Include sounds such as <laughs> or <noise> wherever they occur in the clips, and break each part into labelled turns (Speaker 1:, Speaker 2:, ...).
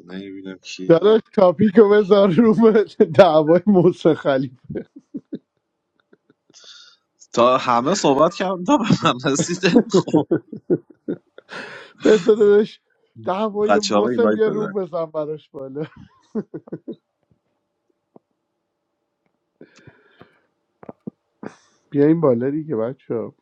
Speaker 1: نه ببینم کی هست
Speaker 2: داداش تاپیکو بذار رو به دعوای موسی خلیف
Speaker 1: تا همه صحبت کردم تا به من رسیدم خب
Speaker 2: بذارش دعوای
Speaker 1: بچه ها رو
Speaker 2: موسی
Speaker 1: اینوایت
Speaker 2: بیا روم
Speaker 1: بده
Speaker 2: بزن براش بالا بیا این بالا دیگه بچه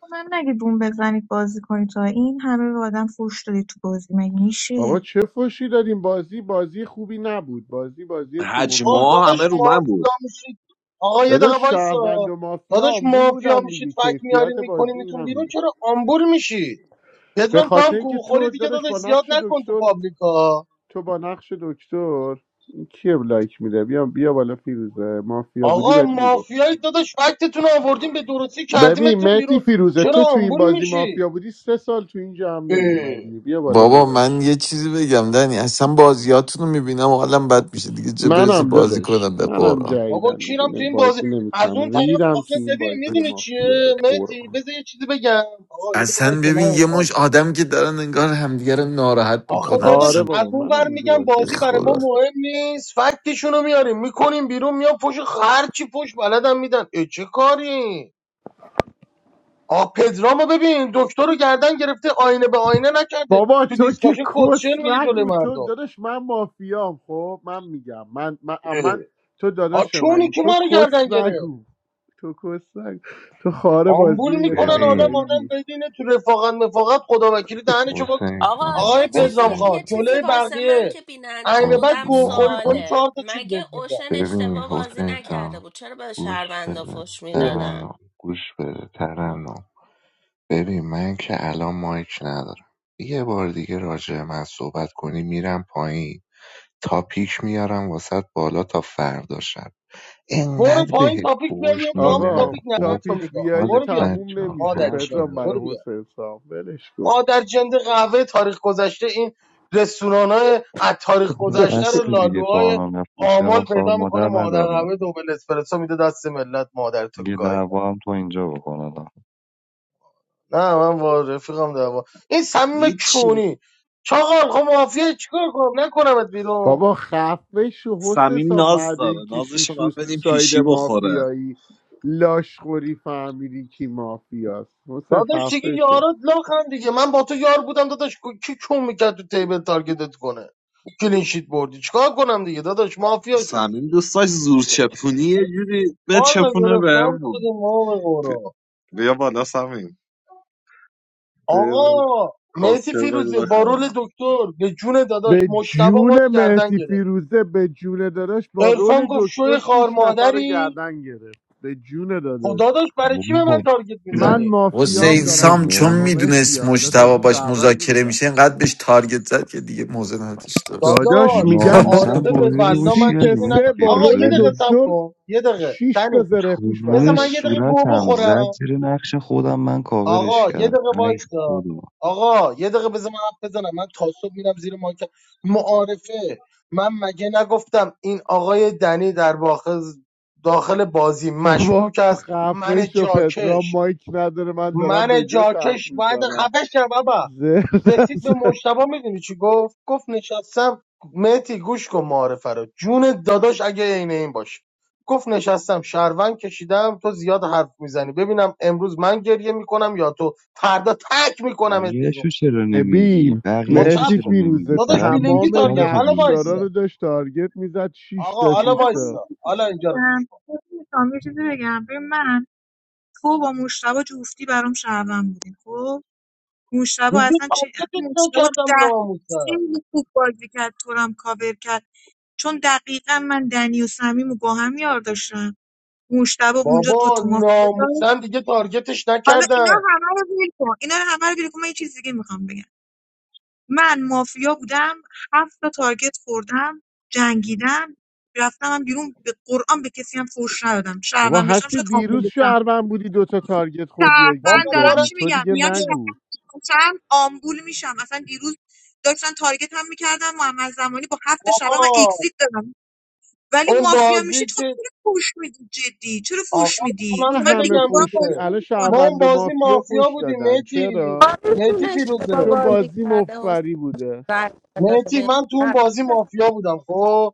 Speaker 3: به من نگید بوم بزنید بازی کنید تا این همه به آدم فوش دادید تو بازی مگه
Speaker 2: آقا
Speaker 3: میشه
Speaker 2: چه فشی داریم بازی بازی خوبی نبود بازی بازی تو
Speaker 4: آه
Speaker 2: مخی
Speaker 1: حجما
Speaker 2: بود
Speaker 4: داداش
Speaker 1: همه رو من بود
Speaker 4: مافیا میشید آقا یه دقیقه
Speaker 2: داداش شهروند
Speaker 4: وایسا
Speaker 2: و مافیا
Speaker 4: داداش
Speaker 2: آمبول
Speaker 4: مافیا
Speaker 2: بودن
Speaker 4: میشید
Speaker 2: دیگه
Speaker 4: فک میاریم
Speaker 2: کیفیت
Speaker 4: میکنیم
Speaker 2: بازی این
Speaker 4: میتون بیرون
Speaker 2: همینه
Speaker 4: چرا آمبول میشید
Speaker 2: به
Speaker 4: پدرام تو
Speaker 2: خاطر
Speaker 4: هم
Speaker 2: اینکه
Speaker 4: گوخوری
Speaker 2: تو
Speaker 4: دیگه
Speaker 2: داداش
Speaker 4: داداش
Speaker 2: با
Speaker 4: زیاد
Speaker 2: نقش
Speaker 4: نکن تو
Speaker 2: دکتر
Speaker 4: پابلیکا
Speaker 2: تو با نقش دکتر این کیه لایک میده بیا بیا بالا فیروزه مافیا بودی
Speaker 4: آقا
Speaker 2: بهت میگفت
Speaker 4: مافیایی داداش فکتتون رو آوردیم به درستی
Speaker 2: ببین
Speaker 4: کردیمتون
Speaker 2: مهدی
Speaker 4: بیرون
Speaker 2: فیروزه
Speaker 4: چرا
Speaker 2: تو تو این
Speaker 4: آمبول
Speaker 2: بازی
Speaker 4: میشی
Speaker 2: مافیا بودی سه سال تو اینجا هم
Speaker 4: اه،
Speaker 2: نمی اومدی بیا بالا
Speaker 5: بابا من
Speaker 2: داداش
Speaker 5: یه چیزی بگم دنی اصلا بازیاتون رو میبینم و حالم بد میشه دیگه چه برسه
Speaker 2: منم
Speaker 5: بازی
Speaker 2: داداش
Speaker 5: کنم به
Speaker 2: منم
Speaker 5: قرآن
Speaker 4: بابا
Speaker 2: جدیدم دیگه
Speaker 4: کیرم تو
Speaker 2: نم-
Speaker 4: این بازی
Speaker 2: بازی
Speaker 4: از اون
Speaker 2: نمیکنم
Speaker 4: طرف
Speaker 2: ریدم تو
Speaker 4: آخه
Speaker 2: این
Speaker 4: ببین
Speaker 2: بازی
Speaker 4: میدونی چیه
Speaker 2: مافیا به
Speaker 4: مهدی
Speaker 2: قرآن
Speaker 4: بذار یه چیزی بگم آقا یه دقیقه
Speaker 5: اصلا
Speaker 4: وایسا
Speaker 5: ببین
Speaker 4: نه
Speaker 5: یه
Speaker 4: رو
Speaker 5: مش
Speaker 4: مایک
Speaker 5: آدم که دارن انگار همدیگه رو ناراحت
Speaker 4: آخه
Speaker 5: بکنن
Speaker 2: آره
Speaker 4: داداش
Speaker 5: اصلا
Speaker 4: از
Speaker 2: بابا
Speaker 4: اون ور
Speaker 2: منم دیگه
Speaker 4: میگم
Speaker 2: بازی
Speaker 5: به
Speaker 4: بازی
Speaker 2: نمی‌کنم.
Speaker 4: برای ما
Speaker 5: خدا
Speaker 4: مهم نیست فکتشونو میاریم میکنیم بیرون میام پشت هر چی پشت بلدم میدن ای چه کاری آ پدرامو ببین دکتر رو گردن گرفته آینه به آینه نکرده
Speaker 2: بابا
Speaker 4: تو
Speaker 2: تو که
Speaker 4: دیسکاشن
Speaker 2: کس
Speaker 4: کتشل میگه جلوی
Speaker 2: نگو تو
Speaker 4: مردم
Speaker 2: داداش من مافیام خب من میگم من من,
Speaker 4: اه.
Speaker 2: من تو
Speaker 4: آ
Speaker 2: داداش
Speaker 4: چونی
Speaker 2: منی
Speaker 4: که
Speaker 2: تو
Speaker 4: ما رو گردن
Speaker 2: کس
Speaker 4: گرفت
Speaker 2: نگو تو کس نگو تو خاره بازی
Speaker 4: آمبول
Speaker 2: رو یه
Speaker 4: میکنن
Speaker 2: تنه
Speaker 4: آدم
Speaker 6: ببین
Speaker 2: گاهیدی
Speaker 4: آدم بدینه تو رفاقت مفاقت خدا وکیلی دهنه چه
Speaker 6: حسین
Speaker 7: آقا
Speaker 6: سلام
Speaker 4: آقای
Speaker 7: یه چیزی
Speaker 4: پدرام
Speaker 6: حسین
Speaker 7: یه
Speaker 4: خان
Speaker 6: سلام
Speaker 7: چیزی
Speaker 4: جلوی
Speaker 7: واسه من
Speaker 4: بقیه
Speaker 7: که
Speaker 4: این
Speaker 7: بیننده
Speaker 4: به
Speaker 6: خب
Speaker 4: بعد
Speaker 7: بودم
Speaker 6: من
Speaker 4: گوخوری کنی چهار
Speaker 7: سواله
Speaker 4: تا چیز
Speaker 7: مگه
Speaker 4: بهت
Speaker 7: اوشن
Speaker 6: ببین
Speaker 7: اشتباه بازی
Speaker 6: حسین
Speaker 7: نکرده
Speaker 6: سلام
Speaker 7: بود چرا به
Speaker 6: گوش
Speaker 7: شهروندا
Speaker 6: بده
Speaker 7: فش
Speaker 4: میدن
Speaker 7: میدادن
Speaker 6: ترنم گوش بده ترنم ببین من که الان مایک ندارم یه بار دیگه راجع به من صحبت کنی میرم پایین تا پیک میارم واسط بالا تا فردا شب
Speaker 4: برو
Speaker 6: انقدر
Speaker 4: پایین
Speaker 6: بهت
Speaker 4: تاپیک بیا
Speaker 6: فوش
Speaker 4: میام تو همون
Speaker 6: میدم
Speaker 2: آقا
Speaker 4: تاپیک
Speaker 6: خب
Speaker 4: ننتو
Speaker 2: تاپیک
Speaker 4: میگم
Speaker 2: بیاری
Speaker 6: حالت
Speaker 4: برو بیار
Speaker 6: بد
Speaker 2: تموم
Speaker 4: دیگه
Speaker 6: جام
Speaker 2: نمیشه
Speaker 4: مادر
Speaker 6: حرف
Speaker 2: پدرام
Speaker 4: جنده
Speaker 2: برای
Speaker 4: برو
Speaker 6: نزن
Speaker 4: بیار
Speaker 2: حسین سام ولش کن
Speaker 4: مادر جنده قهوه تاریخ گذشته این رستوران های از تاریخ
Speaker 8: و
Speaker 2: <laughs>
Speaker 4: گذشته رو
Speaker 8: بس دیگه تو
Speaker 4: لالوهای
Speaker 8: آنان نفروشه ها
Speaker 4: آمال
Speaker 8: خوار
Speaker 4: پیدا میکنه
Speaker 8: مادر
Speaker 4: مادر
Speaker 8: نداره
Speaker 4: قهوه دوبل اسپرسو میده دست ملت مادر تو
Speaker 8: یه
Speaker 4: گایدم
Speaker 8: دعوا هم تو اینجا بکنه دا.
Speaker 4: نه من با رفیقم دعوا این صمیم
Speaker 1: هیچ
Speaker 4: کونی چاقال خب مافیا چیکار کنم نکنمت بیرون
Speaker 2: بابا خفه شو حسین
Speaker 1: سمیم
Speaker 2: سام
Speaker 1: ناز
Speaker 2: بعد
Speaker 1: داره
Speaker 2: اینکه
Speaker 1: نازش
Speaker 2: شیش
Speaker 1: رو باید
Speaker 2: روز تو
Speaker 1: بدیم
Speaker 2: ساید
Speaker 1: پیشی بخوره
Speaker 2: مافیایی لاشخوری فهمیدی کی مافیاست حسین
Speaker 4: داداش دیگه
Speaker 2: خفه شو
Speaker 4: یارات لاخن دیگه من با تو یار بودم داداش کی کم میکرد تو تیبل تارگتت کنه کلینشیت بردی چیکار کنم دیگه داداش مافیا شدی
Speaker 1: سمیم دوستاش زور چپونی یه جوری به
Speaker 4: والا
Speaker 1: چپونه
Speaker 4: گرفتار
Speaker 1: بهمون
Speaker 4: شدیم ما به قورا
Speaker 1: بیا بالا سمیم بیا یه ذره
Speaker 4: آقا مهدی
Speaker 1: کاسچه بگو
Speaker 4: فیروزه با
Speaker 1: بخند.
Speaker 4: رول دکتر به جون داداش
Speaker 2: به
Speaker 4: مشتبه ما
Speaker 2: جون
Speaker 4: رو گردن
Speaker 2: مهدی
Speaker 4: گرفت
Speaker 2: فیروزه به جون داداش با
Speaker 4: عرفان
Speaker 2: رول
Speaker 4: گفت شوی
Speaker 2: دکتر
Speaker 4: خار
Speaker 2: شیش نفر رو
Speaker 4: مادری
Speaker 2: گردن گرفت به جون
Speaker 4: خب
Speaker 2: داداش
Speaker 4: داداش برای چی به من
Speaker 8: بابا
Speaker 4: تارگت
Speaker 2: من
Speaker 4: میزنی
Speaker 8: یه
Speaker 2: مافیام
Speaker 5: حسین
Speaker 8: دقیقه
Speaker 2: دارم
Speaker 5: سام چون
Speaker 8: بذار
Speaker 2: میگم و مهدیه
Speaker 5: میدونست
Speaker 2: حالا
Speaker 5: مشتبه
Speaker 2: تازه
Speaker 5: باش
Speaker 2: شهروند
Speaker 5: مذاکره
Speaker 2: نیستم
Speaker 5: میشه اینقدر بهش تارگت زد که دیگه موزه نداشت <laughs>
Speaker 2: داداش
Speaker 4: داداش
Speaker 2: میگم
Speaker 8: ناموسم
Speaker 4: معارفه به
Speaker 8: بازی رو
Speaker 4: بلا
Speaker 8: گوش
Speaker 4: من
Speaker 2: سیت
Speaker 8: کردی
Speaker 4: چیزی نگو
Speaker 8: مهدی
Speaker 2: سه با
Speaker 4: آقا یه
Speaker 2: رول
Speaker 8: فیروزه
Speaker 4: دقیقه صبر
Speaker 2: دکتر
Speaker 4: کن یه دقیقه
Speaker 2: شیش تا
Speaker 4: تنی
Speaker 2: زره
Speaker 8: تو
Speaker 2: پوش
Speaker 4: بذار
Speaker 8: روی
Speaker 4: من یه
Speaker 2: برداشت
Speaker 4: دقیقه گو
Speaker 8: صورتم زد
Speaker 4: بخورم
Speaker 8: زیر نقش خودم من کاورش
Speaker 4: آقا یه
Speaker 8: کردم
Speaker 4: دقیقه
Speaker 8: ای
Speaker 4: وایسا
Speaker 8: خدا
Speaker 4: آقا یه دقیقه بذار من حرف بزنم من تا صبح میرم زیر مایکم معارفه من مگه نگفتم این آقای دنی در واقع داخل بازی
Speaker 2: بابا
Speaker 4: مشکوک است
Speaker 2: خفه
Speaker 4: من
Speaker 2: شو پدرام
Speaker 4: جاکش
Speaker 2: مایک نداره من دارم به
Speaker 4: من
Speaker 2: جاش حرف
Speaker 4: جاکش باید
Speaker 2: میزنم
Speaker 4: خفه شه بابا رسید به مشتبه میدونی چی گفت گفت نشستم مهتی گوش کن معارفه رو جون داداش اگه عین این باشه گفت نشستم شهروند کشیدم تو زیاد حرف میزنی ببینم امروز من گریه میکنم یا تو فردا تک میکنم بیرون
Speaker 8: بقیهشو چرا نمیگی
Speaker 2: ببین
Speaker 4: خب
Speaker 8: بقیهشو
Speaker 4: صبر
Speaker 2: مهدی
Speaker 8: چرا
Speaker 4: کن
Speaker 2: فیروزه
Speaker 8: نمیگی
Speaker 4: داداش
Speaker 8: فقط میگی یه
Speaker 4: فیلینگی
Speaker 8: تیکه
Speaker 2: تمام
Speaker 4: تارگت
Speaker 8: رو چرا
Speaker 4: حالا
Speaker 2: نقشدارا
Speaker 4: وایسا
Speaker 2: رو
Speaker 8: میگی
Speaker 2: داشت تارگت میزد شیش
Speaker 4: آقا
Speaker 2: تا
Speaker 3: آه،
Speaker 4: حالا
Speaker 2: شیش
Speaker 3: بذار من
Speaker 2: تا
Speaker 4: وایسا
Speaker 3: یه
Speaker 4: حالا
Speaker 3: چیزی
Speaker 4: اینجا رو گوش
Speaker 3: بگم بذار یه چیزی بگم ببین من تو با مشتبه جفتی برام شهروند بودین خب
Speaker 4: کن.
Speaker 3: مشتبه
Speaker 4: دیگه
Speaker 3: اصلا چه
Speaker 4: تارگتش
Speaker 3: اصلا مشتبه تو
Speaker 4: نکردم
Speaker 3: ده
Speaker 4: ناموسن
Speaker 3: خیلی خوب بازی کرد تو رو هم کاور کرد چون دقیقا من دنی و صمیم و با هم یار داشتم مشتبه اونجا دو
Speaker 4: بابا
Speaker 3: تا مافیا داشت.
Speaker 4: ناموسن دیگه تارگتش
Speaker 3: حالا اینا
Speaker 4: نکردم
Speaker 3: همه رو بیل کن اینا رو همه رو بیل کن من یه چیز دیگه میخوام بگم من مافیا بودم هفت تا تارگت خوردم جنگیدم رفتم هم بیرون به قرآن به کسی هم فوش ندادم
Speaker 2: بابا
Speaker 3: شهروند بشم
Speaker 2: هستی
Speaker 3: شاید آمبول
Speaker 2: دیروز
Speaker 3: بشم
Speaker 2: شهروند بودی دوتا تارگت خوردی اگزیت
Speaker 4: بابا
Speaker 3: شهروند
Speaker 4: ما
Speaker 3: دارم
Speaker 2: دادی
Speaker 3: چی
Speaker 2: تو
Speaker 4: رفتیم
Speaker 3: میگم
Speaker 2: دیگه
Speaker 4: توی
Speaker 3: میگم
Speaker 4: دو-
Speaker 2: نگو
Speaker 3: شهروند بشم آمبول میشم اصلا دیروز داشتن تارگت هم میکردم محمد زمانی با هفت شهروند من
Speaker 4: آه،
Speaker 3: اگزیت دادم ولی
Speaker 4: اون
Speaker 3: مافیا میشید
Speaker 4: بازی که
Speaker 3: خب چرا فوش میدی جدی چرا فوش
Speaker 4: آقا
Speaker 3: میدی
Speaker 4: همونه
Speaker 3: من دیگه
Speaker 2: همه
Speaker 3: به
Speaker 4: بگم
Speaker 3: قرآن
Speaker 2: فش می
Speaker 4: دیگه
Speaker 3: بازی
Speaker 2: الان
Speaker 4: ما
Speaker 3: نمیکنم
Speaker 4: اون
Speaker 2: شهروند و
Speaker 4: بازی
Speaker 2: مافیا
Speaker 4: مافیا
Speaker 2: فش
Speaker 4: بودیم
Speaker 2: دادن
Speaker 4: میتی
Speaker 2: چرا
Speaker 7: آرزون
Speaker 4: میتی
Speaker 7: اشتباه
Speaker 4: فیروزه
Speaker 2: چون
Speaker 7: بازی
Speaker 2: بازی
Speaker 7: کرده حسین
Speaker 2: مفری بوده
Speaker 7: رای داده
Speaker 4: میتی
Speaker 7: به
Speaker 4: من تو اون
Speaker 7: هر-
Speaker 4: بازی مافیا بودم خب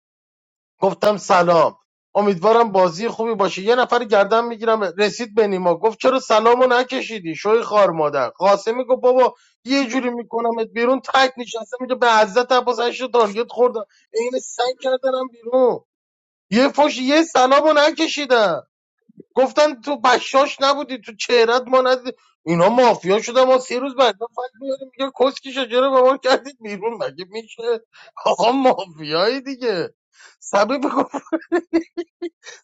Speaker 4: گفتم سلام امیدوارم بازی خوبی باشه یه نفر گردن میگیرم رسید به نیما گفت چرا سلامو نکشیدی شوی خار مادر قاسمی گفت بابا یه جوری میکنمت بیرون تک نشسته میگه به عزت عباس هشت تا تارگت خوردم عین سگ کردنم بیرون یه فش یه سلامو نکشیدم گفتن تو بشاش نبودی تو چهرت ما ندید اینا مافیا شدن ما سه روز بعد فکر میاریم میگه کسکی شجره به ما کردید بیرون مگه میشه آقا مافیایی دیگه سبب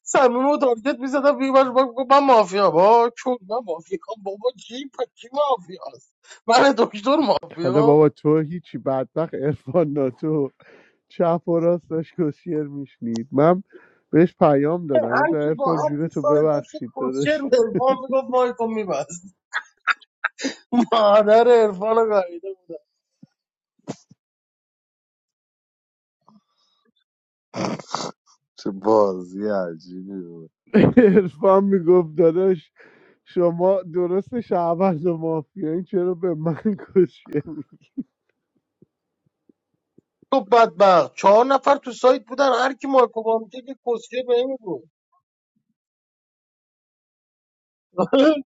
Speaker 4: سمیم و تارگت میزدم بیمش گفت من مافیا با چون من مافیا خب بابا کی پا کی مافیا است من دکتر
Speaker 2: حالا
Speaker 4: مافیا
Speaker 2: بابا تو هیچی بدبخت عرفان ناتو چپ و راستش کسیر میشنید من بهش پیام دادم
Speaker 4: هر
Speaker 2: گفتم
Speaker 4: کی با
Speaker 2: عرفان
Speaker 4: هر کی
Speaker 2: جونتو
Speaker 4: سایت داشت
Speaker 2: ببخشید
Speaker 4: کسچر
Speaker 2: داداش
Speaker 4: عرفان میگفت وای کن میبست مادر عرفان رو گاییده
Speaker 1: چه بازی عجیبی بود
Speaker 2: <laughs> عرفان میگفت داداش شما درست شهروند و مافیا این چرا به من کشیه
Speaker 4: تو بدبخت چهار نفر تو سایت بودن هر کی مایکو با میکرد یه کسیه به این بود <laughs>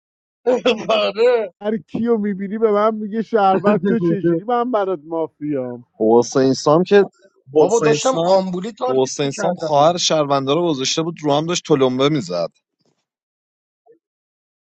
Speaker 4: آره
Speaker 2: هر کیو میبینی به من میگه شعبان تو چجوری من برات مافیام
Speaker 1: حسین سام که
Speaker 4: بابا
Speaker 1: حسین
Speaker 4: داشتم
Speaker 1: سام
Speaker 4: آمبولی تارگت
Speaker 1: حسین سام
Speaker 4: میکردم
Speaker 1: خواهر
Speaker 4: اینو
Speaker 1: شهرونده رو گذاشته بود رو هم داشت تلمبه میزد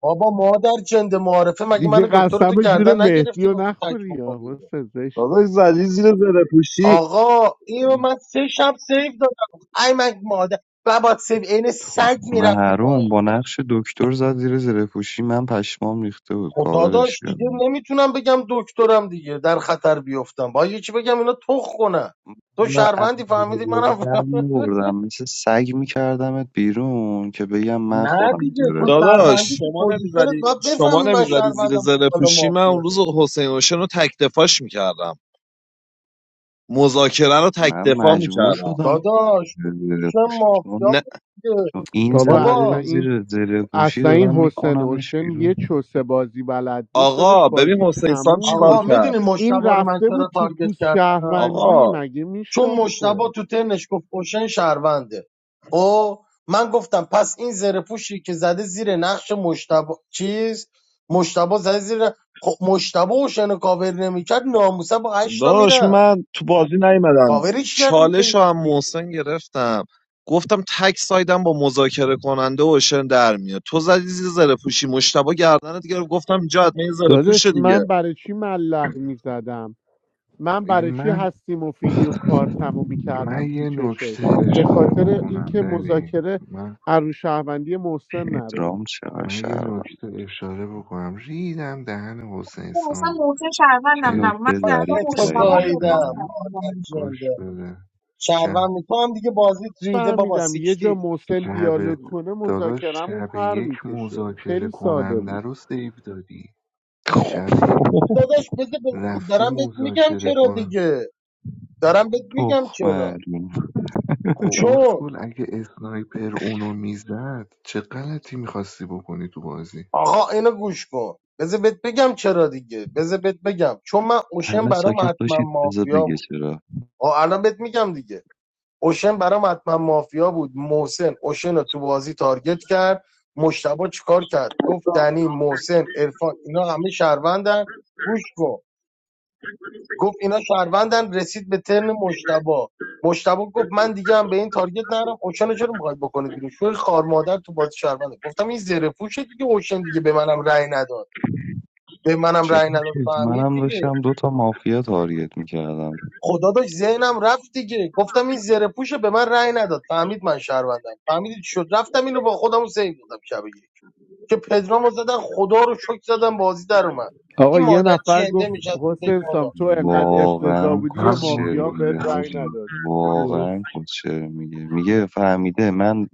Speaker 4: بابا مادر جنده معارفه مگه
Speaker 2: دیگه
Speaker 4: من دکتر رو تو
Speaker 2: قسم جون
Speaker 4: گردن
Speaker 2: مهدی
Speaker 4: نگرفتی
Speaker 2: رو
Speaker 4: گفتی تک
Speaker 2: نخوری یا
Speaker 4: بکنی
Speaker 2: واسه زشته
Speaker 1: داداش زدی زیر زره
Speaker 4: آقا اینو من سه شب سیو دادم ای مگ مادر بابا سیو عین سگ
Speaker 8: تخمه
Speaker 4: میرفتی
Speaker 8: حروم
Speaker 4: پایین
Speaker 8: با نقش دکتر زد زیر زره پوشی من پشمام ریخته بود
Speaker 4: خدا
Speaker 8: کاورش
Speaker 4: داشت دیگه
Speaker 8: کردم
Speaker 4: نمیتونم بگم دکترم دیگه در خطر بیفتم با یکی بگم اینا تخ کنن تو
Speaker 8: و از
Speaker 4: شهروندی فهمیدی
Speaker 8: بازی
Speaker 4: منم
Speaker 8: در میوردم مثل سگ میکردمت بیرون که بگم من
Speaker 4: نه
Speaker 8: خودم
Speaker 4: دیگه
Speaker 8: زیر
Speaker 4: تو
Speaker 8: پوشم
Speaker 4: شهروندی
Speaker 1: داداش
Speaker 4: تو
Speaker 1: شما
Speaker 4: پوزیشنت
Speaker 1: نمیزدی
Speaker 4: باید
Speaker 1: شما
Speaker 4: بفهمی من
Speaker 1: نمیزدی زیر
Speaker 4: شهروندم خب
Speaker 1: زره
Speaker 4: حالا
Speaker 1: پوشی من
Speaker 4: مافیا
Speaker 1: اون روز
Speaker 4: داری
Speaker 1: حسین اوشن رو تک دفاعش میکردم مذاکره رو تک
Speaker 8: من
Speaker 1: دفاع
Speaker 8: مجبور
Speaker 1: میکردم
Speaker 8: شدم
Speaker 4: داداش تو
Speaker 8: زیر زیر
Speaker 4: پوزیشن
Speaker 8: پوشی
Speaker 4: مافیا
Speaker 8: چون
Speaker 1: نه
Speaker 4: بود دیگه.
Speaker 8: چون این
Speaker 2: بابا
Speaker 8: زده
Speaker 2: اصلا
Speaker 8: زیر
Speaker 4: بابا
Speaker 2: این
Speaker 8: زیر زیر پوشی
Speaker 2: اصلا این
Speaker 8: دارن
Speaker 2: حسین
Speaker 8: میکننش
Speaker 2: اوشن یه
Speaker 8: بیرون
Speaker 2: چوسه بازی بلد بود دادش
Speaker 1: آقا ببین
Speaker 2: بازی
Speaker 1: حسین سام
Speaker 2: تموم
Speaker 1: چیکار
Speaker 4: آقا
Speaker 2: بود
Speaker 1: کرد
Speaker 4: میدونی
Speaker 2: این
Speaker 4: مشتبا رو من
Speaker 2: رفته بود
Speaker 4: چرا
Speaker 2: تو
Speaker 4: تارگت
Speaker 2: پوست
Speaker 4: کردم
Speaker 2: شهروندی
Speaker 1: آقا
Speaker 2: مگه
Speaker 4: چون
Speaker 2: میشاخه
Speaker 4: مشتبا تو ترنش گفت پوشن شهرونده خب من گفتم پس این زره پوشی که زده زیر نقش مشتبا چیز مشتبا زده زیر خب مشتبا اوشن رو کاور نمیکرد ناموسه با هشتا
Speaker 1: داداش
Speaker 4: میرفت
Speaker 1: من تو بازی نیومدم
Speaker 4: کاوری کرد
Speaker 1: چالش رو هم
Speaker 4: میزه
Speaker 1: محسن گرفتم گفتم تک سایدم با مذاکره کننده اوشن در میاد تو زدی زیر زره پوشی مشتبه گردنت گرفت گفتم اینجا حتما یه زره پوشه
Speaker 2: دادش
Speaker 1: دیگه
Speaker 2: من برای چی ملق میزدم من برای چی
Speaker 6: من
Speaker 2: هستی مفیدی و کارتمو
Speaker 6: من
Speaker 2: میکردم تو
Speaker 6: یه
Speaker 2: چشش
Speaker 6: نکته
Speaker 2: به
Speaker 6: اشاره
Speaker 2: خاطر
Speaker 6: بکنم
Speaker 2: اینکه
Speaker 6: بنی
Speaker 2: مذاکره
Speaker 6: من
Speaker 2: ارو شهروندی محسن نره
Speaker 8: پدرام چقدر
Speaker 6: من یه
Speaker 8: شهروند
Speaker 6: نکته اشاره بکنم ریدم دهن حسین
Speaker 3: اصلا
Speaker 6: سام
Speaker 3: موضوع
Speaker 8: چه
Speaker 3: شهروندم
Speaker 6: که
Speaker 3: نبود من
Speaker 8: نکته
Speaker 3: در واقع
Speaker 8: ظریفی
Speaker 4: تو
Speaker 3: مشتبه و
Speaker 8: دقیقا
Speaker 6: گوش
Speaker 4: گاییدم
Speaker 6: بده
Speaker 4: مادر
Speaker 3: پدرام
Speaker 6: گوش
Speaker 4: جنده
Speaker 6: بده شب
Speaker 4: شهروند تو هم دیگه بازیت ریده بابا
Speaker 2: فهمیدم یه جا
Speaker 4: سیکتی
Speaker 2: محسن
Speaker 6: شب
Speaker 2: دیالوگ کنه
Speaker 6: داداش
Speaker 2: مذاکرمون
Speaker 6: شب
Speaker 2: پر
Speaker 6: یک
Speaker 2: میکشه
Speaker 6: مذاکره
Speaker 2: خیلی ساده بود
Speaker 6: کننده رو سیو دادی شب یک
Speaker 4: داداش بده ب-
Speaker 6: رفتی
Speaker 4: دارم بهت میگم
Speaker 6: مذاکره
Speaker 4: چرا
Speaker 6: کنم
Speaker 4: دیگه دارم بهت
Speaker 8: تخ
Speaker 4: میگم چرا
Speaker 8: معلوم
Speaker 6: خب
Speaker 4: چون
Speaker 6: اسکول اگه اسنایپر اونو میزد چه غلطی میخواستی بکنی تو بازی
Speaker 4: آقا اینو گوش کن بذار بهت بگم چرا دیگه بذار بهت بگم چون من اوشن
Speaker 8: همه
Speaker 4: برام
Speaker 8: ساکت
Speaker 4: حتما
Speaker 8: باشید بذار
Speaker 4: مافیا
Speaker 8: بگه
Speaker 4: بود
Speaker 8: چرا
Speaker 4: آه الان بهت میگم دیگه اوشن برام حتما مافیا بود محسن اوشن رو تو بازی تارگت کرد مشتبه چیکار کرد گفت دنی محسن عرفان اینا همه شهروندن گوش کن گفت اینا شهروندن رسید به ترن مشتبا مشتبا گفت من دیگه هم به این تارگت نرم اوشن رو چرا میخواید بکنید بیرون شوی خار مادر تو بازی شهرونده گفتم این زره پوشه دیگه اوشن دیگه به منم رأی نداد به منم
Speaker 8: چرا
Speaker 4: رأی نداد
Speaker 8: که
Speaker 4: فهمید
Speaker 8: منم
Speaker 4: دیگه
Speaker 8: داشتم دوتا مافیا تارگت میکردم
Speaker 4: خدا داشت ذهنم رفت دیگه گفتم این زره پوشه به من رأی نداد فهمید من شهروندم فهمیدید شد رفتم اینو با خودمو سیو دادم شب یک که پدرامو زدن خدا رو شکر زدم بازی در اومد
Speaker 2: آقا
Speaker 4: این
Speaker 2: یه
Speaker 4: مادر
Speaker 2: نفر
Speaker 4: جنده
Speaker 2: گفت
Speaker 4: میشه تو دک
Speaker 2: حسین
Speaker 4: ما.
Speaker 2: سام تو انقدر افتضاح
Speaker 8: واقعا
Speaker 2: بودی یه
Speaker 9: من
Speaker 8: کسشعر
Speaker 2: مافیا هم
Speaker 6: اوه،
Speaker 2: بهت
Speaker 8: میگه
Speaker 2: رنگ
Speaker 8: حاجی
Speaker 2: نداد کی گفت
Speaker 8: واقعا کسشعر میگه میگه فهمیده من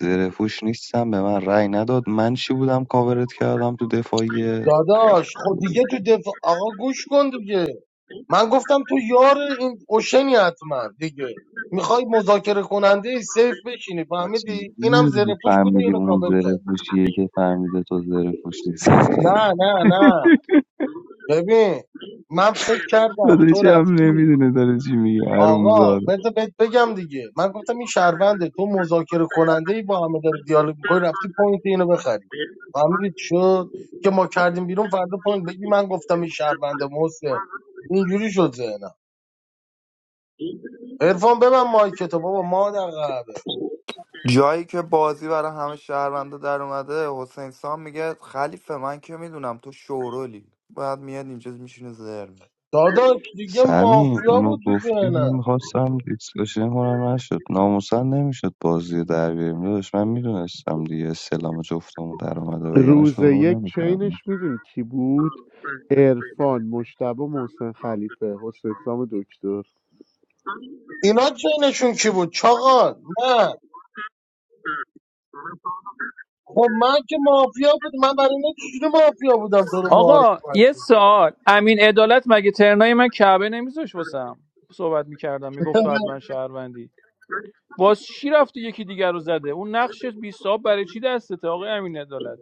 Speaker 8: زرفوش نیستم به من رأی نداد من چی بودم کاورت کردم تو دفاعی ای
Speaker 4: داداش خب
Speaker 8: خدا
Speaker 4: دیگه تو دفاع آقا گوش کن دیگه من گفتم تو یار این اوشنی حتما دیگه میخوای مذاکره کننده سیف بشینی
Speaker 8: و
Speaker 4: فهمیدی اینم
Speaker 8: چجوری
Speaker 4: زره پوش بوده
Speaker 8: فهمیدی
Speaker 4: اینو
Speaker 8: اون
Speaker 4: کاور کرد
Speaker 8: زرفوشیه که فهمیده تو زرفوش نیستی
Speaker 4: نه نه نه ببین من فکر
Speaker 8: <laughs>
Speaker 4: کردم
Speaker 8: بدونی
Speaker 4: تو
Speaker 8: چه هم
Speaker 4: رفتی
Speaker 8: نمیدونه داره چی میگه
Speaker 4: آقا
Speaker 8: حرومزاده
Speaker 4: بذار بهت بگم دیگه من گفتم این شهرونده تو مذاکره کننده ای با همه داری دیالوگ می‌کنی رفتی پوینت اینو بخری فهمیدی شد که ما کردیم بیرون فردا پوینت بگی من گفتم این شهرونده محسن اینجوری شد ذهنم عرفان ببن مایکتو بابا ما در قهبه
Speaker 9: جایی که بازی برای همه شهرونده در اومده حسین سام میگه خلیفه من که میدونم تو شورولی بعد میاد اینجا میشینه زر می‌زنه.
Speaker 4: داداش دیگه
Speaker 8: سمیم
Speaker 4: مافیا
Speaker 8: اونو
Speaker 4: بود تو
Speaker 8: گفتیم من
Speaker 4: ذهنم
Speaker 8: میخواستم دیسکشن کنم نشد ناموسن نمیشد بازی رو در بیاریم داداش من میدونستم دیگه استلام جفتمون در اومده و یعنی
Speaker 2: روز
Speaker 8: شروع
Speaker 2: یک
Speaker 8: نمیکردم
Speaker 2: چینش میدونی کی بود عرفان مشتبه محسن خلیفه حسین سام دکتر
Speaker 4: اینا چینشون کی بود چاقال من خب من که مافیا بود من برای اینا چجوری مافیا بودم تو رو معارف
Speaker 10: آقا یه
Speaker 4: مشکوک کردم
Speaker 10: سوال امین عدالت مگه ترنای من کعبه نمیذاش واسم صحبت میکردم میگفت تو حتما شهروندی باز چی رفتی یکی دیگر رو زده اون نقش بی صاحب برای چی دستته آقا امین عدالت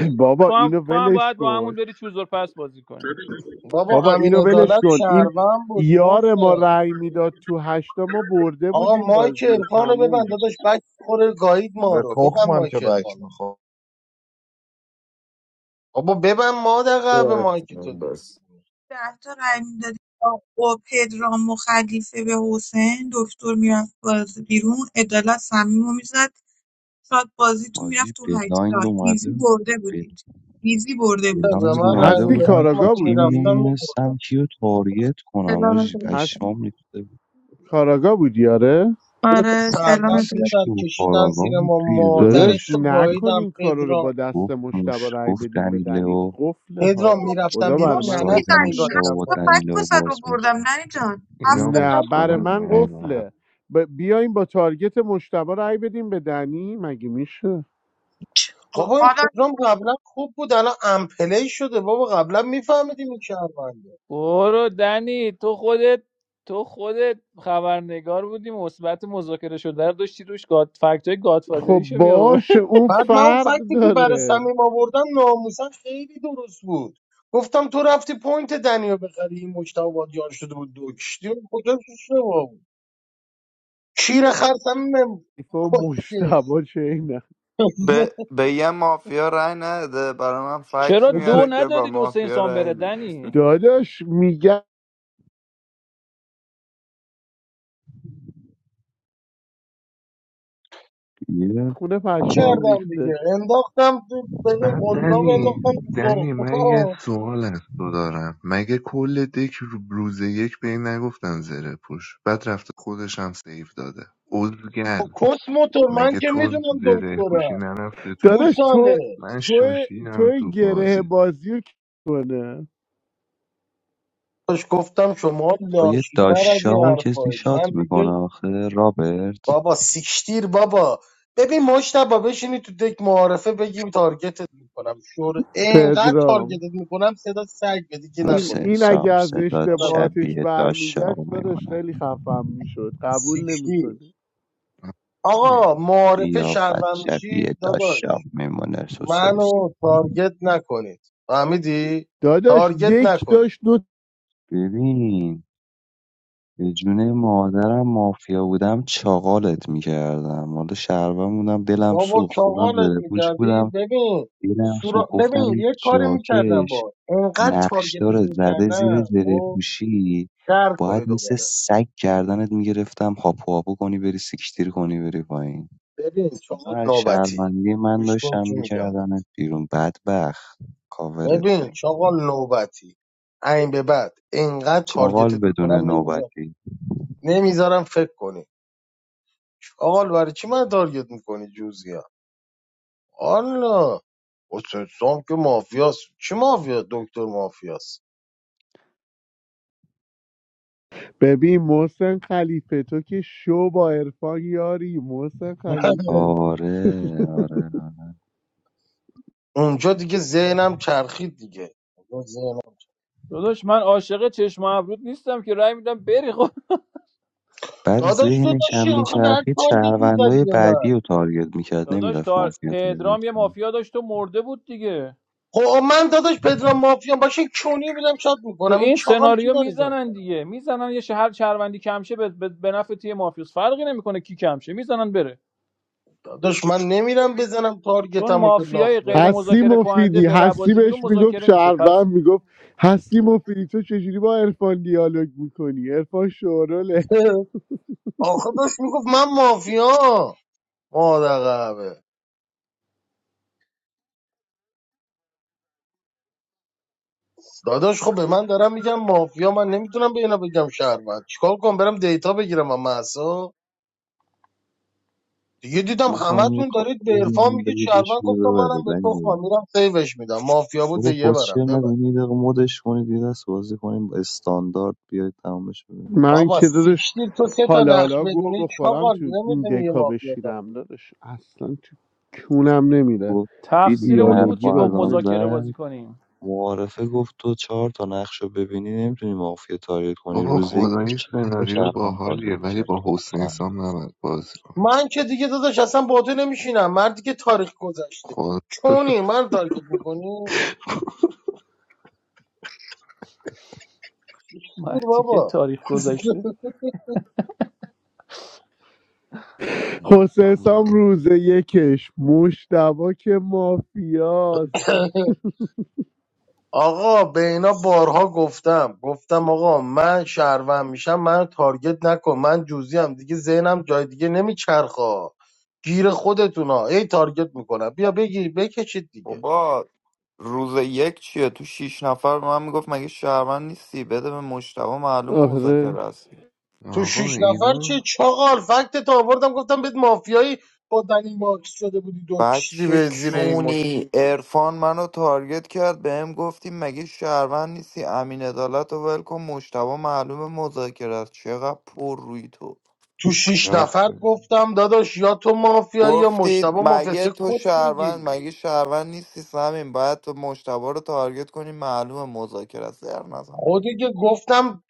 Speaker 2: <clears throat> بابا
Speaker 10: تو هم
Speaker 2: اینو
Speaker 10: تو هم
Speaker 2: ولش
Speaker 10: باید با
Speaker 2: کن
Speaker 10: همون بری چوزور پس بازی کنی
Speaker 4: بابا
Speaker 2: بابا
Speaker 4: امین
Speaker 2: اینو ولش
Speaker 4: عدالت
Speaker 2: کن این
Speaker 4: شهروند بود
Speaker 2: یار ما
Speaker 4: موسه
Speaker 2: رأی میداد تو هشتا ما برده
Speaker 4: آقا
Speaker 2: بودیم
Speaker 4: مایک
Speaker 2: بازی و
Speaker 4: عرفانو ببند
Speaker 2: تموم
Speaker 4: داداش بک خوره گایید ما
Speaker 1: به
Speaker 4: رو ببند
Speaker 1: تخمم که
Speaker 4: مایک
Speaker 1: بک
Speaker 4: عرفانو
Speaker 1: میخوام
Speaker 4: بابا ببند ما دقیقه به
Speaker 5: داشت
Speaker 4: مایک تو دیگه
Speaker 5: بس
Speaker 3: ده تا رای میدادی با پدرام و خلیفه به حسین دکتر میرفت باز بیرون عدالت صمیم رو میزد شاید بازیتون
Speaker 8: بازی
Speaker 3: میرفت تو هشتا
Speaker 8: بلایند
Speaker 3: ایزی
Speaker 8: اومده
Speaker 3: برده
Speaker 8: بل-
Speaker 3: بودید ایزی برده بودید
Speaker 4: به
Speaker 8: بلایند
Speaker 2: <clears throat>
Speaker 4: من رای
Speaker 8: اومده
Speaker 2: هستی
Speaker 8: بودم
Speaker 4: میدادم
Speaker 8: تو
Speaker 2: کاراگا
Speaker 4: من
Speaker 8: تیم
Speaker 4: میرفتم
Speaker 2: بودی؟
Speaker 4: میبرد
Speaker 8: نمیدونستم کیو تارگت کنم
Speaker 3: سلامت
Speaker 8: آجی
Speaker 2: هست
Speaker 8: پشمام ریخته بود
Speaker 2: کاراگا بودی آره؟
Speaker 4: دو تا
Speaker 3: آره سلامت
Speaker 4: شهروند
Speaker 8: اصلیش
Speaker 4: پسر
Speaker 8: تو
Speaker 4: کشیدن زیر
Speaker 8: کاراگاه بود
Speaker 4: ما
Speaker 8: توی
Speaker 4: مادر
Speaker 2: داداش
Speaker 8: داداش
Speaker 4: تو
Speaker 2: نکن
Speaker 4: گاییدم
Speaker 2: این کارا رو
Speaker 4: پدرام
Speaker 2: با دست
Speaker 8: گفت
Speaker 2: مشتبه
Speaker 8: مش
Speaker 2: رای
Speaker 8: گفت
Speaker 2: بدیم به دنی
Speaker 8: دنیلو
Speaker 2: قفله ها
Speaker 4: پدرام
Speaker 2: به
Speaker 3: چی
Speaker 4: میرفتم
Speaker 2: خدا
Speaker 4: بیرون
Speaker 8: گفت
Speaker 2: بر من
Speaker 4: ننت
Speaker 8: ساید
Speaker 4: رو
Speaker 2: قفله
Speaker 3: میزنی
Speaker 8: مشتبه
Speaker 4: میگاریدم
Speaker 3: هفت
Speaker 8: با
Speaker 4: تا دو
Speaker 3: فکر
Speaker 4: سال
Speaker 8: دنیلو
Speaker 3: واسد رو
Speaker 8: باز
Speaker 3: بردم ننی جان هفت
Speaker 6: اینا
Speaker 3: تا
Speaker 2: نه
Speaker 3: فکت رو
Speaker 2: بر
Speaker 3: بردم
Speaker 2: من
Speaker 6: مسخلن
Speaker 2: قفله ب... بیایم با تارگت مشتبه رای بدیم به دنی مگه میشه
Speaker 3: آه،
Speaker 4: بابا این
Speaker 3: حالا
Speaker 4: پدرام قبلا خوب بود الان امپلی شده بابا قبلا میفهمیدیم این شهرونده
Speaker 10: برو دنی تو خودت تو خودت خبرنگار بودی مثبت مذاکره شده رو داشتی روش گاد فکتای
Speaker 2: خب
Speaker 10: گادفادریشو می آورد
Speaker 2: باشه اون
Speaker 4: بعد من اون
Speaker 2: فرق
Speaker 4: فکتی که برای
Speaker 2: داره
Speaker 4: سمیم آوردم ناموسا خیلی درست بود گفتم تو رفتی پوینت دنیا بخری این مشتاق وادیان شده بود دو کشتی و کجا اشتباه بود شیر خرسم نم
Speaker 2: ایفا
Speaker 4: کشکش
Speaker 2: مشتبه چه اینه
Speaker 9: به,
Speaker 4: <laughs>
Speaker 9: به یه مافیا رای نده برای من
Speaker 10: <laughs> چرا
Speaker 9: فکت
Speaker 10: دو
Speaker 9: میاره که با
Speaker 10: ندادی دو سه
Speaker 9: مافیا
Speaker 10: انسان بره
Speaker 9: رای دید
Speaker 10: دنی
Speaker 2: داداش میگه
Speaker 8: میشه
Speaker 2: خونه پشمام
Speaker 4: کردم دیگه
Speaker 2: ریخته
Speaker 4: انداختم تو بده
Speaker 6: بعد
Speaker 4: قلاب
Speaker 6: دنی
Speaker 4: انداختم تو
Speaker 6: دنی
Speaker 4: سرخ
Speaker 6: من یه سوال از تو دارم مگه کل دک رو- روز یک به این نگفتن زره پوش بعد رفته خودش هم سیف داده اوزگل
Speaker 4: <laughs> کس موتور من
Speaker 6: مگه
Speaker 4: که
Speaker 6: تو
Speaker 4: میدونم
Speaker 6: زره پوشی
Speaker 4: دکترم
Speaker 6: نرفته تو
Speaker 2: داداش تو
Speaker 4: گوساله
Speaker 6: من
Speaker 2: تو تو
Speaker 6: شاشیدم تو
Speaker 2: گره
Speaker 6: بازی
Speaker 2: بازی رو کی کنه
Speaker 4: داشت گفتم شما
Speaker 8: با یه
Speaker 4: لاشیتر از این
Speaker 8: داشاق کسی
Speaker 4: حرفایید
Speaker 8: شات
Speaker 4: من دیگه
Speaker 8: میکنه آخه رابرت
Speaker 4: بابا سیکشتیر بابا ببین مشتبا بشینی تو دک معارفه بگیم تارگتت میکنم شور اینقدر
Speaker 2: پدرام
Speaker 4: تارگتت میکنم صدا سگ بدی که
Speaker 2: این
Speaker 4: نکنی
Speaker 8: حسین
Speaker 4: این
Speaker 2: این
Speaker 4: کارو
Speaker 2: اگه
Speaker 8: سام
Speaker 2: از
Speaker 8: صدات
Speaker 4: حالا بگو.
Speaker 2: اشتباهاتش
Speaker 8: شبیه داشاق
Speaker 2: برمیگشت داداش
Speaker 8: میمونه
Speaker 2: خیلی خفم میشد قبول
Speaker 4: سیکشتیر
Speaker 2: نمیکنه
Speaker 4: آقا معارفه
Speaker 8: قیافت
Speaker 4: شهروند میشید
Speaker 8: شبیه
Speaker 4: داداش
Speaker 8: داشاق میمونه سوسیس
Speaker 4: منو تارگت نکنید فهمیدی
Speaker 2: داداش
Speaker 4: تارگت
Speaker 2: دک
Speaker 4: نکنید
Speaker 2: داشت دو
Speaker 8: ببین به جونه مادرم مافیا بودم چاقالت میکردم حالا شهروند بودم دلم
Speaker 4: بابا
Speaker 8: سوخت خودم
Speaker 4: چاقالت
Speaker 8: زره پوش
Speaker 4: میکردی
Speaker 8: بودم
Speaker 4: ببین
Speaker 8: دلم
Speaker 4: سورا...
Speaker 8: سوخت
Speaker 4: ببین
Speaker 8: گفتم این
Speaker 4: یه کاری میکردم
Speaker 8: جاکش
Speaker 4: با اینقدر تارگتت
Speaker 8: نقشدار زده زیر
Speaker 4: میکردم
Speaker 8: زره
Speaker 4: خب
Speaker 8: پوشی
Speaker 4: در
Speaker 8: باید
Speaker 4: کنی
Speaker 8: مثل
Speaker 4: دوباره
Speaker 8: سگ گردنت میگرفتم هاپو هاپو کنی بری سیکتیر کنی بری پایین
Speaker 4: ببین
Speaker 8: اینا
Speaker 4: چاقال
Speaker 8: از
Speaker 4: نوبتی
Speaker 8: شهروندی من
Speaker 4: گوش کن
Speaker 8: داشتم
Speaker 4: چی میگم بهت.
Speaker 8: میکردنت بیرون بدبخت کاورت
Speaker 4: ببین
Speaker 8: کردم.
Speaker 4: چاقال نوبتی این به بعد اینقدر
Speaker 8: چاقال
Speaker 4: تارگتت
Speaker 8: بدون
Speaker 4: میکنم نمیذارم
Speaker 8: نوبتی
Speaker 4: نمیذارم فکر کنی چاقال برای چی من تارگت میکنی جوزی ها والا حسام که مافیاست چی مافیا دکتر مافیاست
Speaker 2: ببین محسن خلیفه تو که شو با عرفان یاری محسن
Speaker 4: <laughs>
Speaker 2: خلیفه
Speaker 8: آره آره آره.
Speaker 4: اونجا دیگه ذهنم چرخید دیگه اونجا ذهنم-
Speaker 10: داداش من عاشق چشم و ابرود نیستم که رای میدم بری خب
Speaker 8: بعد
Speaker 4: داداش تو
Speaker 8: ذهنش هم
Speaker 4: داشتی آخه بعد
Speaker 8: میچرخید
Speaker 4: تارگت میزدی
Speaker 8: شهروندای
Speaker 4: به من
Speaker 8: بعدی رو تارگت میکرد
Speaker 10: داداش
Speaker 8: نمیرفت
Speaker 10: تا
Speaker 8: مافیا تارگت
Speaker 10: پدرام یه
Speaker 8: کنه.
Speaker 10: مافیا داشت و مرده بود دیگه
Speaker 4: خب من داداش پدرام مافیا باشه کونی بودم شاد
Speaker 10: تو
Speaker 4: میکنم این
Speaker 10: این
Speaker 4: چاقال چی
Speaker 10: سناریو
Speaker 4: داره
Speaker 10: میزنن
Speaker 4: داد
Speaker 10: دیگه میزنن یه شهر چروندی کمشه به, به, به نفع تیم مافیوس فرقی نمیکنه کی کمشه میزنن بره
Speaker 4: داداش من نمیرم بزنم
Speaker 10: چون
Speaker 4: تارگتم و که لاخ
Speaker 10: مافیای غیر
Speaker 4: برم
Speaker 2: هستی
Speaker 10: مذاکره کننده
Speaker 2: مفیدی
Speaker 10: به
Speaker 2: هستی
Speaker 10: ربازی بیرون
Speaker 2: بهش میگفت
Speaker 10: مذاکره میشه پس
Speaker 2: شهروند میگفت هستی مفیدی تو چجوری با عرفان دیالوگ میکنی عرفان شوراله
Speaker 4: <laughs> آخه داشت میگفت من مافیا مادر قهوه داداش خب به من دارم میگم مافیا من نمیتونم به اینا بگم شهروند چیکار کنم برم دیتا بگیرم و محسا دیگه دیدم
Speaker 8: بیا پایین یه
Speaker 4: همتون دارید
Speaker 8: کاپو
Speaker 4: به عرفان
Speaker 8: بزنیم
Speaker 4: میگید
Speaker 8: بگه
Speaker 4: شهروند
Speaker 8: بشوره
Speaker 4: گفتم منم
Speaker 8: ببره
Speaker 4: به تخمم
Speaker 8: ولی
Speaker 4: میرم سیوش میدم مافیا بود به
Speaker 8: بابا
Speaker 4: یه
Speaker 8: کسشر
Speaker 4: برم ببر
Speaker 8: نگو این یه دقیقه مدش کنید یه دست بازی کنیم با استاندارد بیاید تمامش ببینیم
Speaker 2: من
Speaker 4: بابا
Speaker 2: که داداش
Speaker 4: سیکشتیر تو سه تا
Speaker 2: حالا
Speaker 4: نقش
Speaker 2: حالا گوه
Speaker 4: بدونی
Speaker 2: بخورم
Speaker 4: چاقال
Speaker 2: تو این
Speaker 4: نمیدونی یه
Speaker 2: دکا
Speaker 4: مافیا تارگت
Speaker 2: بشینم داداش اصلا تو کونم نمیره
Speaker 8: گفت دیدی
Speaker 10: تقصیر
Speaker 8: این
Speaker 10: اونی بود
Speaker 2: دیالوگی
Speaker 10: که گفت
Speaker 2: بازی
Speaker 8: الان
Speaker 2: نمیکنه
Speaker 10: مذاکره بازی
Speaker 8: زد
Speaker 10: کنیم
Speaker 8: معارفه گفت تو چهار تا نقش رو ببینی نمیتونی مافیا تارگت کنی
Speaker 6: بابا
Speaker 8: روزه یک داشت
Speaker 6: خدایی
Speaker 8: چهار تا
Speaker 6: سناریو با
Speaker 8: شهروند تارگت
Speaker 6: حالیه ولی
Speaker 8: میکرد
Speaker 6: با حسین
Speaker 8: تخمن
Speaker 6: سام نباید بازی کن
Speaker 4: من که دیگه داداش اصلا با تو نمیشینم مردی که تاریخ گذشته
Speaker 6: خدا
Speaker 4: چونی من تارگت میکنی دور
Speaker 10: مرتی که
Speaker 4: بابا
Speaker 10: تاریخ گذشته
Speaker 2: حسین سام روز یکش مشتبا که مافیاست
Speaker 4: <laughs> آقا به اینا بارها گفتم گفتم آقا من شهروند میشم من تارگت نکن من جوزی هم دیگه ذهنم جای دیگه نمیچرخا گیر خودتونا ای تارگت میکنم بیا بگیر بکشید دیگه
Speaker 9: بابا روز یک چیه تو شیش نفر به من میگفت مگه شهروند نیستی بده به مشتبه معلوم
Speaker 2: آره
Speaker 9: مذاکره است
Speaker 4: تو
Speaker 6: آقا
Speaker 4: شیش نفر چه
Speaker 6: اینا
Speaker 4: چاقال فکت تا آوردم گفتم بهت مافیایی با دنی ماکس شده بودی دو کشیدی
Speaker 9: بچه
Speaker 4: به زیر این
Speaker 9: کونی
Speaker 4: مشت
Speaker 9: ارفان منو تارگت کرد بهم گفتی مگه شهروند نیستی امین عدالت و ول کن مشتبه معلوم مذاکره است چقدر پر روی تو
Speaker 4: تو شیش
Speaker 6: رفت
Speaker 4: نفر گفتم داداش یا تو مافیا یا مشتبه
Speaker 9: گفتید
Speaker 4: مافیا
Speaker 9: مگه
Speaker 4: چه
Speaker 9: تو
Speaker 4: کس
Speaker 9: شهروند
Speaker 4: میگی
Speaker 9: مگه شهروند نیستی سمین باید تو مشتبه رو تارگت کنی معلوم مذاکره است زر نزن بابا
Speaker 4: خودی که گفتم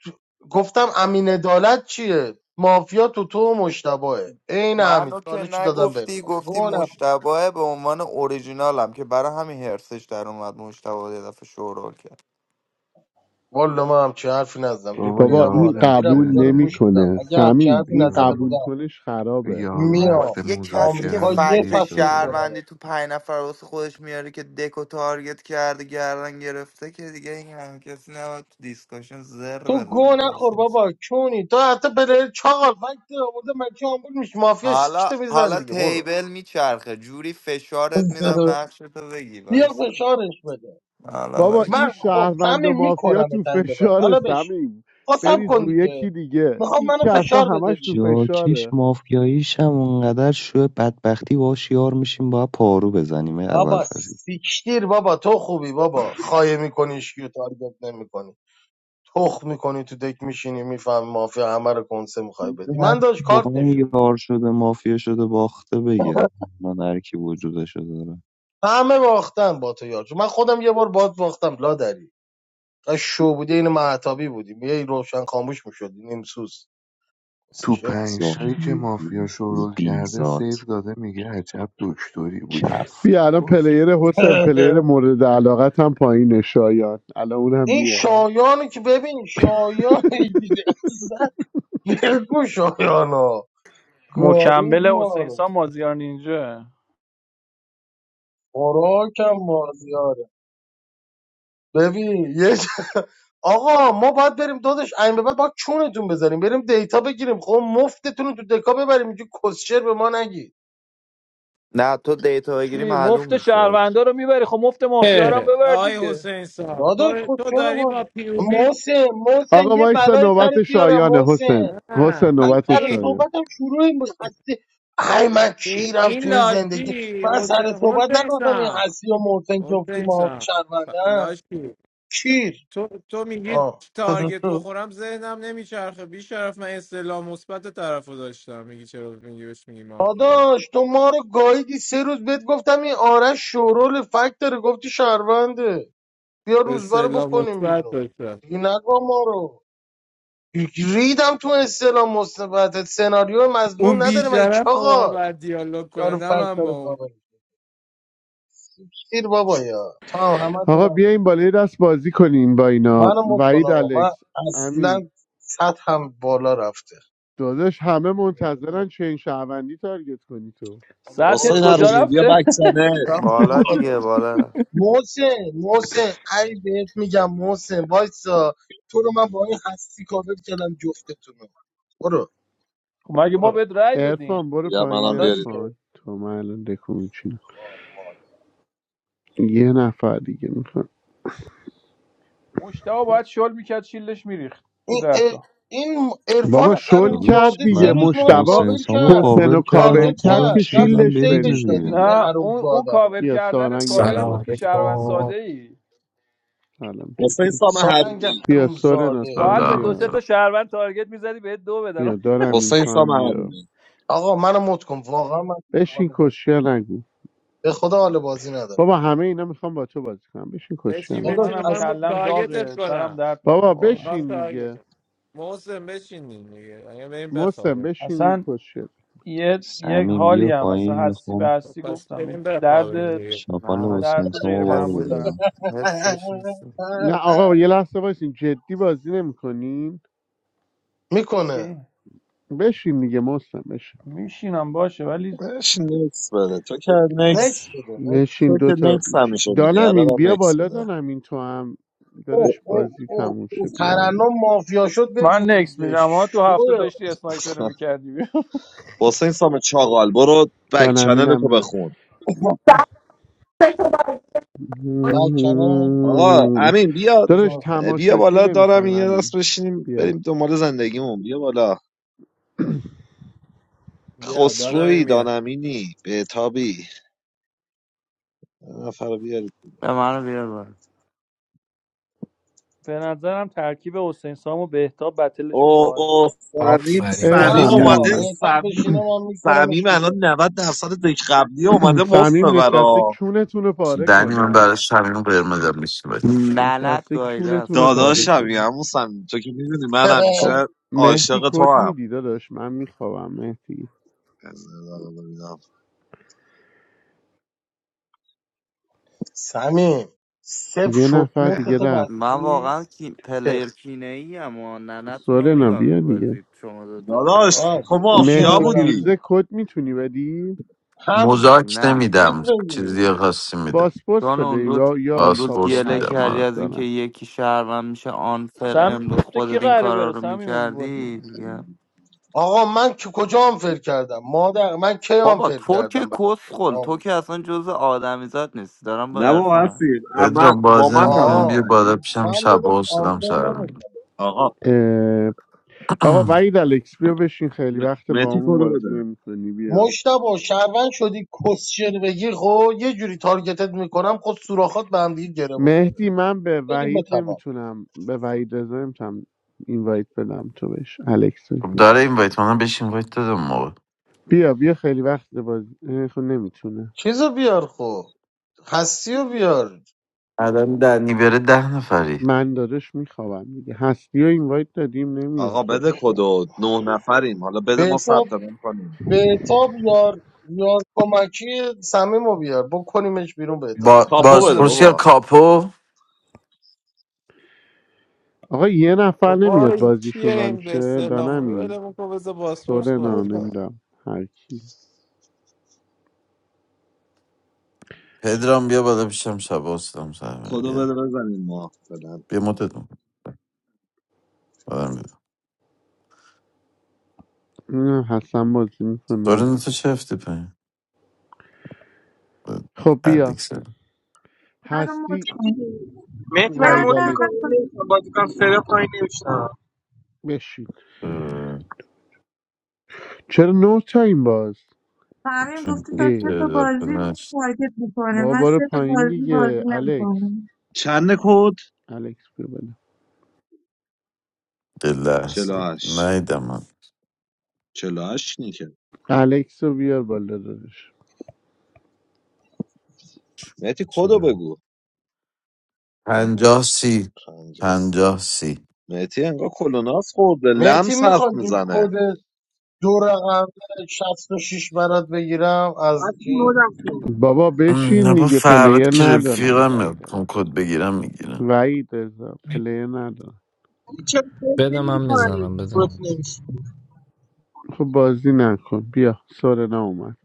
Speaker 4: گفتم امین عدالت چیه مافیا تو تو و مشتبهه عین همین
Speaker 9: منو که
Speaker 4: چالش رو دادم به
Speaker 9: نگفتی
Speaker 4: عرفان
Speaker 9: گفتی
Speaker 4: گوه نخور.
Speaker 9: مشتبه به عنوان اوریجینالم که برای همین هرسش در اومد مشتبه یه دفعه شورول کرد
Speaker 4: والا من همچه حرفی نزدم
Speaker 6: بابا
Speaker 4: ریپلی
Speaker 2: بابا
Speaker 4: هم
Speaker 6: یارو
Speaker 2: این
Speaker 4: آنه میرم
Speaker 2: قبول
Speaker 6: رفته
Speaker 4: اینجا رو گوش میدم
Speaker 2: نمیکنه
Speaker 4: اگه همچه
Speaker 2: سمیم
Speaker 4: حرفی
Speaker 2: این
Speaker 4: نزده
Speaker 2: قبول
Speaker 6: یارو
Speaker 4: بودم
Speaker 2: کنش خرابه
Speaker 6: یارو
Speaker 9: بابا
Speaker 2: حسین
Speaker 4: میام
Speaker 6: رفته
Speaker 9: دیگه کسی که
Speaker 6: مذاکره
Speaker 4: آمریکا
Speaker 6: رو
Speaker 4: یه
Speaker 6: سیو
Speaker 9: فکر
Speaker 4: فصل
Speaker 6: داده
Speaker 4: میکنم
Speaker 9: شهروندی تو پنج نفر واسه خودش میاره که دکو و تارگت کرده گردن گرفته که دیگه این هم کسی نباید تو دیسکاشن زر
Speaker 4: تو گو
Speaker 9: بزنه که
Speaker 4: نخور
Speaker 9: حسین
Speaker 4: بابا چونی تو حتی پلیر چاقال وقتی آورده من که آمبول میشه مافیا
Speaker 9: حالا
Speaker 4: سکته میزن
Speaker 9: حالا
Speaker 4: دیگه برو
Speaker 9: تیبل میچرخه جوری فشارت میدم
Speaker 4: <laughs>
Speaker 9: نقشتو بگی
Speaker 4: بیا
Speaker 9: وایسا
Speaker 4: فشارش بده
Speaker 9: حالا
Speaker 2: بابا این
Speaker 4: من
Speaker 9: وایسا
Speaker 4: خب
Speaker 2: شهروند و
Speaker 4: تعمیم
Speaker 2: مافیا
Speaker 4: میکنم
Speaker 2: تو
Speaker 4: تا این به بعد
Speaker 2: فشار
Speaker 4: حالا بشه
Speaker 2: سمیم
Speaker 4: خب سب
Speaker 2: بریز
Speaker 4: کن
Speaker 2: روی یکی
Speaker 4: دیگه
Speaker 2: دیگه
Speaker 4: میخوام
Speaker 2: این
Speaker 4: منو
Speaker 2: که اصلا
Speaker 4: فشار بده
Speaker 2: همش تو
Speaker 4: دیگه
Speaker 8: جاکش
Speaker 2: فشاره
Speaker 8: مافیاییش هم اونقدر شوه بدبختی باش یار میشیم باید پارو بزنیم ای اول
Speaker 4: بابا
Speaker 8: فضیل
Speaker 4: سیکشتیر بابا تو خوبی بابا خایه میکنی کیو تارگت نمیکنی تخ میکنی تو دک میشینی میفهم مافیا همه رو کنسه میخوای بدی
Speaker 8: هر
Speaker 4: من داشت
Speaker 8: کی
Speaker 4: کارت
Speaker 8: واقعا
Speaker 4: نشون میده
Speaker 8: یار شده مافیا شده باخته بگه من هر کی وجودشو داره
Speaker 4: همه باختن با تو یارجو من خودم یه بار باد باختم لادری تا شو بودی این معتابی بودی یه روشن خاموش میشدی نیم سوز واسه
Speaker 6: تو
Speaker 4: شعر.
Speaker 6: پنج تایی که
Speaker 8: زاهد
Speaker 6: مافیا شروع کرده
Speaker 8: بیزاد
Speaker 6: سیو داده میگه عجب دکتری بودم
Speaker 8: کف
Speaker 2: بیا الان
Speaker 6: گفت
Speaker 2: پلیر حسین
Speaker 4: <laughs>
Speaker 2: پلیر مورد علاقت هم پایینه شایان الان اونم
Speaker 4: این
Speaker 2: میارم
Speaker 4: شایانی که ببین شایان
Speaker 2: <laughs>
Speaker 4: اصلا بگو شایانا گارید
Speaker 10: مکمل
Speaker 4: ما
Speaker 10: حسین
Speaker 4: رو
Speaker 10: سان مازیار نینجا
Speaker 4: خوراکم مازیاره ببین یه جا- آقا ما باید بریم دادش این به بعد باید چونتون بزنیم بریم دیتا بگیریم خب مفتتون رو تو دکا ببریم اینجا کسشر به ما نگید
Speaker 9: نه تو دیتا بگیری
Speaker 10: چی
Speaker 9: معلوم
Speaker 10: مفت
Speaker 9: میشه هیچ.
Speaker 10: شهروندا رو میبری خب مفت مافیا رو
Speaker 11: اه،
Speaker 10: هم ببر
Speaker 11: آقای
Speaker 10: دیگه
Speaker 11: حسین سام
Speaker 4: داداش
Speaker 11: تو,
Speaker 4: خود
Speaker 11: تو
Speaker 4: چرا
Speaker 11: داری با
Speaker 4: بازه
Speaker 11: پیوبی
Speaker 4: محسن محسن
Speaker 2: آقا
Speaker 4: یه
Speaker 2: وایسا
Speaker 4: بلای
Speaker 2: نوبت
Speaker 4: سرت بیارم
Speaker 2: شایانه
Speaker 4: محسن
Speaker 2: حسین حسین
Speaker 11: نه
Speaker 4: من
Speaker 2: نوبت
Speaker 4: سر
Speaker 11: این,
Speaker 2: شایان
Speaker 4: صحبتم شروع این بود هستی ای من
Speaker 11: این,
Speaker 4: کیرم
Speaker 11: این
Speaker 4: تو این زندگی
Speaker 11: لاشی
Speaker 4: من
Speaker 11: حسین,
Speaker 4: سر صحبت
Speaker 11: حسین
Speaker 4: نگفتم این
Speaker 11: سام
Speaker 4: هستی و محسن جفتی
Speaker 11: حسین
Speaker 4: ما
Speaker 11: سام
Speaker 4: شرمنده
Speaker 11: لاشی
Speaker 4: کیر
Speaker 11: تو, تو میگی
Speaker 4: آه
Speaker 11: تارگت
Speaker 4: <laughs>
Speaker 11: بخورم ذهنم نمیچرخه بیشرف من استعلام مثبت طرف رو داشتم میگی چرا میگی بهش میگی مافیا
Speaker 4: داداش تو ما رو گاییدی سه روز بهت گفتم این آرش شورول فکت داره گفتی شهرونده بیا روزبه رو
Speaker 11: استعلام
Speaker 4: بکنیم
Speaker 11: مثبت
Speaker 4: بیرون
Speaker 11: داشتم
Speaker 4: دیگه نگو ما رو ریدم تو استلام مثبتت سناریو
Speaker 11: اون
Speaker 4: مزنون نداره مگه
Speaker 11: بیشرف با ما
Speaker 4: چاقال
Speaker 11: باید دیالوگ کنه
Speaker 4: یارو
Speaker 11: نه
Speaker 4: فکت
Speaker 11: من
Speaker 4: داره
Speaker 11: با اون
Speaker 4: قابل کیر بابا یا تو هم
Speaker 2: آقا
Speaker 4: همه
Speaker 2: بیاین بالای دست بازی کنین با اینا
Speaker 4: منو مت کن
Speaker 2: وحید
Speaker 4: آقا من
Speaker 2: الکس امین
Speaker 4: اصلا سطحم بالا رفته
Speaker 2: داداش همه منتظرن چین شهروندی تارگت کنی تو
Speaker 4: بابا
Speaker 10: سطحت
Speaker 4: برو
Speaker 1: حسین
Speaker 4: بابا
Speaker 10: کجا
Speaker 1: حرومی بیا
Speaker 10: رفته
Speaker 1: بک چنل
Speaker 4: رفته
Speaker 9: بالا
Speaker 4: بالا
Speaker 9: دیگه بالا رفت.
Speaker 4: محسن محسن ای بهت میگم محسن وایسا تو رو من با این هستی کاور کردم جفتتونو برو
Speaker 10: <laughs> خب مگه ما
Speaker 4: برو
Speaker 10: بهت رأی دادیم
Speaker 2: ارفان برو
Speaker 1: بیا
Speaker 2: پایین
Speaker 1: منم
Speaker 4: حالا
Speaker 1: بیارید
Speaker 4: دیگه
Speaker 2: ارفان تو من الان دکو میچینم
Speaker 4: کار مادر
Speaker 2: یه نفر دیگه میخوام
Speaker 10: مشتاق باید شل میکرد شیلش میریخت تو
Speaker 4: این ار-
Speaker 10: درتا
Speaker 4: این عرفان
Speaker 2: بابا شل
Speaker 8: داداش
Speaker 2: کرد
Speaker 4: حرومزاده سه
Speaker 2: دیگه
Speaker 8: من
Speaker 4: روز ما رو
Speaker 2: مشتبا
Speaker 8: حسین
Speaker 4: کاور
Speaker 8: سامو
Speaker 4: کرد
Speaker 2: حسین رو
Speaker 8: کاور
Speaker 2: کاور
Speaker 8: کردم
Speaker 4: تارگت
Speaker 2: کرد
Speaker 8: خودم
Speaker 4: کرد
Speaker 2: که
Speaker 8: شیلدم
Speaker 4: رفتیم
Speaker 2: شیلش
Speaker 8: بریزه
Speaker 4: سیوش
Speaker 2: بریزه
Speaker 4: دادیم
Speaker 8: دیگه
Speaker 2: دیگه
Speaker 4: این
Speaker 10: نه اون اون
Speaker 4: حرومزاده رو
Speaker 10: کاور
Speaker 2: بیا
Speaker 10: کردنت
Speaker 2: سارنگ هم
Speaker 10: کاور این بود
Speaker 2: اومد
Speaker 12: سلام
Speaker 10: که شهروند
Speaker 12: علیکم
Speaker 10: ساده ای
Speaker 2: سلام
Speaker 1: حسین
Speaker 2: چطوری
Speaker 1: سام
Speaker 4: سارنگ
Speaker 1: حرومی
Speaker 2: بیا سورنا
Speaker 4: حرومزاده
Speaker 2: تو هم
Speaker 10: باید به
Speaker 5: حالا.
Speaker 10: دو سه
Speaker 2: بیا
Speaker 10: تا شهروند تارگت میزدی بهت دو
Speaker 2: بیا
Speaker 10: بدن <laughs>
Speaker 2: دارم این
Speaker 1: حسین
Speaker 2: تو
Speaker 1: سام
Speaker 2: هم بیا
Speaker 1: حرومی
Speaker 4: آقا منو مت کن واقعا من حال
Speaker 2: بشین
Speaker 4: بازی-
Speaker 2: کشیا نگو
Speaker 4: به خدا حال بازی ندارم
Speaker 2: بابا همه اینا میخوام با تو بازی کنم بشین کشیا
Speaker 11: بچین
Speaker 10: آقا
Speaker 2: نگو
Speaker 4: داداش
Speaker 11: بچین
Speaker 10: منم
Speaker 11: میخوام
Speaker 4: اصلا
Speaker 10: کلم داغه
Speaker 11: تارگتت کنم
Speaker 10: سرم درد میکنه
Speaker 2: بابا
Speaker 10: واقعا
Speaker 11: اینا رو
Speaker 2: بشین
Speaker 11: تارگت
Speaker 2: دیگه
Speaker 11: کن. محسن بشینیم دیگه اگه بریم
Speaker 2: محسن
Speaker 11: بخوابیم
Speaker 2: بشین دیگه
Speaker 10: اصلا
Speaker 2: کشیا نگو.
Speaker 10: یه یک
Speaker 8: سمین
Speaker 10: حالی
Speaker 8: بیا
Speaker 10: هم اصلا
Speaker 8: پایین
Speaker 10: هستی به
Speaker 8: میخوام
Speaker 11: خب،
Speaker 10: هستی
Speaker 11: پس
Speaker 10: گفتم یه
Speaker 11: بریم بخوابیم
Speaker 10: درد
Speaker 11: دیگه
Speaker 9: نه
Speaker 8: شاپال
Speaker 9: هاش
Speaker 8: حسین
Speaker 10: درد
Speaker 9: میشه
Speaker 10: غیر
Speaker 8: سامو بار
Speaker 9: حس
Speaker 10: معمول دارم
Speaker 8: بذاریم
Speaker 9: حسش نیست
Speaker 2: نه
Speaker 4: <laughs>
Speaker 2: آقا یه لحظه وایسین جدی بازی نمیکنین
Speaker 4: میکنه
Speaker 10: ای،
Speaker 2: بشین دیگه محسن بشین
Speaker 10: میشینم باشه ولی
Speaker 1: بهش نکس بده تو که نکس
Speaker 4: نکس
Speaker 10: باش
Speaker 4: بده نکس
Speaker 2: بشین
Speaker 1: تو که
Speaker 2: دوتا
Speaker 1: نکس
Speaker 2: چی-
Speaker 1: همیشه میدی
Speaker 2: دانمین
Speaker 1: الان هم
Speaker 2: بیا
Speaker 1: نکس
Speaker 2: بالا
Speaker 1: بده
Speaker 2: دانمین تو هم
Speaker 4: او
Speaker 2: دادش
Speaker 4: او
Speaker 2: بازی
Speaker 4: اوه
Speaker 2: تموم شه
Speaker 4: او
Speaker 2: بیا همین
Speaker 4: ترنم مافیا شد
Speaker 10: من نکس
Speaker 4: بفروشه
Speaker 10: میدم ها تو
Speaker 4: شو
Speaker 10: هفته داشتی اسنایپر رو
Speaker 1: <laughs>
Speaker 10: میکردی <laughs>
Speaker 1: حسین سام چاقال برو بک چنل
Speaker 2: دانمینم
Speaker 1: تو
Speaker 2: میاد
Speaker 1: بخون
Speaker 4: بکنه
Speaker 1: آقا امین بیا
Speaker 2: دادش
Speaker 4: بزن خدا
Speaker 1: بیا
Speaker 2: تماشاچی
Speaker 1: بالا دارم
Speaker 2: نمیخوایم
Speaker 1: یه
Speaker 2: همین
Speaker 1: دست بشینیم
Speaker 2: بیا
Speaker 1: بریم دنبال زندگیمون بیا بالا
Speaker 2: <clears throat>
Speaker 11: بیا
Speaker 1: خسروی
Speaker 11: دانمیم بیا
Speaker 1: دانمینی بهتابی یه نفر رو بیاریم
Speaker 9: به منو بیار بالا
Speaker 10: به نظرم ترکیب حسین سام و بهتاب بتلشون
Speaker 1: او
Speaker 10: باحال میشه
Speaker 1: او سمیم
Speaker 12: آفرین
Speaker 2: اه
Speaker 4: نه
Speaker 12: باری
Speaker 1: سمیم
Speaker 2: سمیم
Speaker 12: کرد
Speaker 4: آقا
Speaker 1: اومده
Speaker 2: اومد
Speaker 4: بهتر
Speaker 1: سمیم
Speaker 4: بشینه من
Speaker 1: سمیم
Speaker 4: میکنمش
Speaker 1: الان
Speaker 4: بیرون
Speaker 1: 90 درصد دک قبلی اومده مفت
Speaker 2: سمیم نشسته
Speaker 1: ببرا
Speaker 2: کونتون رو پاره
Speaker 5: دنی من برای
Speaker 2: کنه
Speaker 5: شمینو قرمزم میشه
Speaker 9: لعنت
Speaker 2: نشسته
Speaker 9: گاییده از
Speaker 2: کونتون رو پاره
Speaker 9: طرف
Speaker 1: داداشم یه
Speaker 2: کنه
Speaker 1: همون سمیم تو که میدونی من
Speaker 2: خب
Speaker 4: <laughs>
Speaker 1: همیشه
Speaker 2: مهدی
Speaker 1: عاشق تو
Speaker 2: کد
Speaker 1: هم
Speaker 2: میدی داداش من میخوابم مهدی
Speaker 4: سمیم صفر
Speaker 2: یه
Speaker 4: شد
Speaker 2: نفر
Speaker 4: مرد
Speaker 2: دیگه
Speaker 4: تو
Speaker 2: رفت
Speaker 9: من
Speaker 4: بستی
Speaker 9: واقعا کی...
Speaker 4: صفر
Speaker 9: پلیر کینه ای اما ننتون رو
Speaker 2: سورنا
Speaker 9: میگم
Speaker 2: بیا
Speaker 9: این
Speaker 2: دیگه
Speaker 9: بازی شما دوتا رو
Speaker 1: داداش
Speaker 9: وایسا
Speaker 1: تو
Speaker 4: آس بشین
Speaker 1: مافیا
Speaker 2: مهدی
Speaker 4: ببینم
Speaker 1: بودی
Speaker 2: فیروزه کد میتونی بدی
Speaker 4: هم
Speaker 5: مزاک
Speaker 9: نه
Speaker 4: چیز
Speaker 5: نمیدم
Speaker 4: بگیر
Speaker 5: چیزی خاصی میدم
Speaker 2: باسپورس
Speaker 9: چون
Speaker 2: بده
Speaker 9: اون روز
Speaker 2: یا یا
Speaker 9: اون روز
Speaker 2: کاپو
Speaker 5: پاسپورت
Speaker 9: گله
Speaker 2: هر چی
Speaker 5: میدم
Speaker 9: کردی
Speaker 2: دوست
Speaker 9: از اینکه
Speaker 2: دارن
Speaker 9: یکی شهروند میشه آنفر
Speaker 10: سمیم
Speaker 9: امروز
Speaker 10: گفته کی
Speaker 9: خودت این
Speaker 10: قراره
Speaker 9: کارا
Speaker 10: بره
Speaker 9: رو
Speaker 10: سمیم این بازی
Speaker 9: میکردی دیگه
Speaker 4: آقا من که کجا آنفر کردم مادر من کی
Speaker 9: بابا
Speaker 4: آنفر
Speaker 9: تو که
Speaker 4: کردم براتون
Speaker 9: کسخل تو که
Speaker 4: ناموسم
Speaker 9: اصلا جز آدمیزاد نیستی دارم با
Speaker 1: نه با
Speaker 9: عرفان حرف
Speaker 1: هستید اما
Speaker 5: پدرام
Speaker 1: با
Speaker 5: بازی
Speaker 1: من
Speaker 5: نمیکنیم بیا
Speaker 4: آه
Speaker 5: بالا
Speaker 1: نراحته
Speaker 5: پیشم
Speaker 4: من
Speaker 5: شب
Speaker 4: داداش
Speaker 5: ها شدم
Speaker 4: آنفر
Speaker 5: سر
Speaker 4: نمی‌کنم.
Speaker 5: میگم
Speaker 1: آقا
Speaker 2: اه، آقا
Speaker 5: <clears throat>
Speaker 2: وحید الکس بیا بشین خیلی
Speaker 1: م-
Speaker 2: وقت با
Speaker 1: مهدی
Speaker 2: همون
Speaker 1: کدو
Speaker 2: بازی
Speaker 1: بده
Speaker 2: نمیکنی بیا
Speaker 4: مشتبه شهروند شدی کسشر بگی خب یه جوری تارگتت میکنم خود سوراخات به هم دیگه گره بخوره
Speaker 2: مهدی من به
Speaker 4: بگی
Speaker 2: وحید
Speaker 4: بتمام
Speaker 2: نمیتونم به وحید رضا نمیتونم اینوایت بدم تو بهش الکس
Speaker 5: خب داره این وایت منم بهش این وایت دادم اون موقع
Speaker 2: بیا بیا خیلی وقت بازی اه، خب نمیتونه
Speaker 4: چیزو بیار خب هستی رو بیار
Speaker 5: الان دنی بره ده نفری
Speaker 2: من داداش میخوابم دیگه هستی و اینوایت دادیم نمیاد
Speaker 1: آقا بده
Speaker 2: خودش را
Speaker 1: کدو نه نفریم حالا بده ما
Speaker 4: بهتاب
Speaker 1: ثبت نام کنیم
Speaker 4: بهتاب یار یار کمکی سمیم رو بیار بکنیمش بیرون بهتاب رو
Speaker 5: با
Speaker 4: از
Speaker 1: کاپو بده
Speaker 4: همون
Speaker 5: بازپرس یا
Speaker 1: بابا
Speaker 5: کاپو
Speaker 2: آقا یه نفر
Speaker 11: بابا
Speaker 2: نمیاد
Speaker 11: این چیه
Speaker 2: بازیشون
Speaker 11: این به
Speaker 2: رانچه
Speaker 11: سلام
Speaker 2: دانمین
Speaker 11: ولمون کن بذار باسپورس
Speaker 2: سورنا
Speaker 11: بازی کن
Speaker 2: نمیدم هر کی
Speaker 5: پدرام بیا بالا پیشم شب ها شدم سر میگم
Speaker 1: کدو بده
Speaker 5: بیا
Speaker 1: بزنیم ما فعلا
Speaker 5: بیا مدت میکنم بادم بیا
Speaker 2: نه حسن بازی میکنه
Speaker 5: دارین تو چه هفته پایین
Speaker 2: خب بیا
Speaker 5: اردیکس
Speaker 3: منو مد
Speaker 2: هستی
Speaker 3: کن
Speaker 13: مهدی برای
Speaker 3: نه
Speaker 13: مد
Speaker 3: نه
Speaker 2: ویدلک
Speaker 13: میکنم
Speaker 3: من
Speaker 13: نمی‌تونم بازی کنم فرق پایین نمیشم
Speaker 2: بشین چرا نو تایم باز
Speaker 3: همین
Speaker 5: چون
Speaker 3: گفته تا سه
Speaker 2: ای
Speaker 3: تا
Speaker 5: دل
Speaker 3: بازی تارگت میکنه
Speaker 2: بابا
Speaker 3: من
Speaker 2: برو
Speaker 3: سه تا
Speaker 2: پایین
Speaker 3: بازی بازی
Speaker 2: دیگه الکس
Speaker 3: نمیکنم
Speaker 1: چند کد
Speaker 2: الکس بیا بالا
Speaker 5: دلش
Speaker 1: چلاش
Speaker 5: نهیدم من
Speaker 1: چلاش نیکه
Speaker 2: الکس رو بیار بالا داداش
Speaker 1: مهدی
Speaker 5: چه
Speaker 1: کدو
Speaker 5: نه؟
Speaker 1: بگو پنج
Speaker 5: پنجاه سی
Speaker 1: پنج و سه.
Speaker 5: پنجاه سی
Speaker 1: مهدی انگار کلوناس خورده
Speaker 4: مهتی
Speaker 1: لمس حرف
Speaker 4: میخواد
Speaker 1: میزنه
Speaker 4: کد دو رقم 66 برات بگیرم
Speaker 13: از
Speaker 4: از
Speaker 13: این
Speaker 4: چیز
Speaker 13: مدم کن
Speaker 2: بابا
Speaker 5: ام، نه
Speaker 2: بشین
Speaker 5: با
Speaker 2: دیگه
Speaker 5: فراد
Speaker 2: پلیر
Speaker 5: که
Speaker 2: ندارن
Speaker 5: رفیقم
Speaker 2: وعید
Speaker 5: میخوام
Speaker 2: علی
Speaker 5: کد بگیرم میگیرم
Speaker 2: وعید رضا پلیر ندارن
Speaker 13: ولی چرا فرق
Speaker 14: بده من
Speaker 13: نمی کنن
Speaker 14: میزنم
Speaker 13: این
Speaker 14: بده
Speaker 13: فرق
Speaker 14: من.
Speaker 13: نمی‌شه؟
Speaker 2: خب بازی نکن بیا سورنا اومد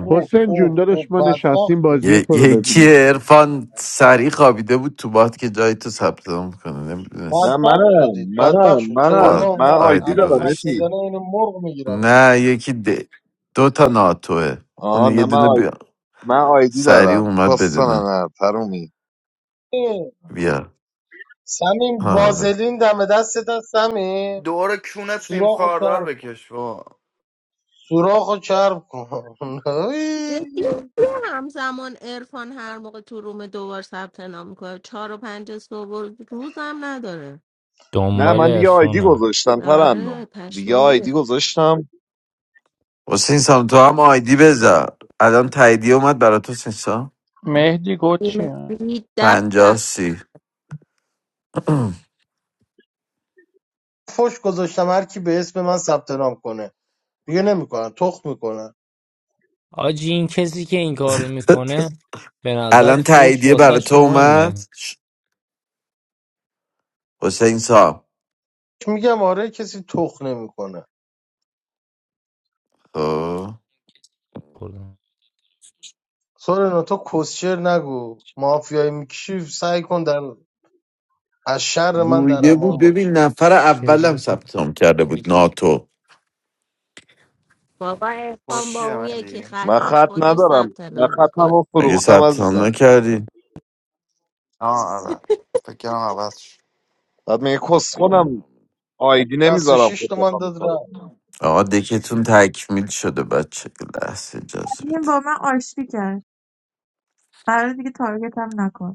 Speaker 4: اوه
Speaker 2: حسین جون
Speaker 4: اوه اوه
Speaker 2: داداش ما
Speaker 4: بدبخت
Speaker 2: نشستیم بازی
Speaker 4: شدید
Speaker 2: تو رو
Speaker 5: یکی
Speaker 2: ببینیم
Speaker 5: عرفان
Speaker 4: بدبخت
Speaker 5: سریع خوابیده بود تو باد که جای تو ثبت نام کنه
Speaker 1: نه
Speaker 5: نمیدونست
Speaker 4: بدبخت
Speaker 1: منم
Speaker 4: شدید بدبخت
Speaker 1: منم
Speaker 4: شد سورنا
Speaker 1: منم
Speaker 5: با
Speaker 1: من
Speaker 4: اومد
Speaker 1: آیدی
Speaker 5: آیدی
Speaker 4: الان
Speaker 1: دارم
Speaker 4: حرف
Speaker 1: مهدی
Speaker 5: گذاشته
Speaker 4: بزنه اینو مرغ میگیرمش
Speaker 5: نه یکی د... دو تا ناتوه اون
Speaker 1: آه
Speaker 5: یه
Speaker 1: نه من
Speaker 5: دونه
Speaker 1: آی...
Speaker 5: بیا
Speaker 1: من آیدی
Speaker 5: سریع
Speaker 1: دارم
Speaker 5: اومد
Speaker 1: کاستن
Speaker 5: بدونه
Speaker 1: نه ترومی
Speaker 5: بیا
Speaker 4: سمیم
Speaker 5: آره
Speaker 4: وازلین دم دستت هست سمیم
Speaker 9: دور کونت نیم
Speaker 4: سوراخ
Speaker 9: خاردار
Speaker 4: چرب کن
Speaker 9: بکش با
Speaker 4: سوراخ رو چرب کن <laughs>
Speaker 7: جدی می‌گه همزمان عرفان هر موقع تو روم دوبار ثبت نام میکنه چهار و پنج صبح روزم نداره
Speaker 1: نه
Speaker 14: دنبال
Speaker 1: من دیگه آیدی
Speaker 14: عرفانه
Speaker 1: گذاشتم
Speaker 7: آره
Speaker 1: ترنم دیگه
Speaker 7: پشمام
Speaker 1: آیدی
Speaker 7: ریخت
Speaker 1: گذاشتم
Speaker 5: حسین سام تو هم آیدی بذار الان تاییدیه اومد برای تو حسین سام
Speaker 10: مهدی گفت چیه
Speaker 7: بیمسی دب
Speaker 5: پنجاه
Speaker 7: دب
Speaker 5: سی <clears throat>
Speaker 4: فش گذاشتم هر کی به اسم من ثبت نام کنه دیگه نمیکنن تخ میکنن
Speaker 14: آجی این کسی که این کارو میکنه به
Speaker 5: الان
Speaker 14: نظرت فوش
Speaker 5: تاییدیه برای تو
Speaker 14: واسش
Speaker 5: اومد
Speaker 14: مهمه
Speaker 5: حسین سام
Speaker 4: میگم آره کسی تخ نمیکنه
Speaker 5: آه.
Speaker 14: خوردم.
Speaker 4: سورنا تو کسشر نگو مافیایی میکشی سعی کن در از شر من در
Speaker 5: گویده بود
Speaker 4: امان
Speaker 14: خب،
Speaker 5: ببین
Speaker 4: باشی
Speaker 5: نفر اولم
Speaker 14: شلی
Speaker 5: ثبت نام کرده بود ناتو
Speaker 7: بابا
Speaker 9: خود
Speaker 7: عرفان با
Speaker 9: چیه
Speaker 7: اون یکی
Speaker 9: مدی؟
Speaker 1: من
Speaker 7: خطش
Speaker 1: خط
Speaker 7: خودش
Speaker 1: ندارم
Speaker 7: ثبت
Speaker 1: من
Speaker 7: نام
Speaker 1: ختم رو
Speaker 5: اگه
Speaker 1: فروختم
Speaker 5: ثبت نام
Speaker 1: عزیزم
Speaker 5: نکردی
Speaker 9: آه آره فکرم عوض شد.
Speaker 1: بعد میگه کس خودم
Speaker 5: آه.
Speaker 1: آیدی نمیذارم
Speaker 4: 66
Speaker 1: خود
Speaker 4: تومن
Speaker 1: بخوام
Speaker 4: داد
Speaker 1: میکنم
Speaker 4: رفت
Speaker 5: آقا دکتون تکمیل شده بچه یه لحظه اجازه
Speaker 3: همین
Speaker 5: بده
Speaker 3: با من آشتی کرد قرار دیگه تارگت هم نکن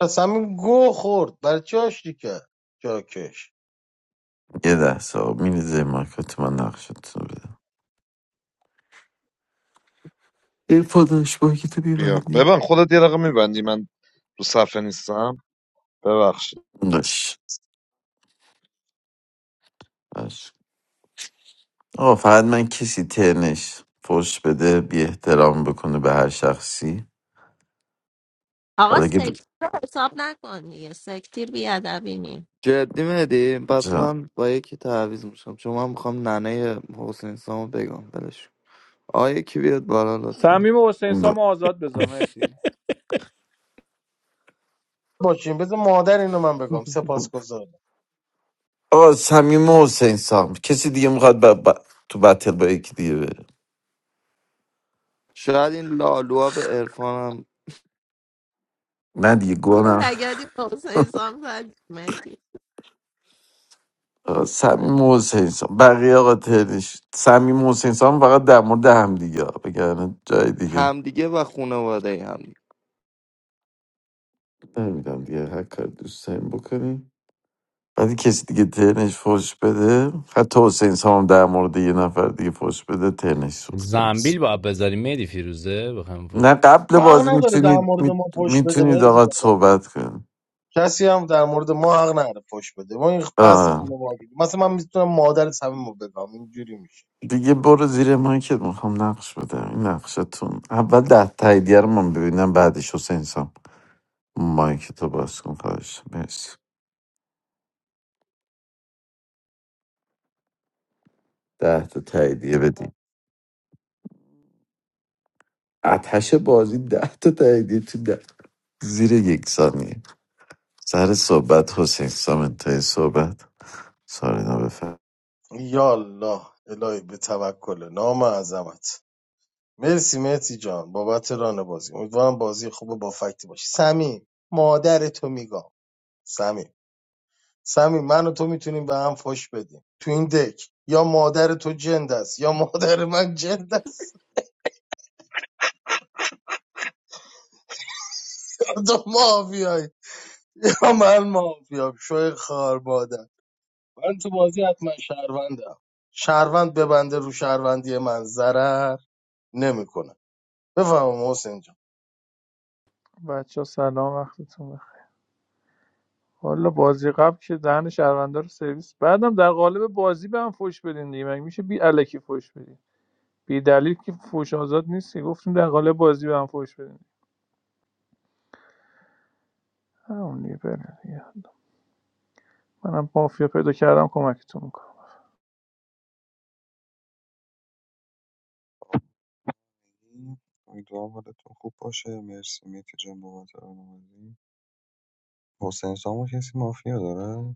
Speaker 4: پس همین گو خورد برای چی آشتی کرد جاکش
Speaker 5: یه لحظه آقا میریزه مایکات من نقشتون رو بدم این پاداش با که تو
Speaker 1: بیا
Speaker 5: بیبندی
Speaker 1: ببین خودت یه رقم میبندی من رو صفحه نیستم ببخش
Speaker 5: باش باش آقا فقط من کسی تنش فوش بده بی احترام بکنه به هر شخصی
Speaker 7: آقا
Speaker 5: حالا اگه ب-
Speaker 7: سکتیر رو حساب نکن دیگه سکتیر بیادبی نیم
Speaker 9: جدی مهدی پس من با یکی تعویض میشم چون من میخوام ننه حسین سامو بگم ولش کن. آقا یکی بیاد بالا لطفا
Speaker 10: سمیم و حسین سام رو
Speaker 5: جا-
Speaker 10: آزاد بذار مهدی
Speaker 4: باشین بذار مادر اینو من بگم سپاسگزارم
Speaker 5: آقا صمیم و حسین سام کسی دیگه میخواد ب... ب- تو بتل با یکی دیگه بره
Speaker 9: شاید این لالوها به عرفان هم
Speaker 5: نه دیگه گونم
Speaker 7: لگدی با حسین سام زد مهدی.
Speaker 5: آقا صمیم و حسین سام بقیه آقا تهرش صمیم و حسین سام فقط در مورد هم دیگه بگن جای دیگه
Speaker 9: همدیگه و خانواده همدیگه
Speaker 5: نمیدونم دیگه هر کار دوست داریم بکنیم بعدی کسی دیگه ترنش فوش بده حتی حسین سام هم در مورد یه نفر دیگه فوش بده ترنش سوخته
Speaker 14: زنبیل
Speaker 5: میشه
Speaker 14: باید بذاری مهدی فیروزه بخوایم
Speaker 5: نه
Speaker 14: فوش
Speaker 5: قبل
Speaker 4: حق
Speaker 5: بازی
Speaker 4: نداره در
Speaker 5: میتونید
Speaker 4: مورد
Speaker 5: می...
Speaker 4: ما پشت بده
Speaker 5: میتونید
Speaker 4: مهدی
Speaker 5: آقا
Speaker 4: جان
Speaker 5: صحبت
Speaker 4: کسی هم در مورد ما حق نداره پشت بده ما این بحث
Speaker 5: کنید
Speaker 4: خونه مثلا من میتونم مادر صمیمو بگم اینجوری میشه
Speaker 5: دیگه برو زیر مایکت میخوام نقش بدم این نقشتون اول ده تاییدیه رو من ببینم بعدش حسین سام مایک تو باز کن خواهش مرسی ده تا تاییدیه بدی اتش بازی ده تا تاییدیه تو ده زیر یک ثانیه سر صحبت حسین سام انتهای صحبت سارینا بفر
Speaker 4: یالا الهی به توکل نام عظمت مرسی مرسی جان بابت ران بازی امیدوارم بازی خوب با فکتی باشه سمیم مادر تو میگم سمیم سمیم من و تو میتونیم به هم فش بدیم تو این دک یا مادر تو جند است یا مادر من جند است <laughs> یا تو مافیایی یا من مافیام شوی خار مادر من تو بازی حتما شهروندم شهروند ببنده رو شهروندی من ضرر نمیکنه بفهم حسین جان
Speaker 10: بچه سلام وقتتون بخیر والا بازی قبل که دهن شهروندا رو سرویس بعدم در قالب بازی به هم فوش بدین دیگه مگه میشه بی الکی فوش بدین بی دلیل که فوش آزاد نیستی گفتیم در قالب بازی به هم فوش بدین همون دیگه بره دیگه. منم مافیا پیدا کردم کمکتون میکنم
Speaker 8: امیدوارم حالتون خوب باشه مرسی میتی جان بابت راهنمایی حسین سامو کسی مافیا داره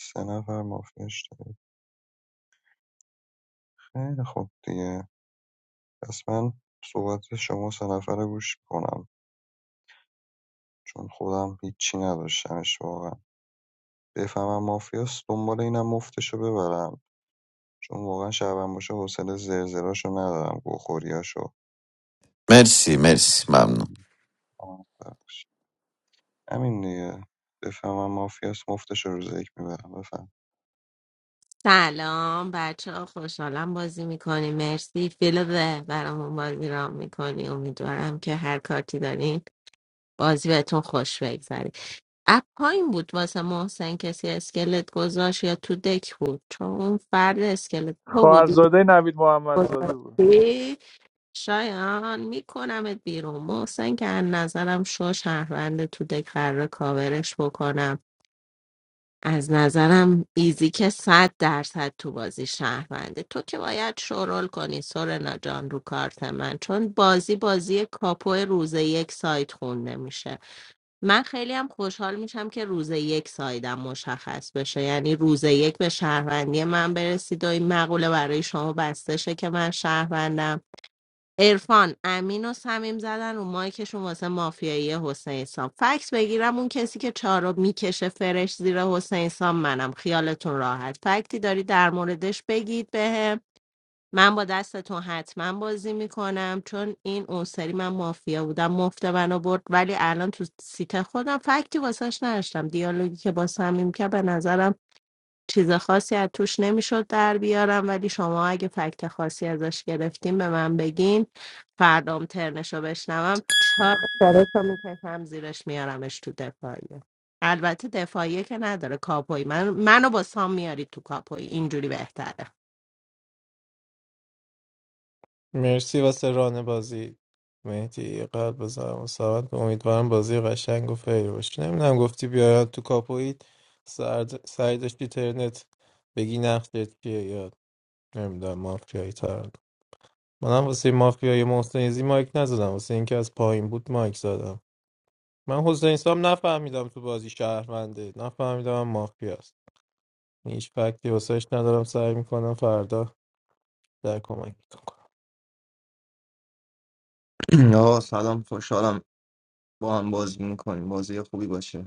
Speaker 8: سه نفر مافیاش داره خیلی خوب دیگه پس من صحبت شما سه نفره گوش کنم چون خودم هیچی نداشتمش واقعا بفهمم مافیاست دنبال اینم مفتشو ببرم چون واقعا شهروند باشه حوصله زرزراشو ندارم گوخوریاشو
Speaker 5: مرسی مرسی ممنون
Speaker 8: آه، ببخشید. همین دیگه بفهمم مافیاست مفتشو روز یک میبرم بفهم
Speaker 7: سلام بچه ها خوشحالم بازی میکنی مرسی فیلوه برامون بازی را میکنی امیدوارم که هر کارتی دارین بازی بهتون خوش بگذره اپ پایین بود واسه محسن کسی اسکلت گذاشت یا تو دک بود چون اون فرد اسکلت تو بودی
Speaker 10: خواهرزاده نوید محمدزاده بود
Speaker 7: گذاشتی؟ شایان میکنمت بیرون محسن که از نظرم شو شهرونده تو دکره کاورش بکنم از نظرم ایزی که صد درصد تو بازی شهرونده تو که باید شورول کنی سورنا جان رو کارت من چون بازی بازی کاپو روز یک ساید خونده میشه من خیلی هم خوشحال میشم که روز یک سایدم مشخص بشه یعنی روز یک به شهروندی من برسید و این مقوله برای شما بسته شه که من شهروندم عرفان امین و صمیم زدن رو مایکشون واسه مافیایی حسین سام فکس بگیرم اون کسی که چهارو میکشه فرش زیر حسین سام منم خیالتون راحت فکتی داری در موردش بگید بهم من با دستتون حتما بازی میکنم چون این اون سری من مافیا بودم مفت منو برد ولی الان تو سیت خودم فکتی واسش نداشتم دیالوگی که با صمیم که به نظرم چیز خاصی از توش نمیشد در بیارم ولی شما اگه فکت خاصی ازش گرفتین به من بگین فردام ترنش رو بشنوم چهار سرش رو میکشم زیرش میارمش تو دفاعیه البته دفاعیه که نداره کاپوی من منو با سام میاری تو کاپوی اینجوری بهتره
Speaker 11: مرسی واسه ران بازی مهدی قلب بذارم و سلامت. امیدوارم بازی قشنگ و فیر باشه نمیدونم گفتی بیارن تو کاپویت سر سعی داشتی ترنت بگی نقشت چیه یا نمیدونم مافیایی تر منم واسه مافیای محسن ایزی مایک نزدم واسه اینکه از پایین بود مایک زدم من حسین سام نفهمیدم تو بازی شهرونده نفهمیدم هم مافیاست هیچ فکتی واسهش ندارم سعی میکنم فردا در کمک کنم
Speaker 15: <clears throat> آه سلام خوشحالم با هم بازی میکنیم بازی خوبی باشه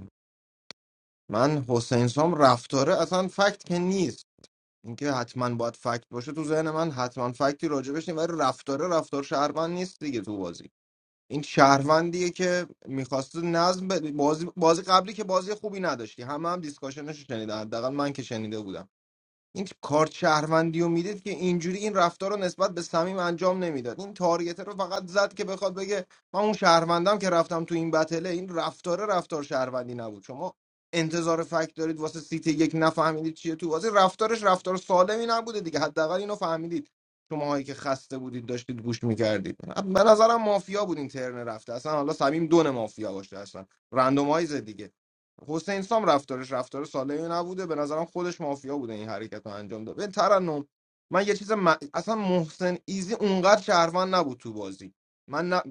Speaker 15: من حسین سام رفتاره اصلا فکت که نیست اینکه حتما باید فکت باشه تو ذهن من حتما فکتی راجبش نیست ولی رفتاره رفتار شهروند نیست دیگه تو بازی این شهروندیه که میخواست نظم بده. بازی بازی قبلی که بازی خوبی نداشتی همه هم دیسکاشنش شنیدن حداقل من که شنیده بودم این کارت شهروندی رو میدید که اینجوری این رفتار رو نسبت به صمیم انجام نمیداد این تارگت رو فقط زد که بخواد بگه من اون شهروندم که رفتم تو این بتله این رفتار رفتار شهروندی نبود شما انتظار فکت دارید واسه سیت یک نفهمیدید چیه تو واسه رفتارش رفتار سالمی نبوده دیگه حداقل اینو فهمیدید شماهایی که خسته بودید داشتید گوش میکردید به نظرم مافیا بود این ترن رفته اصلا حالا صمیم دون مافیا باشه اصلا رندومایز دیگه حسین سام رفتارش رفتار سالمی نبوده به نظرم خودش مافیا بوده این حرکت رو انجام داد به ترنم من یه چیز م... اصلا محسن ایزی اونقدر شهروند نبود تو بازی من نه...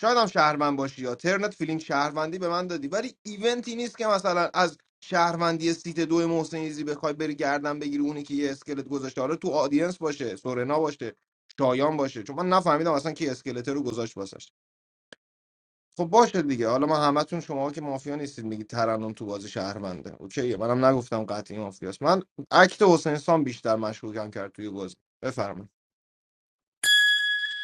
Speaker 15: شاید هم شهروند باشی یا ترنت فیلینگ شهروندی به من دادی ولی ایونتی نیست که مثلا از شهروندی سیت دو محسن ایزی بخوای بری گردن بگیری اونی که یه اسکلت گذاشته حالا تو آدینس باشه سورنا باشه شایان باشه چون من نفهمیدم اصلا کی اسکلت رو گذاشت واسش خب باشه دیگه حالا ما همتون شما که مافیا نیستید میگید ترنم تو بازی شهرونده اوکیه منم نگفتم قطعی مافیاست من اکت حسین سام بیشتر مشکوکم کرد توی بازی بفرمایید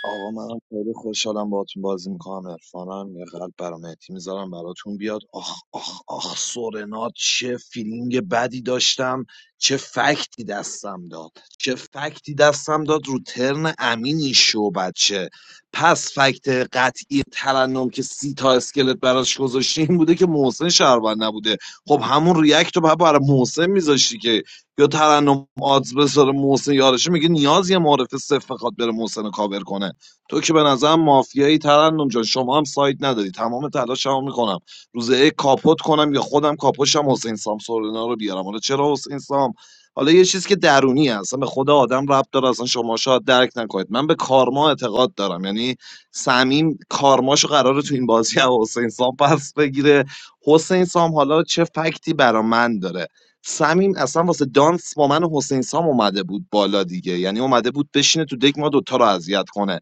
Speaker 1: آقا من خیلی خوشحالم باهاتون بازی میکنم عرفانم یه قلب برام مهدی میذارم براتون بیاد آخ آخ آخ سورنا چه فیلینگ بدی داشتم چه فکتی دستم داد چه فکتی دستم داد رو ترن امینی شو بچه پس فکت قطعی ترنم که سی تا اسکلت براش گذاشتی این بوده که محسن شهروند نبوده خب همون ریاکت رو باید برای محسن میذاشتی که یا ترنم آدز بذاره محسن یارشه میگه نیازی معرف صفر بخواد بره محسن رو کاور کنه تو که به نظرم مافیایی ترنم جان شما هم سایت نداری تمام تلاشمو میکنم روز یک کاپوت کنم یا خودم کاپوشم حسین سام سورنا رو بیارم حالا چرا حسین سام حالا یه چیز که درونی اصلا به خود آدم ربط داره اصلا شما شاید درک نکنید من به کارما اعتقاد دارم یعنی سمیم کارماشو قراره تو این بازی از حسین سام پس بگیره حسین سام حالا چه فکتی برا من داره سمیم اصلا واسه دانس با من و حسین سام اومده بود بالا دیگه یعنی اومده بود بشینه تو دک ما دوتا رو اذیت کنه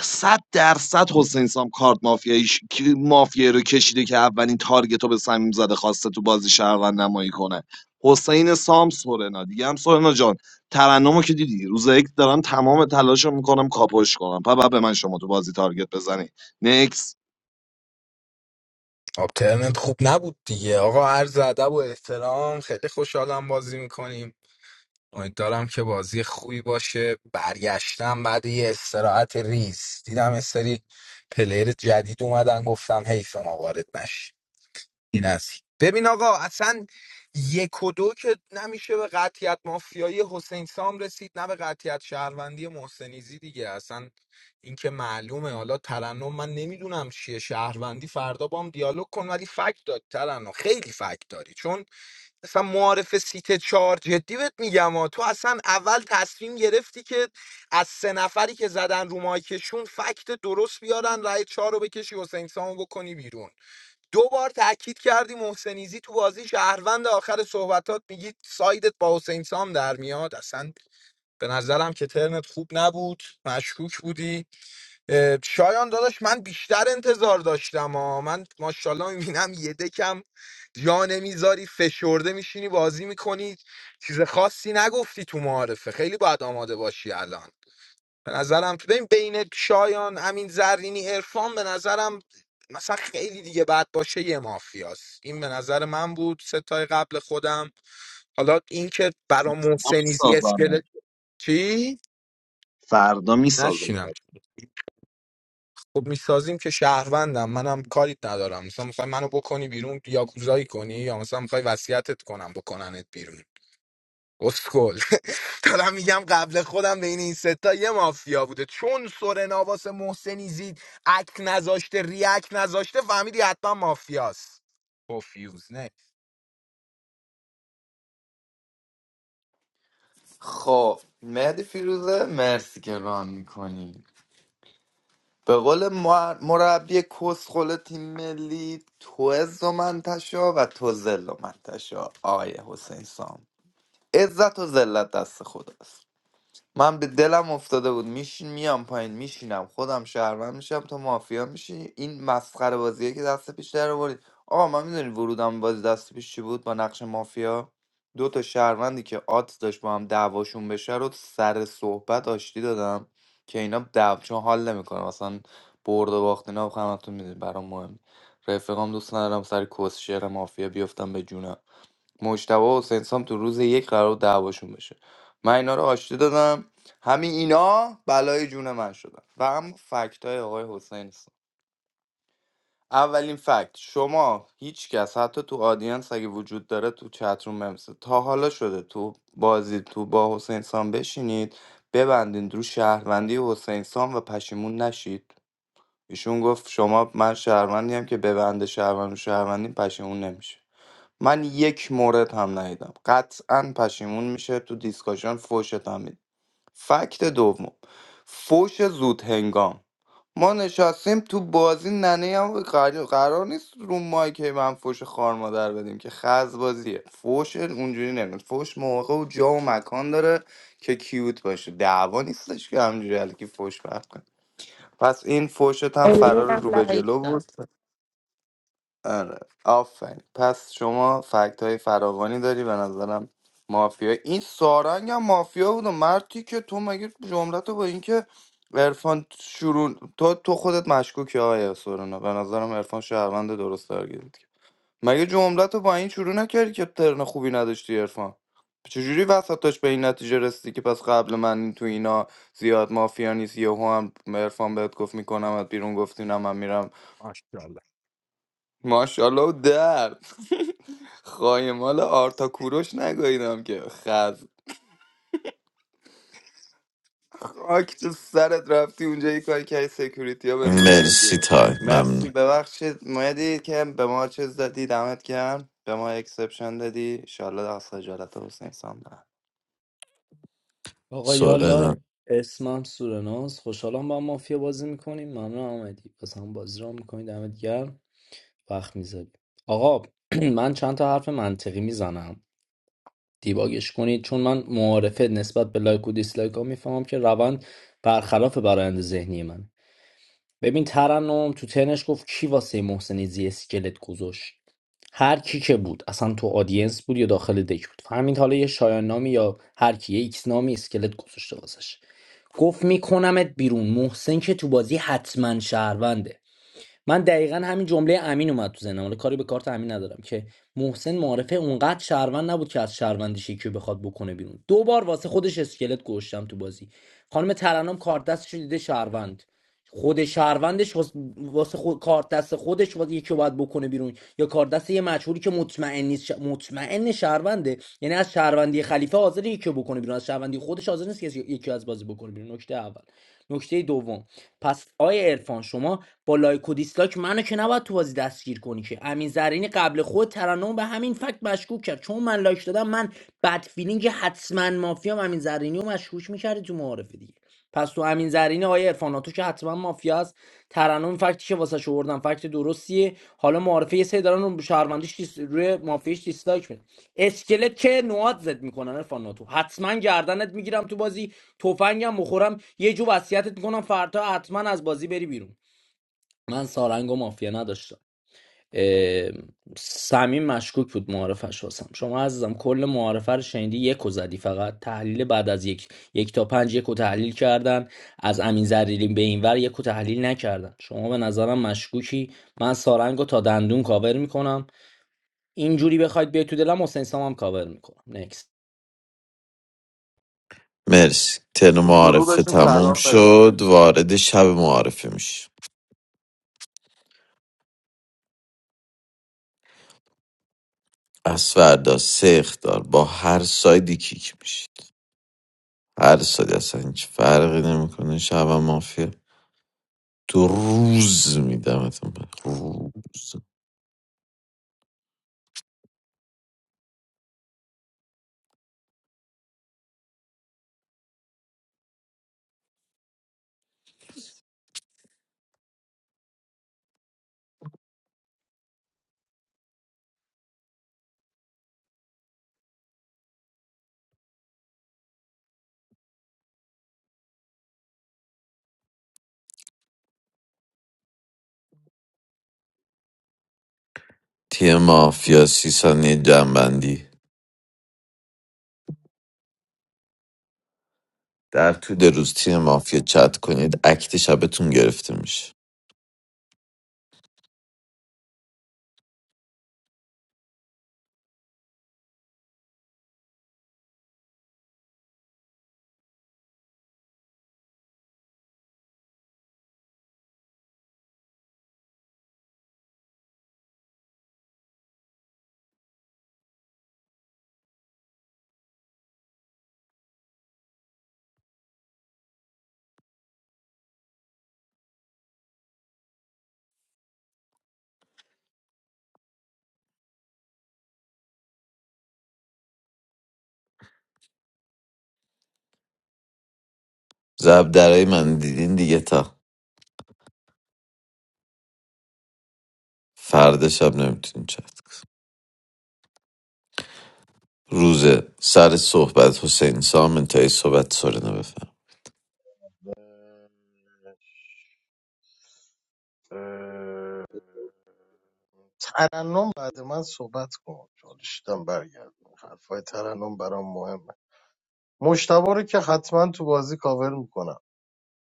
Speaker 1: صد درصد حسین سام کارت مافیاییش کی- مافیایی رو کشیده که اولین تارگت رو به صمیم زده خواسته تو بازی شهروند نمایی کنه حسین سام سورنا دیگه هم سورنا جان ترنمو که دیدی روز یک دارم تمام تلاشو میکنم کاپوش کنم پبه به من شما تو بازی تارگت بزنی نکس
Speaker 12: آبترنت خوب نبود دیگه آقا عرض ادب و احترام خیلی خوشحالم بازی میکنیم امیدوارم که بازی خوبی باشه برگشتم بعد یه استراحت ریز دیدم یه سری پلیر جدید اومدن گفتم حیف ما وارد نشیم. این است ببین آقا اصلا یک و دو که نمیشه به قطیت مافیایی حسین سام رسید نه به قطیت شهروندی محسنیزی دیگه اصلا این که معلومه حالا ترنم من نمیدونم چیه شهروندی فردا با هم دیالوگ کن ولی فکت داد ترنم خیلی فکت داری چون اصلا معارف سیت چهار جدی بهت میگم ها. تو اصلا اول تصمیم گرفتی که از سه نفری که زدن رو مایکشون فکت درست بیارن رای چهار رو بکشی حسین سامو بکنی بیرون دو بار تاکید کردی محسنیزی تو بازی شهروند آخر صحبتات میگی سایدت با حسین سام در میاد اصلا به نظرم که ترنت خوب نبود مشکوک بودی اه، شایان داداش من بیشتر انتظار داشتم ها. من ماشاءالله میبینم یه دکم جا نمیذاری فشرده میشینی بازی میکنی چیز خاصی نگفتی تو معارفه خیلی باید آماده باشی الان به نظرم تو ببین بین شایان امین زرینی عرفان به نظرم مثلا خیلی دیگه بعد باشه یه مافیاست این به نظر من بود ستای قبل خودم حالا این که برا محسنی زی
Speaker 1: میسازم
Speaker 12: اسکلت چی
Speaker 1: فردا میسازم
Speaker 12: نشینم خب میسازیم که شهروندم منم کاری ندارم مثلا میخوای منو بکنی بیرون یاکوزایی کنی یا مثلا میخوای وصیتت کنم بکننت بیرون اسکل <laughs> دارم میگم قبل خودم بین این ستا یه مافیا بوده چون سورن آواس محسنی زید اکت نذاشته ریاکت نذاشته فهمیدی حتما مافیاست پوفیوز نه
Speaker 9: خب مهدی فیروزه مرسی که ران میکنی به قول مر- مربی کسخل تیم ملی تو عز و منتشا و تو ذل و منتشا آقای حسین سام عزت و ذلت دست خداست من به دلم افتاده بود میشین میام پایین میشینم خودم شهروند میشم تا مافیا میشین این مسخره بازیه که دست پیش در آوردید آقا من میدونی ورودم به بازی دست پیش چی بود با نقش مافیا دو تا شهروندی که آت داشت با هم دعواشون بشه رو سر صحبت آشتی دادم که اینا دعوا چون حال نمیکنه مثلا برد و باخت اینا همتون میدونید برام مهم رفقام دوست ندارم سر کوسشر مافیا بیفتم به جونم مجتبی و حسین سام تو روز یک قرار بود دعواشون بشه من اینا رو آشتی دادم همین اینا بلای جون من شدن و هم فکت های آقای حسین سام اولین فکت شما هیچ کس حتی تو آدینس اگه وجود داره تو چتروم ممسه تا حالا شده تو بازی تو با حسین سام بشینید ببندین رو شهروندی حسین سام و پشیمون نشید ایشون گفت شما من شهروندی هم که ببنده شهروند رو شهروندی پشیمون نمیشه من یک مورد هم ندیدم قطعا پشیمون میشه تو دیسکاشن فوشت هم می‌ده. فکت دوم فوش زود هنگام ما نشستیم تو بازی ننه هم قرار, قرار نیست رو مایک هی من فوش خار مادر بدیم که خز بازیه فوش اونجوری نمیاد فوش موقع و جا و مکان داره که کیوت باشه دعوا نیستش که همجوری که فوش پخش کنی. پس این فوشت هم
Speaker 7: الینا
Speaker 9: فرار
Speaker 7: هم
Speaker 9: رو به
Speaker 7: لایک
Speaker 9: جلو بود
Speaker 7: داد
Speaker 9: آره آفرین پس شما فکت های فراوانی داری به نظرم مافیا این سارنگ هم مافیا بود و مرتی که تو مگه جملتو با اینکه عرفان شروع تو تو خودت مشکوکی آیا سورنا به نظرم عرفان شهروند درست درگیرید مگه جملتو با این شروع نکردی که ترن خوبی نداشتی عرفان چجوری وسطاش به این نتیجه رسیدی که پس قبل من تو اینا زیاد مافیا نیست یهو هم عرفان بهت گفت میکنم بیرون گفتی نه من میرم
Speaker 12: ماشاءالله
Speaker 9: ماشاءالله و درد خایمال آرتا کوروش نگاهیدم که خز خاک تو سرت رفتی اونجا یه کاری که سکیوریتی ها بندازن
Speaker 5: مرسی
Speaker 9: بیرون
Speaker 5: تای ممنون
Speaker 9: مرسی ببخشید مایدی که به ما چیز دادی دمت گرم به ما اکسپشن دادی انشالله از خجالت حسین سام نه
Speaker 14: آقا یالا
Speaker 5: سورینا
Speaker 14: اسمم سورناز خوشحالم با هم مافیا بازی میکنیم ممنون آمدی پس هم بازی را میکنید دمت گرم وقت میذاری آقا <clears throat> من چند تا حرف منطقی میزنم دیباگش کنید چون من معارفه نسبت به لایک و دیسلایک ها میفهمم که روند برخلاف برآیند ذهنی من ببین ترنم تو تنش گفت کی واسه محسنی زی اسکلت گذاشت هر کی که بود اصلا تو آدینس بود یا داخل دک بود فهمید حالا یه شایان نامی یا هر کی یه ایکس نامی اسکلت گذاشته واسش گفت میکنمت بیرون محسن که تو بازی حتما شهرونده من دقیقا همین جمله امین اومد تو ذهنم حالا کاری به کارت امین ندارم که محسن معارفه اونقدر شهروند نبود که از شهروندیش یکی بخواد بکنه بیرون دو بار واسه خودش اسکلت گوشتم تو بازی خانم ترنم کارت دستش رو دیده شهروند خود شهروندش واس- واسه خود کار دست خودش واسه یکی باید بکنه بیرون یا کار دست یه مجهولی که مطمئن نیست ش- مطمئن شهرونده یعنی از شهروندی خلیفه حاضر یکی بکنه بیرون از شهروندی خودش حاضر نیست که یکی از بازی بکنه بیرون نکته اول نکته دوم پس آیه عرفان شما با لایک و دیسلایک منو که نباید تو بازی دستگیر کنی که امین زرینی قبل خود ترنم به همین فکت مشکوک کرد چون من لایک دادم من بد فیلینگ حتما مافیام امین زرینی رو مشکوک میکردی تو معارفه دیگه پس تو امین زرینی آقای عرفان تو که حتما مافیا است ترنم فکتی که واسه شو آوردن فکت درستیه حالا معارفه یه سری دارن رو شهروندیش دیس... روی مافیاش دیسلایک میدن اسکلت که نواد زد میکنن عرفان تو حتما گردنت میگیرم تو بازی تفنگم بخورم یه جو وصیتت میکنم فردا حتما از بازی بری بیرون من سارنگ مافیا نداشتم سمیم مشکوک بود معارفش واسم شما عزیزم کل معارفه رو شنیدی یک و زدی فقط تحلیل بعد از یک یک تا پنج یک و تحلیل کردن از امین زرینی به این ور یک و تحلیل نکردن شما به نظرم مشکوکی من سارنگ تا دندون کاور میکنم اینجوری بخواید بیاید تو دلم حسین سامم کاور میکنم نکست.
Speaker 5: مرسی تن
Speaker 9: تو
Speaker 5: معارفه
Speaker 9: گروهشون
Speaker 5: تموم
Speaker 9: سلام برس
Speaker 5: شد وارد شب معارفه میشه از فردا سه اخطار با هر سایدی کیک میشید هر سایدی اصلا هیچ فرقی نمیکنه شب هم مافیا تو روز میدمتون روز تیم مافیا سی ثانیه جنبندی در طول روز تیم مافیا چت کنید اکت شبتون گرفته میشه زب درای من دیدین دیگه تا فردا شب نمیتونین چت روز سر صحبت حسین سام انتهای صحبت سرنا بفهم
Speaker 4: ترنم بعد من صحبت کن چالش دم برگردم حرفای ترنم برام مهمه مشتبه رو که حتما تو بازی کاور میکنم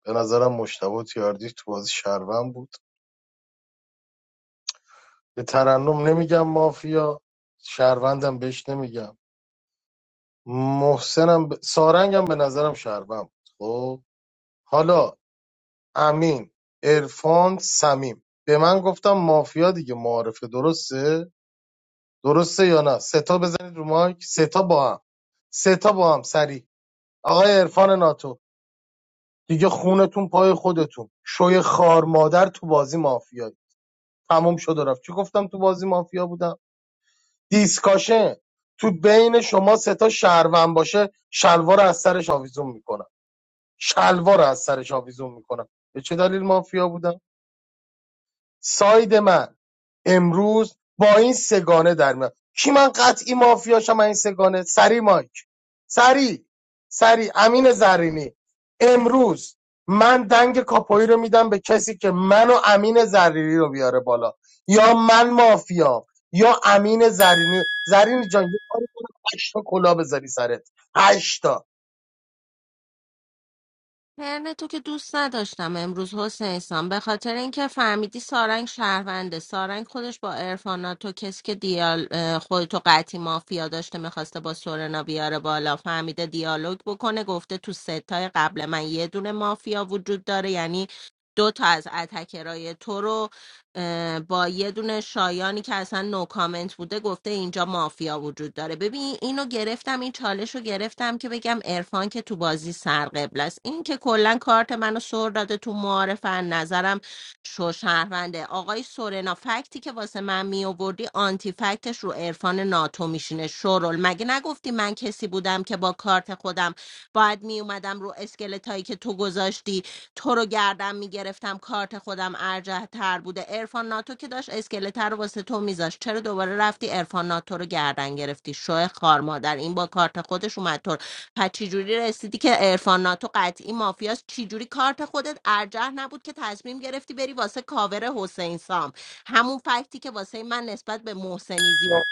Speaker 4: به نظرم مشتبه تیاردی تو بازی شهروند بود به ترنم نمیگم مافیا شهروندم بهش نمیگم محسنم ب... سارنگم به نظرم شهروند بود خب حالا امین عرفان سمیم به من گفتم مافیا دیگه معارفه درسته درسته یا نه سه تا بزنید رو مایک سه تا با هم سه تا با هم سریع آقای عرفان ناتو دیگه خونتون پای خودتون شوی خار مادر تو بازی مافیایی تموم شد و رفت چی گفتم تو بازی مافیا بودم دیسکاشن تو بین شما سه تا شهروند باشه شلوار رو از سرش آویزون میکنم شلوار رو از سرش آویزون میکنم به چه دلیل مافیا بودم ساید من امروز با این سگانه در میاد کی من قطعی مافیاشم من این سگانه سری مایک سری سری امین زرینی امروز من دنگ کاپوی رو میدم به کسی که من و امین زرینی رو بیاره بالا یا من مافیام یا امین زرینی زرینی جان یه کاری کن هشتا کلا بذاری سرت هشتا
Speaker 7: ترن تو که دوست نداشتم امروز حسین سان به خاطر اینکه فهمیدی سارنگ شهرونده سارنگ خودش با ارفانا تو کسی که دیال اه، خودتو قطعی مافیا داشته میخواسته با سورنا بیاره بالا فهمیده دیالوگ بکنه گفته تو ستای قبل من یه دونه مافیا وجود داره یعنی دو تا از اتکرای تو رو اه، با یه دونه شایانی که اصلا نو کامنت بوده گفته اینجا مافیا وجود داره ببین اینو گرفتم این چالش رو گرفتم که بگم عرفان که تو بازی سرقبل است این که کلا کارت منو سر داده تو معارفن نظرم شو شهرونده آقای سورنا فکتی که واسه من می آوردی آنتی فکتش رو عرفان ناتو میشینه شورل مگه نگفتی من کسی بودم که با کارت خودم باید می اومدم رو اسکلتایی که تو گذاشتی تو رو گردم میگرفتم کارت خودم ارجه تر بوده ارفان ناتو که داشت اسکلت رو واسه تو میذاشت چرا دوباره رفتی ارفان ناتو رو گردن گرفتی شو خار مادر این با کارت خودش اومد تو رو- پس چجوری رسیدی که ارفان ناتو قطعی مافیاست چجوری کارت خودت ارجح نبود که تصمیم گرفتی بری واسه کاور حسین سام همون فکتی که واسه من نسبت به محسنیزی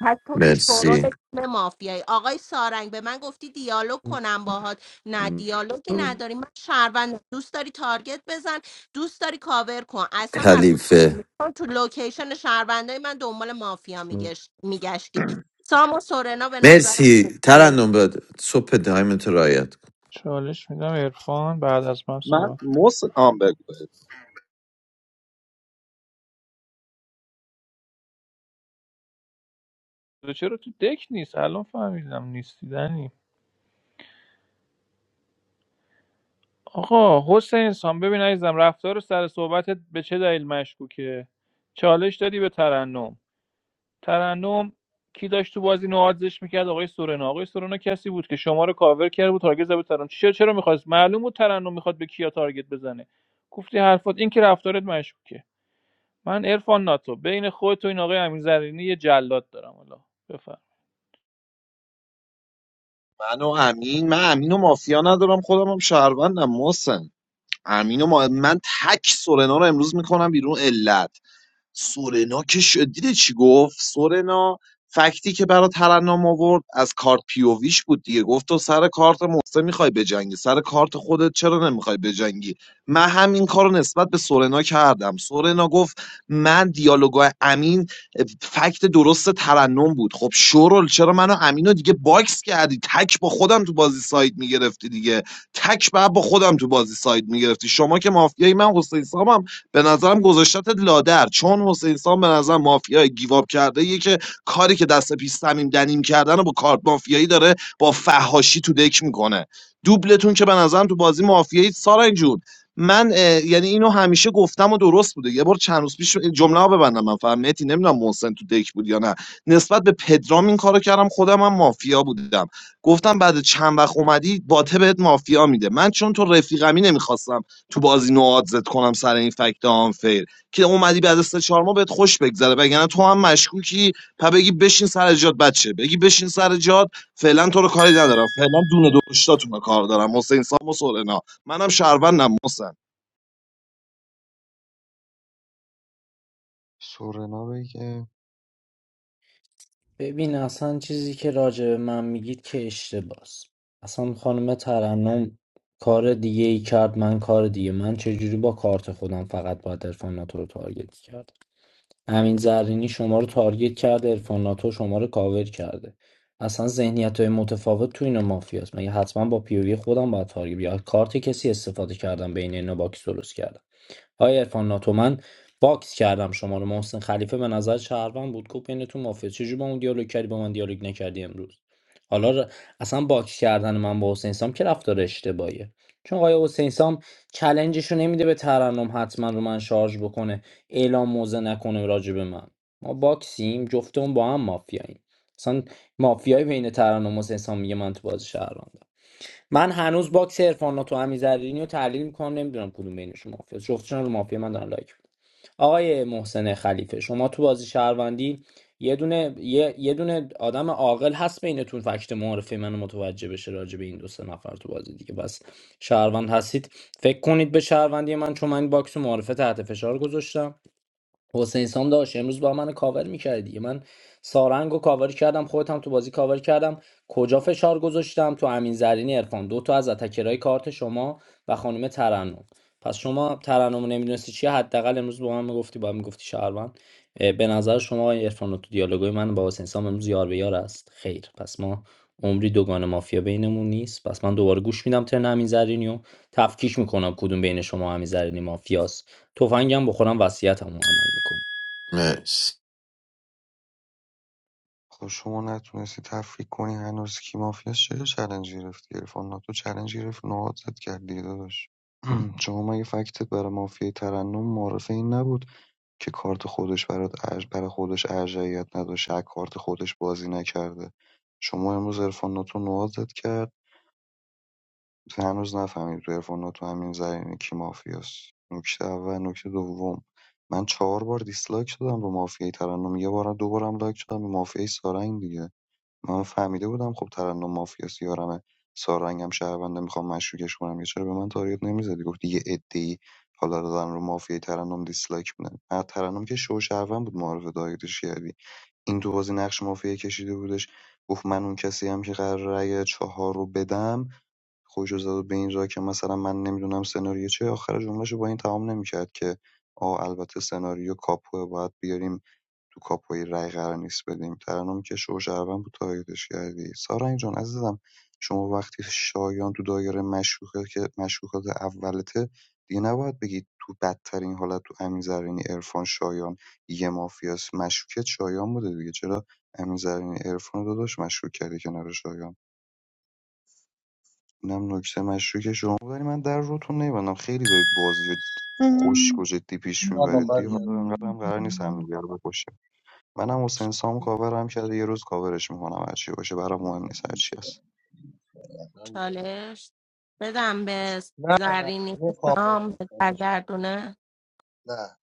Speaker 7: پس تو که شورول
Speaker 5: مرسی
Speaker 7: تیم مافیایی آقای سارنگ به من گفتی دیالوگ کنم باهات نه دیالوگی نداری من شهروندم دوست داری تارگت بزن دوست داری کاور کن اصلا برای
Speaker 5: خلیفه
Speaker 7: تو لوکیشن شهروندای من دنبال مافیا میگشت میگشتی سام و سورنا به نظرم
Speaker 5: مرسی
Speaker 7: گل
Speaker 5: ترنم باد صبح دایمت رو رایت کن
Speaker 10: چالش میدم عرفان بعد از من
Speaker 1: من
Speaker 10: صحبت
Speaker 1: محسن آم بگو بگو.
Speaker 10: تو چرا تو دک نیست الان فهمیدم نیستی دنی آقا حسین سان ببین عزیزم رفتار سر صحبتت به چه دلیل مشکوکه چالش دادی به ترنم ترنم کی داشت تو بازی نوازش میکرد آقای سورنا آقای سورنا کسی بود که شما رو کاور کرده بود تارگت زد به ترنم چرا چرا میخواست معلوم بود ترنم میخواد به کیا تارگت بزنه گفتی حرفات این که رفتارت مشکوکه من عرفان ناتو بین خودت و این آقای امین زرینی یه جلاد دارم حالا بفهم
Speaker 1: من و امین من امین و مافیا ندارم خودم هم شهروندم محسن امین و ما... من تک سورنا رو امروز میکنم بیرون علت سورنا که شدیده چی گفت سورنا فکتی که برای ترنم آورد از کارت پیوویش بود دیگه گفت تو سر کارت محسن میخوای بجنگی سر کارت خودت چرا نمیخوای بجنگی من همین کار رو نسبت به سورنا کردم سورنا گفت من دیالوگای امین فکت درست ترنم بود خب شورل چرا منو امین دیگه باکس کردی تک با خودم تو بازی ساید میگرفتی دیگه تک بعد با خودم تو بازی ساید میگرفتی شما که مافیایی من حسین سامم به نظرم گذاشتت لادر چون حسین سام به نظر مافیای گیواب کرده یه که کاری که دست پیش صمیم دنیم کردن و با کارت مافیایی داره با فهاشی تو دک میکنه دوبلتون که به نظرم تو بازی مافیایی سارنگ جون من اه، یعنی اینو همیشه گفتم و درست بوده یه بار چند روز پیش جمله ها ببندم من فهمیتی نمیدونم محسن تو دک بود یا نه نسبت به پدرام این کارو کردم خودم هم مافیا بودم گفتم بعد چند وقت اومدی باته بهت مافیا میده من چون تو رفیقمی نمیخواستم تو بازی نوادزت کنم سر این فکت آنفیر که اومدی بعد از سه چهار ماه بهت خوش بگذره وگرنه تو هم مشکوکی پا بگی بشین سر جات بچه بگی بشین سر جات فعلا تو رو کاری ندارم فعلا دونه دوشتاتون رو کار دارم حسین سام و سورنا منم شهروندم محسن
Speaker 8: سورنا بگه
Speaker 14: ببین اصلا چیزی که راجع به من میگید که اشتباس اصلا خانم ترنم کار دیگه ای کرد من کار دیگه من چجوری با کارت خودم فقط باید ارفان ناتو رو تارگت کرد امین زرینی شما رو تارگت کرده ارفان ناتو شما رو کاور کرده اصلا ذهنیت های متفاوت تو این مافیاست مگه حتما با پیوی خودم باید تارگت یا کارت کسی استفاده کردم بین اینا باکس درست کردم آقای عرفان ناتو من باکس کردم شما رو محسن خلیفه به نظر شهروند بود گفت بینتون مافیا چجوری با اون دیالوگ کردی با من دیالوگ نکردی امروز حالا ر- اصلا باکس کردن من با حسین سام که رفتار اشتباهیه چون آقای حسین سام چلنجش رو نمیده به ترنم حتما رو من شارژ بکنه اعلام موزه نکنه راجع به من ما باکسیم جفتمون با هم مافیاییم اصلا مافیای بین ترنم و حسین سام میگه من تو بازی شهروندم من هنوز باکس عرفان تو امیرزرینی رو تحلیل میکنم نمیدونم کدوم بینشون مافیا جفتشون رو مافیا من دارم لایک می‌دم. آقای محسن خلیفه شما تو بازی شهروندی یه دونه یه, یه دونه آدم عاقل هست بینتون فکت معرفه منو متوجه بشه راجع به این دو سه نفر تو بازی دیگه بس شهروند هستید فکر کنید به شهروندی من چون من این باکس معرفه تحت فشار گذاشتم حسین سام داشت امروز با منو کاور میکردی دیگه من سارنگ کاور کردم خودت هم تو بازی کاور کردم کجا فشار گذاشتم تو امین زرینی ارفان دو تا از اتکرهای کارت شما و خانم ترنم پس شما ترنم نمیدونستی چیه حداقل امروز با من میگفتی با من میگفتی شهروند اه، به نظر شما آقای عرفان تو دیالوگای من با حسین سام امروز یار به یار است خیر پس ما عمری دوگان مافیا بینمون نیست پس من دوباره گوش میدم ترن امین زرینی و تفکیک میکنم کدوم بین شما امین زرینی مافیاست تفنگم بخورم وصیتمو عمل میکنم
Speaker 5: مرسی
Speaker 8: خب شما نتونستی تفریق کنی هنوز کی مافیاست چرا چلنج گرفت گرفت ناتو چلنج گرفت نهاد زد کرد داداش <clears throat> شما مگه فکتت برای مافیای ترنم معرفه این نبود که کارت خودش برا خودش ارجحیت نداشته از کارت خودش بازی نکرده شما امروز عرفان ناتو نوازت کرد هنوز نفهمید تو عرفان ناتو همین زرینی کی مافیاست نکته اول نکته دوم من چهار بار دیسلایک شدم به مافیای ترنم یه بارم دو بارم لایک شدم به مافیای سارنگ دیگه من فهمیده بودم خب ترنم مافیاس یارمه سارنگم شهرونده میخوام مشکوکش کنم یه چرا به من تارگت نمیزدی گفتی یه عده‌ای حالا دادن رو مافیای ترنم دیسلایک میدن نه ترنم که شو شهروند بود معارف تارگتش کردی این تو بازی نقش مافیا کشیده بودش گفت من اون کسی هم که قرار رأی چهار رو بدم خودشو زد به این راه که مثلا من نمیدونم سناریو چه آخر جملهشو با این تمام نمیکرد که آه البته سناریو کاپوه باید بیاریم تو کاپوی رأی قرار نیست بدیم ترنم که شو شهروند بود تارگتش کردی سارنگ جان عزیزم شما وقتی شایان تو دایره مشکوکه که مشکوکات اولته دیگه نباید بگی تو بدترین حالت تو امین زرینی عرفان شایان یه مافیاس مشکوکت شایان بوده دیگه چرا امین زرینی عرفان رو داداش مشکوک کردی کنار شایان اینم نکته مشکوک شما بود ولی من در روتون نمیبندم خیلی دارید بازی رو خشک و جدی پیش میبرید
Speaker 4: نه
Speaker 8: دیگه حالا انقدر هم قرار نیست همدیگه رو بکشیم. منم حسین سام کاورم کرده یه روز کاورش میکنم هرچی باشه برام مهم نیست هرچی هست
Speaker 7: چالش بدم به
Speaker 4: نه نه نه
Speaker 7: زرینی
Speaker 4: میخوام
Speaker 7: سام به سرگردونه
Speaker 4: نه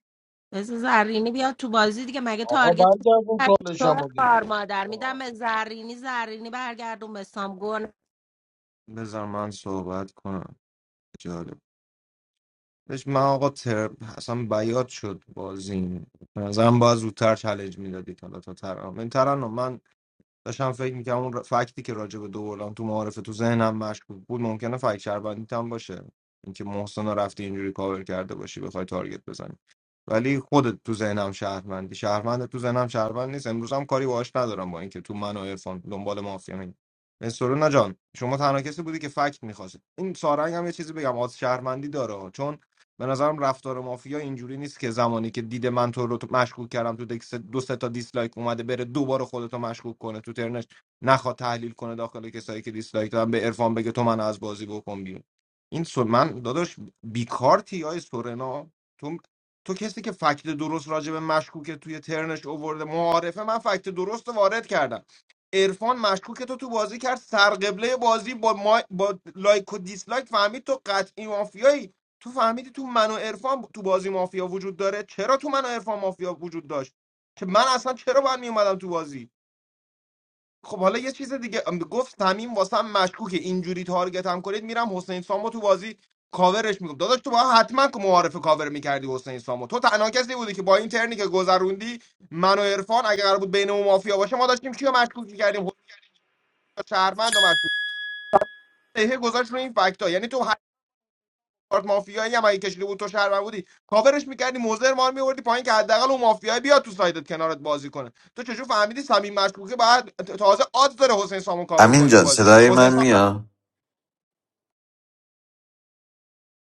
Speaker 7: بذار زرینی بیاد تو بازی دیگه مگه
Speaker 4: آقا
Speaker 7: تارگت
Speaker 4: برگردون
Speaker 7: شو
Speaker 4: چالشمو
Speaker 7: خار
Speaker 4: دیگه
Speaker 7: مادر میدم
Speaker 4: آه،
Speaker 7: به زرینی زرینی برگردون به سامگون
Speaker 15: بذار من صحبت کنم جالب بهش من آقا تر... اصلا بیاد شد بازی به نظرم باید زودتر چالش میدادید حالا تا ترنم این ترنم من داشتم فکر میکنم اون فکتی که راجع به دوبلان تو معارفه تو ذهنم مشکوک بود ممکنه فکت شربندیت هم باشه اینکه محسن رو رفتی اینجوری کاور کرده باشی بخوای تارگت بزنی ولی خودت تو ذهنم شهرمندی شهرمند تو ذهنم شهرمند نیست امروز هم کاری باهاش ندارم با اینکه تو من و عرفان دنبال مافیا می سرونا جان شما تنها کسی بودی که فکت میخواستی این سارنگ هم یه چیزی بگم از شهرمندی داره چون به نظرم رفتار مافیا اینجوری نیست که زمانی که دید من تو رو تو- مشکوک کردم تو دکس دو سه تا دیسلایک اومده بره دوباره خودتو مشکوک کنه تو ترنش نخواد تحلیل کنه داخل کسایی که دیسلایک دادن به عرفان بگه تو من از بازی بکن بیرون این سو من داداش بیکارتی های سورنا تو تو کسی که فکت درست راجع به مشکوک توی ترنش اوورده معارفه من فکت درست رو وارد کردم عرفان مشکوک تو تو بازی کرد سرقبله بازی با, ما... با لایک و دیسلایک فهمید تو قطعی مافیایی تو فهمیدی تو من و عرفان تو بازی مافیا وجود داره چرا تو من و عرفان مافیا وجود داشت که من اصلا چرا باید میومدم تو بازی خب حالا یه چیز دیگه ام، گفت تمیم واسم مشکوکه اینجوری تارگت هم کنید میرم حسین سامو تو بازی کاورش میکنم داداش تو باید حتما که معارف کاور میکردی حسین سامو تو تنها کسی بودی که با این ترنی که گذروندی من و عرفان اگه قرار بود بین اون مافیا باشه ما داشتیم کیو مشکوک میکردیم حسین شهرمند و مشکوک. دهه گذاشت رو این فکت یعنی تو کارت مافیایی هم اگه کشیده بود تو شهروند بودی کاورش میکردی موزر ما میوردی پایین که حداقل اون مافیایی بیاد تو سایدت کنارت بازی کنه تو چجور فهمیدی صمیم مشکوکه بعد تازه آد داره حسین سامو کاور
Speaker 5: امین
Speaker 15: کنی تو
Speaker 5: جان
Speaker 15: بازی
Speaker 5: صدای
Speaker 15: حسین
Speaker 5: من
Speaker 15: سام
Speaker 5: میاد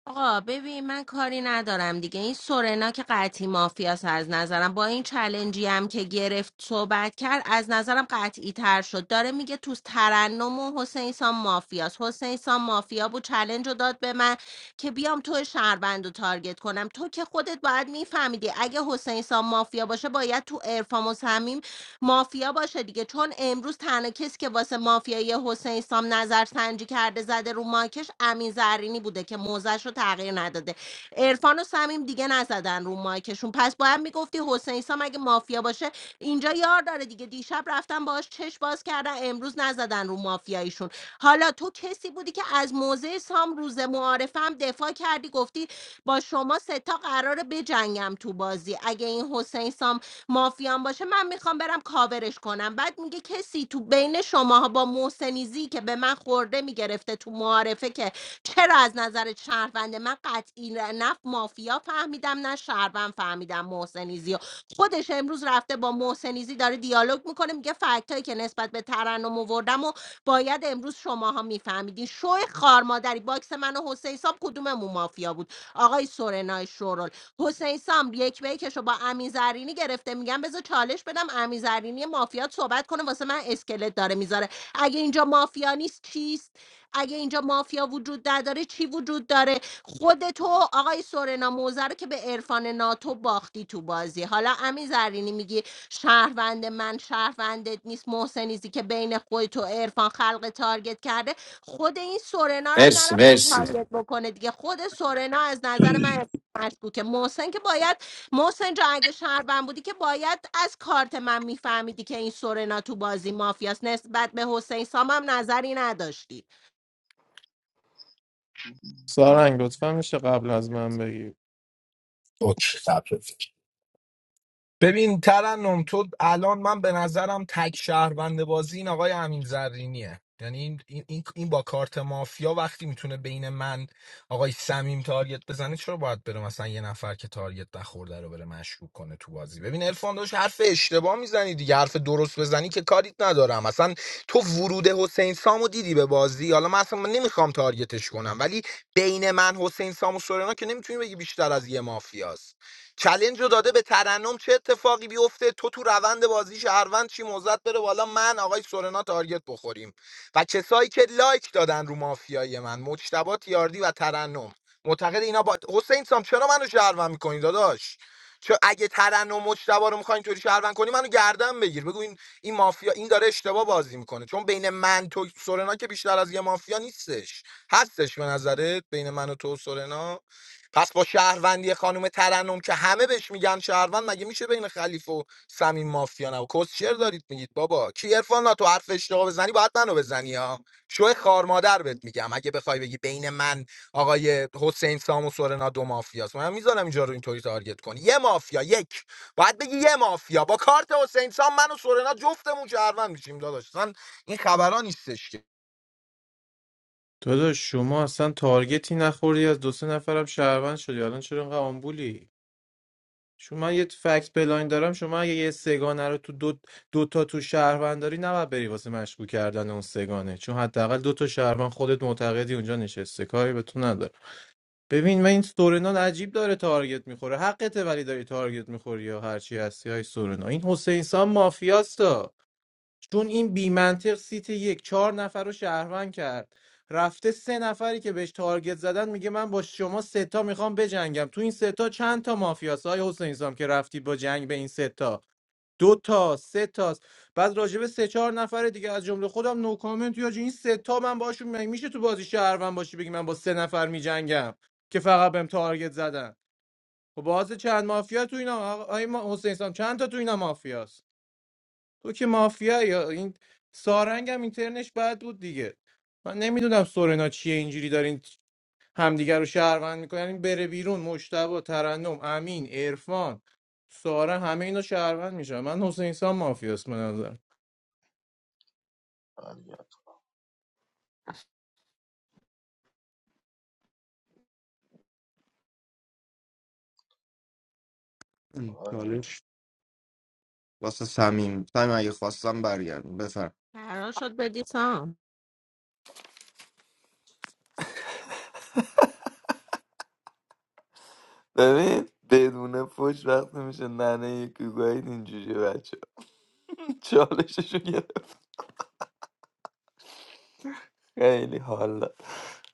Speaker 7: آقا ببین من کاری ندارم دیگه این سورنا که قطعی مافیاس از نظرم با این چلنجی هم که گرفت صحبت کرد از نظرم قطعی تر شد داره میگه تو ترنم و حسین سام مافیاس حسین سام مافیا بود چلنج رو داد به من که بیام تو شهروند رو تارگت کنم تو که خودت باید میفهمیدی اگه حسین سام مافیا باشه باید تو ارفام و صمیم مافیا باشه دیگه چون امروز تنها کسی که واسه مافیای حسین سام نظر سنجی کرده زده رو ماکش امین زرینی بوده که موزش رو تغییر نداده عرفان و صمیم دیگه نزدن رو مایکشون پس باید میگفتی حسین سام اگه مافیا باشه اینجا یار داره دیگه دیشب رفتن باهاش چش باز کردن امروز نزدن رو مافیاییشون حالا تو کسی بودی که از موزه سام روز معارفه هم دفاع کردی گفتی با شما سه تا قراره بجنگم تو بازی اگه این حسین سام مافیان باشه من میخوام برم کاورش کنم بعد میگه کسی تو بین شماها با محسنیزی که به من خورده میگرفته تو معارفه که چرا از نظر شهرونده من قطعی نف مافیا فهمیدم نه شهروند فهمیدم محسنیزی و خودش امروز رفته با محسنیزی داره دیالوگ میکنه میگه فکتایی که نسبت به ترنم آوردم و باید امروز شماها میفهمیدین شو خارمادری باکس من و حسین صاحب کدوممون مافیا بود آقای سورنای شورل حسین سام یک به یکش رو با امین زرینی گرفته میگم بذار چالش بدم امین زرینی مافیات صحبت کنه واسه من اسکلت داره میذاره اگه اینجا مافیا نیست چیست اگه اینجا مافیا وجود نداره چی وجود داره خود تو آقای سورنا موزه رو که به عرفان ناتو باختی تو بازی حالا امین زرینی میگی شهروند من شهروندت نیست محسنیزی که بین خودت و عرفان خلق تارگت کرده خود این سورنا رو هم
Speaker 5: مرسی
Speaker 7: نرفت
Speaker 5: مرسی
Speaker 7: تارگت بکنه دیگه خود سورنا از نظر من که محسن که باید محسن جان اگه شهروند بودی که باید از کارت من میفهمیدی که این سورنا تو بازی مافیاست نسبت به حسین سام هم نظری نداشتی
Speaker 11: سارنگ لطفا میشه قبل از من بگی
Speaker 12: اوکی تبریک ببین ترنم تو الان من به نظرم تک شهروند بازی این آقای امین زرینیه یعنی این, این, این این با کارت مافیا وقتی میتونه بین من آقای سمیم تارگت بزنه چرا باید بره مثلا یه نفر که تارگت نخورده رو بره مشکوک کنه تو بازی ببین عرفان داشت حرف اشتباه میزنی دیگه حرف درست بزنی که کاریت ندارم اصلا تو ورود حسین سامو دیدی به بازی حالا من اصلا نمیخوام تارگتش کنم ولی بین من حسین سام و سورنا که نمیتونی بگی بیشتر از یه مافیاست چلنج رو داده به ترنم چه اتفاقی بیفته تو تو روند بازی شهروند چی موزت بره بالا من آقای سورنا تارگت بخوریم و کسایی که لایک دادن رو مافیای من مجتبی تیاردی و ترنم معتقد اینا با حسین سام چرا منو شهروند میکنی داداش چه اگه ترنم و مجتبی رو میخواین اینطوری شهروند کنی منو گردن بگیر بگو این این مافیا این داره اشتباه بازی میکنه چون بین من تو سورنا که بیشتر از یه مافیا نیستش هستش به نظرت بین من و تو و سورنا پس با شهروندی خانم ترنم که همه بهش میگن شهروند مگه میشه بین خلیف و صمیم مافیا نه کسشر دارید میگید بابا کی عرفان نا تو حرف اشتباه بزنی باید منو بزنی ها شو خار مادر بهت میگم اگه بخوای بگی بین من آقای حسین سام و سورنا دو مافیاست من میذارم اینجا رو اینطوری تارگت کنی یه مافیا یک باید بگی یه مافیا با کارت حسین سام من و سورنا جفتمون شهروند میشیم داداش اصلا این خبرا نیستش که
Speaker 11: داداش شما اصلا تارگتی نخوری از دو سه نفرم شهروند شدی الان چرا اینقدر آمبولی شما من یه فکت بلاین دارم شما اگه یه سگانه رو تو دو, دو تا تو شهروند داری نباید بری واسه مشکوک کردن اون سگانه چون حداقل دو تا شهروند خودت معتقدی اونجا نشسته کاری به تو نداره ببین من این سورنان عجیب داره تارگت میخوره حقته ولی داری تارگت میخوری یا هرچی هستی های سورنا این حسین سام مافیاستا چون این بیمنطق سیت یک چهار نفر رو شهروند کرد رفته سه نفری که بهش تارگت زدن میگه من با شما ستا میخوام بجنگم تو این ستا چند تا مافیاست های حسین سام که رفتی با جنگ به این ستا دو تا سه تاست بعد راجب سه چهار نفر دیگه از جمله خودم نو کامنت یا این سه تا من باشون مگه میشه تو بازی شهروند باشی بگی من با سه نفر میجنگم که فقط بهم تارگت زدن و باز چند مافیا تو اینا آقا- آقای ما- حسین سام چند تا تو اینا مافیاست تو که مافیا یا این سارنگ هم اینترنش بد بود دیگه من نمیدونم سورنا چیه اینجوری دارین همدیگر رو شهروند میکنن این بره بیرون مشتبه ترنم امین عرفان ساره همه اینا شهروند میشن من حسین سام مافیاست به نظر
Speaker 15: چالش واسه صمیم صمیم اگه خواستم برگردم بفر
Speaker 7: قرار شد بدی سام
Speaker 9: ببین بدون پشت وقت میشه ننه یکی گوهید اینجوری بچه <laughs> چالششو گرفت خیلی حالا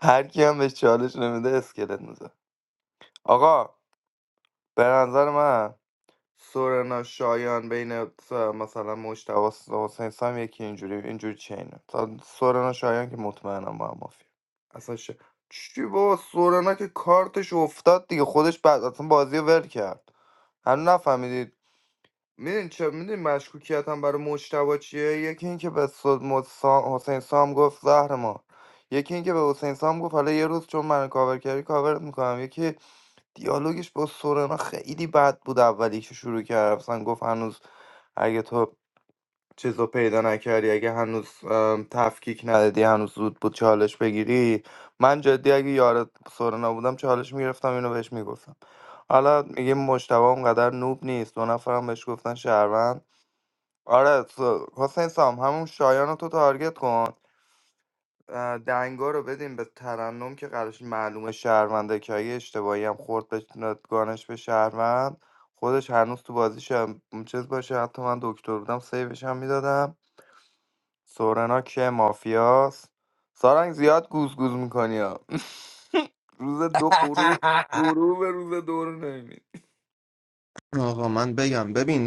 Speaker 9: هر کی هم بهش چالش نمیده اسکلت میزه آقا به نظر من سورنا شایان بین س- مثلا مجتبی و حسین سام یکی اینجوری اینجوری چینه تا سورنا شایان که مطمئنم با هم مافیا اصلا ش... چی با سورنا که کارتش افتاد دیگه خودش بعد اصلا بازی رو ول کرد هنوز نفهمیدید میدین چه میدین مشکوکیت هم برای مجتبی چیه یکی اینکه به سود مد- سام... حسین سام گفت زهر ما یکی اینکه به حسین سام گفت حالا یه روز چون من کاور کردی کاورت میکنم یکی دیالوگش با سورنا خیلی بد بود اولی که شروع کرد مثلا گفت هنوز اگه تو چیز رو پیدا نکردی اگه هنوز ام، تفکیک ندادی هنوز زود بود چالش بگیری من جدی اگه یار سورنا بودم چالش میگرفتم اینو بهش میگفتم حالا میگه مجتبی اونقدر نوب نیست دو نفرم بهش گفتن شهروند آره س- حسین سام همون شایان رو تو تارگت کن اه، دنگا رو بدیم به ترنم که قرارش معلومه شهرونده که اگه اشتباهی هم خورد به گانش به شهروند خودش هنوز تو بازیش هم- چیز باشه حتی من دکتر بودم سیوش هم میدادم سورنا که مافیاست سارنگ زیاد گوز گوز میکنی ها <laughs> روز دو قرو
Speaker 12: <laughs>
Speaker 9: غروب روز دو رو نمی‌بینی.
Speaker 15: آقا من بگم ببین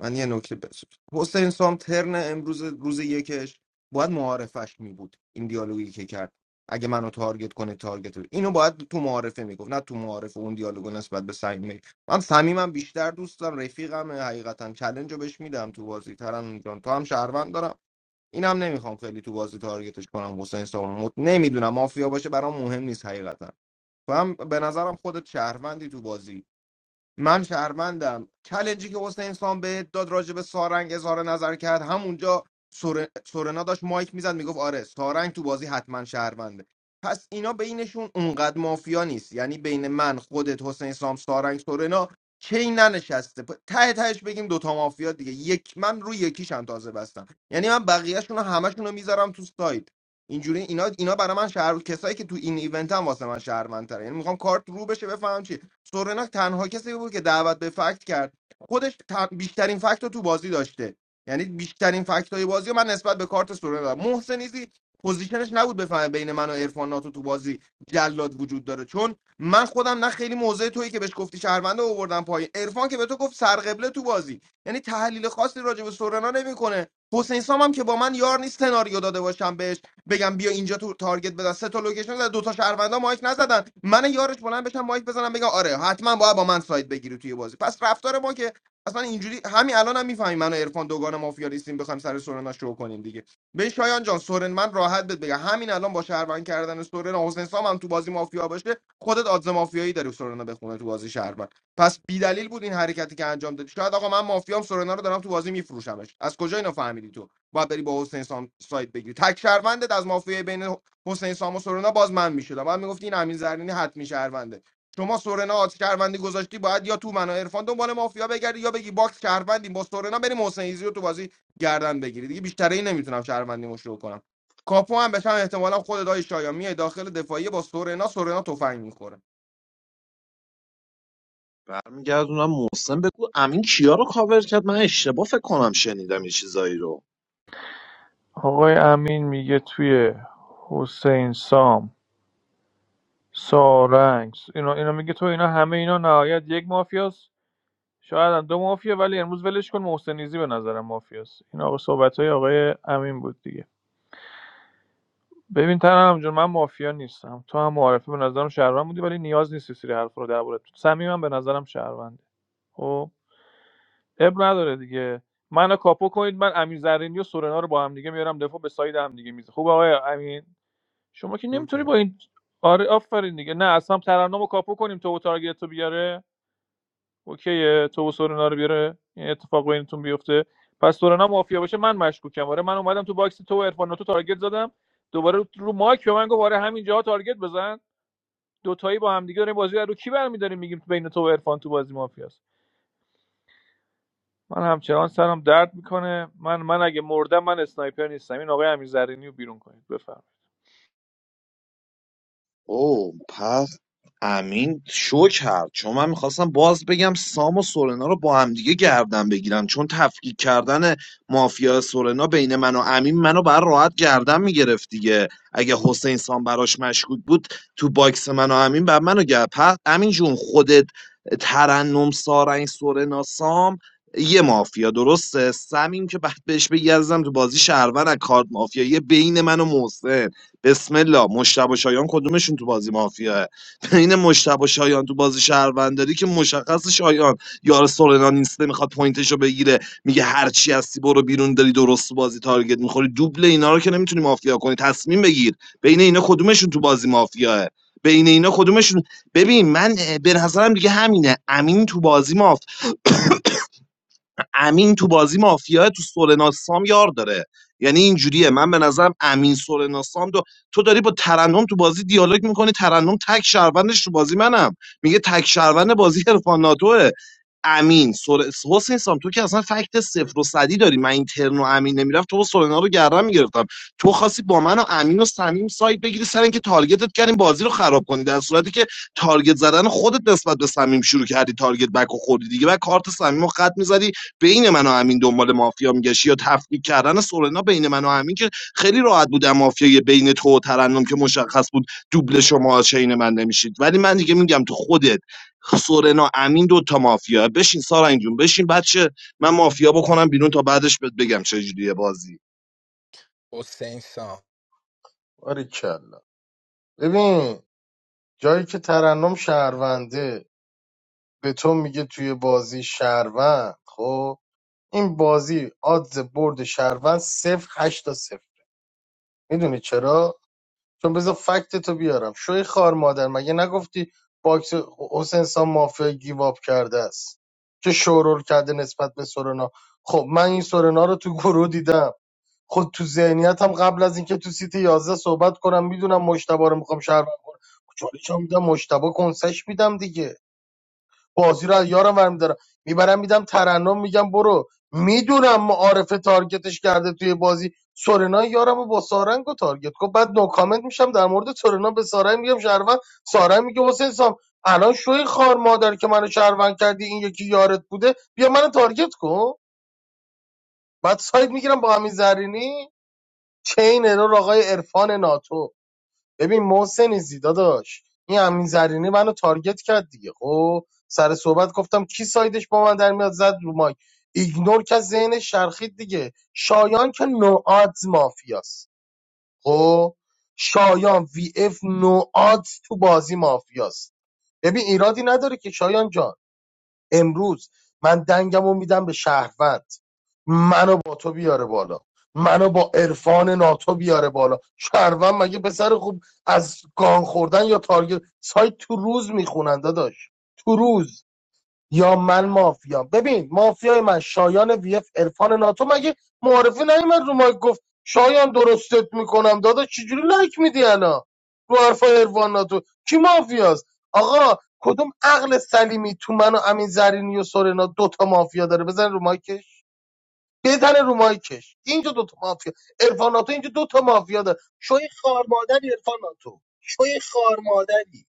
Speaker 15: من یه نکته بس حسین سام ترن امروز روز یکش باید معارفش می بود این دیالوگی که کرد اگه منو تارگت کنه تارگت رو. اینو باید تو معارفه میگفت نه تو معارفه اون دیالوگو نسبت به سعیم می من صمیمم بیشتر دوست دارم رفیقم حقیقتا چلنج رو بهش میدم تو بازی ترن جان تو هم شهروند دارم اینم نمیخوام خیلی تو بازی تارگتش کنم حسین سام مت... نمیدونم مافیا باشه برام مهم نیست حقیقتا تو هم به نظرم خودت شهروندی تو بازی من شهروندم چلنجی که حسین سام به داد راجع به سارنگ اظهار نظر کرد همونجا سور... سورنا داشت مایک میزد میگفت آره سارنگ تو بازی حتما شهرونده پس اینا بینشون اونقدر مافیا نیست یعنی بین من خودت حسین سام سارنگ سورنا چی ننشسته پ- ته تهش بگیم دوتا مافیا دیگه یک من روی یکیشم تازه بستم یعنی من بقیه‌شون رو همشون رو میذارم تو سایت اینجوری اینا اینا برای من شهر کسایی که تو این ایونت هم واسه من شهروندتره یعنی میخوام کارت رو بشه بفهم سورناک تنها کسی بود که دعوت به فکت کرد خودش ت- بیشترین فکت رو تو بازی داشته یعنی بیشترین فکت های بازی رو من نسبت به کارت سورنا دارم محسنیزی پوزیشنش نبود بفهمه بین من و عرفان ناتو تو بازی جلاد وجود داره چون من خودم نه خیلی موضع تویی که بهش گفتی شهرونده آوردم پایین عرفان که به تو گفت سرقبله تو بازی یعنی تحلیل خاصی راجع به سورنا نمیکنه حسین سام هم که با من یار نیست سناریو داده باشم بهش بگم بیا اینجا تو تارگت بزن سه تا لوکیشن زد دو تا شهروندا مایک نزدن من یارش بلند بشم مایک بزنم بگم آره حتما باید با من سایت بگیری توی بازی پس رفتار ما که اصلا اینجوری همین الان هم میفهمی من و عرفان دوگان مافیا نیستیم بخوایم سر سورنا شروع کنیم دیگه به شایان جان سورن من راحت بهت بگم همین الان با شهروند کردن سورن حسین سام هم تو بازی مافیا باشه خودت آدز مافیایی داری سورنا بخونه تو بازی شهروند پس بی دلیل بود این حرکتی که انجام دادی شاید آقا من مافیام سورنا رو دارم تو بازی میفروشمش از کجا اینو فهمیدی تو باید بری با حسین سام سایت بگیری تک شهروندت از مافیای بین حسین سام و سورنا باز من میشدم بعد میگفتی این امین زرینی حتمی شهرونده شما سورنا آت شهروندی گذاشتی باید یا تو منو عرفان دنبال مافیا بگردی یا بگی باکس شهروندیم با سورنا بریم حسین ایزی رو تو بازی گردن بگیری دیگه بیشتر این نمیتونم شهروندی مشروع کنم کاپو هم بشم احتمالا خود دای شایان میای داخل دفاعیه با سورنا سورنا تفنگ میخوره
Speaker 1: برمیگردونم محسن بگو امین کیا رو کاور کرد من اشتباه فکر کنم شنیدم یه چیزایی رو
Speaker 10: آقای امین میگه توی حسین سام سارنگ اینا اینا میگه تو اینا همه اینا نهایت یک مافیاست شاید هم دو مافیا ولی امروز ولش کن محسنیزی به نظرم مافیاست این آقا صحبت های آقای امین بود دیگه ببین ترم جون من مافیا نیستم تو هم معارفه به نظرم شهروند بودی ولی نیاز نیست سری حرف رو درباره تو صمیمم به نظرم شهرونده خب اب نداره دیگه منو کاپو کنید من امین زرینی و سورنا رو با هم دیگه میارم دفاع به ساید هم دیگه میزه خوب آقای امین شما که
Speaker 15: شو
Speaker 10: نمیتونی با
Speaker 15: کرد
Speaker 10: این آره آفرین دیگه نه اصلا ترنمو کاپو کنیم تو و تارگت رو بیاره اوکی تو و سورنا رو بیاره این اتفاق بینتون بیفته پس سورنا مافیا باشه من مشکوکم آره من اومدم تو باکس تو و عرفان تو تارگت زدم دوباره رو رو مایک به من گفت آره همینجا تارگت بزن دوتایی با هم دیگه داریم بازی رو کی برمی‌داریم میگیم بین تو و عرفان تو بازی مافیاست من همچنان سرم درد میکنه من من اگه مردم من اسنایپر نیستم این آقای امیر زرینی رو بیرون کنید بفرمایید
Speaker 1: او پس امین شو کرد چون من میخواستم باز بگم سام و سورنا رو با هم دیگه گردن بگیرن چون تفکیک کردن مافیا سورنا بین من و امین منو بر راحت گردن میگرفت دیگه اگه حسین سام براش مشکوک بود تو باکس من و امین بر منو گرد پس امین جون خودت ترنم سارنگ سورنا سام یه مافیا درسته سمیم که بعد بهش بگردم تو بازی شهرون از کارت مافیا یه بین من و محسن بسم الله مشتبه شایان کدومشون تو بازی مافیاه بین مشتبه شایان تو بازی شهرونداری که مشخص شایان یار سورنا نیست میخواد پوینتشو بگیره میگه هر چی هستی برو بیرون داری درست تو بازی تارگت میخوری دوبل اینا رو که نمیتونی مافیا کنی تصمیم بگیر بین اینا کدومشون تو بازی مافیاه بین اینا کدومشون ببین من اه، به نظرم دیگه همینه امین تو بازی امین تو بازی مافیا تو سورناسام یار داره یعنی اینجوریه من به نظرم امین سورناسام دو تو داری با ترنم تو بازی دیالوگ میکنی ترنم تک شهروندش تو بازی منم میگه تک شهروند بازی عرفان ناتوه امین سر... حسین سام تو که اصلا فکت صفر و صدی داری من این ترن و امین نمیرفت تو با سورنا رو گردن میگرفتم تو خواستی با من و امین و صمیم سایت بگیری سر اینکه تارگتت کردیم بازی رو خراب کنی در صورتی که تارگت زدن خودت نسبت به صمیم شروع کردی تارگت بک و خوردی دیگه و کارت صمیم رو خط میزدی بین من و امین دنبال مافیا میگشی یا تفکیک کردن سورنا بین من و امین که خیلی راحت بودم مافیای بین تو و ترنم که مشخص بود دوبل شما چین من نمیشید ولی من دیگه میگم تو خودت سورنا امین دو تا مافیا بشین سارا جون بشین بچه من مافیا بکنم بیرون تا بعدش بهت بگم چه جوریه بازی
Speaker 12: حسین سام
Speaker 4: برگرد کلا ببین جایی که ترنم شهرونده به تو میگه توی بازی شهروند خب این بازی آدز برد شهروند صفر هشت تا صفر میدونی چرا چون بذار فکت تو بیارم شوی خار مادر مگه نگفتی باکس حسین سام مافیا گیواب کرده است که شورول کرده نسبت به سورنا خب من این سورنا رو تو گروه دیدم خود تو ذهنیتم قبل از اینکه تو سیت 11 صحبت کنم میدونم مشتبه رو میخوام شهروند کنم چالش هم میدم مشتبه کنسش میدم دیگه بازی رو از یارم برمیدارم میبرم میدم ترنم میگم برو میدونم معارفه تارگتش کرده توی بازی سورنا یارم رو با سارنگ رو تارگت کن بعد نو کامنت میشم در مورد سورنا به سارنگ میگم شهروند سارنگ میگه حسین سام الان شوی خار مادر که منو شهروند کردی این یکی یارت بوده بیا منو تارگت کن بعد ساید میگیرم با همین زرینی چه این ارور آقای عرفان ناتو ببین محسن زیدا داشت این امین زرینی منو تارگت کرد دیگه خب سر صحبت گفتم کی سایدش با من در میاد زد رو مایک ایگنور که ذهن شرخید دیگه شایان که نوآت مافیاست خب شایان وی اف نوآت تو بازی مافیاست ببین ایرادی نداره که شایان جان امروز من دنگمو میدم به شهروند منو با تو بیاره بالا منو با عرفان ناتو بیاره بالا شهروند مگه پسر خوب از گان خوردن یا تارگت سایت تو روز میخونن داداش تو روز یا من مافیا ببین مافیای من شایان ویف عرفان ناتو مگه معرفی نیومد رو مایک گفت شایان درستت میکنم داداش چجوری لایک میدی انا رو حرفای عرفان ناتو کی مافیاست آقا کدوم عقل سلیمی تو من و امین زرینی و سورنا دوتا مافیا داره بزن رو مایکش بزن رو مایکش اینجا دوتا مافیا عرفان ناتو اینجا دوتا مافیا داره شوی خار مادری عرفان ناتو شوی خار مادری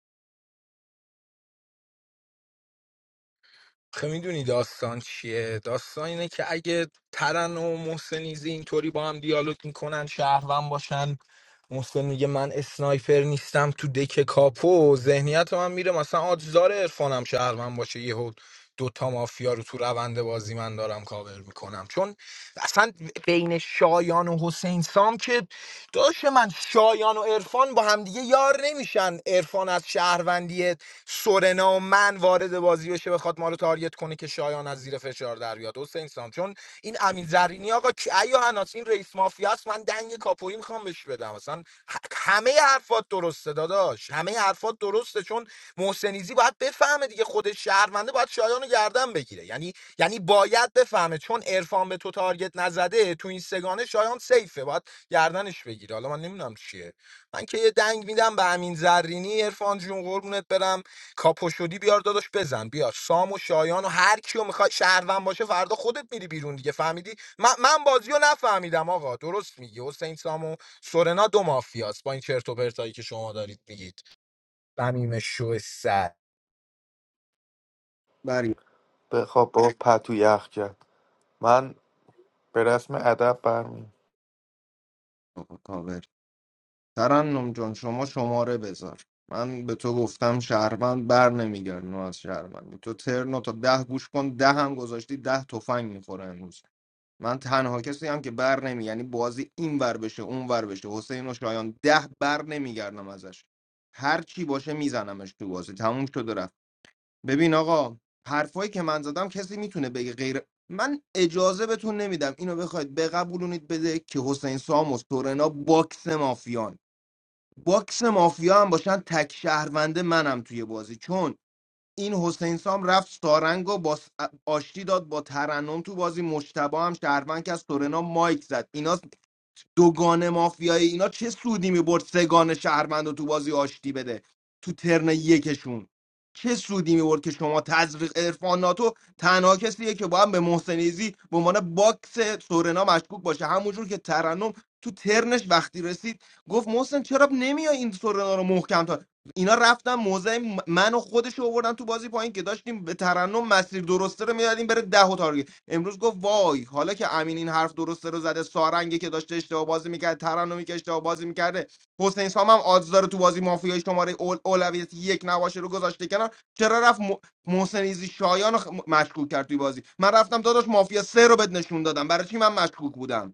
Speaker 12: خب میدونی داستان چیه داستان اینه که اگه ترن و محسنیزی اینطوری با هم دیالوگ میکنن شهروند باشن محسن میگه من اسنایپر نیستم تو دک کاپو ذهنیت من میره مثلا آجزار عرفانم شهروند باشه یهو دوتا مافیا رو تو روند بازی من دارم کاور میکنم چون اصلا بین شایان و حسین سام که داشت من شایان و عرفان با همدیگه یار نمیشن عرفان از شهروندی سورنا و من وارد بازی بشه بخواد ما رو تارگت کنه که شایان از زیر فشار در بیاد حسین سام چون این امین زرینی آقا کی- ایا هناس این رئیس مافیاست من دنگ کاپویی میخوام بهش بدم اصلا همه حرفات درسته داداش همه حرفات درسته چون محسنیزی باید بفهمه دیگه خود شهرونده باید شایان رو گردن بگیره یعنی یعنی باید بفهمه چون عرفان به تو تارگت نزده تو این سگانه شایان سیفه باید گردنش بگیره حالا من نمیدونم چیه من که یه دنگ میدم به امین زرینی عرفان جون قربونت برم کاپو شدی بیار داداش بزن بیار سام و شایان و هر کیو میخوای شهروند باشه فردا خودت میری بیرون دیگه فهمیدی من, من بازی رو نفهمیدم آقا درست میگی حسین سام و سورنا دو مافیاست با این چرت و پرتایی که شما دارید میگید بمیم شو سر
Speaker 15: بری
Speaker 9: بخواب بابا پتو یخ کرد من به رسم ادب برمی
Speaker 15: کاور ترنم جان شما شماره بذار من به تو گفتم شهروند بر نمیگردم از شهروندی تو ترنو تا ده گوش کن ده هم گذاشتی ده تفنگ میخوره امروز من تنها کسی هم که بر نمی یعنی بازی این ور بشه اون ور بشه حسین و شایان ده بر نمیگردم ازش هر چی باشه میزنمش تو بازی تموم شد و رفت ببین آقا حرفایی که من زدم کسی میتونه بگه غیر من اجازه بهتون نمیدم اینو بخواید بقبولونید بده که حسین سام و سورنا باکس مافیان باکس مافیا هم باشن تک شهرونده منم توی بازی چون این حسین سام رفت سارنگ و با س- آشتی داد با ترنم تو بازی مشتبه هم شهروند که از سورنا مایک زد اینا دوگان مافیای اینا چه سودی میبرد سگان شهروند رو تو بازی آشتی بده تو ترن یکشون چه سودی میبرد که شما تزریق ارفان ناتو تنها کسیه که باید به محسنیزی به عنوان باکس سورنا مشکوک باشه همونجور که ترنم تو ترنش وقتی رسید گفت محسن چرا نمیای این سورنا رو محکم تا اینا رفتن موضع م- من و خودش رو آوردن تو بازی پایین که داشتیم به ترنم مسیر درسته رو میدادیم بره ده و تارگت امروز گفت وای حالا که امین این حرف درسته رو زده سارنگه که داشته اشتباه بازی میکرد ترنمی که اشتباه بازی میکرده حسین سام هم آدز داره تو بازی مافیای شماره اول اولویت یک نباشه رو گذاشته کنار چرا رفت م... محسن ایزی شایان رو خ- مشکوک کرد توی بازی من رفتم داداش مافیا سه رو بد نشون دادم برای چی من مشکوک بودم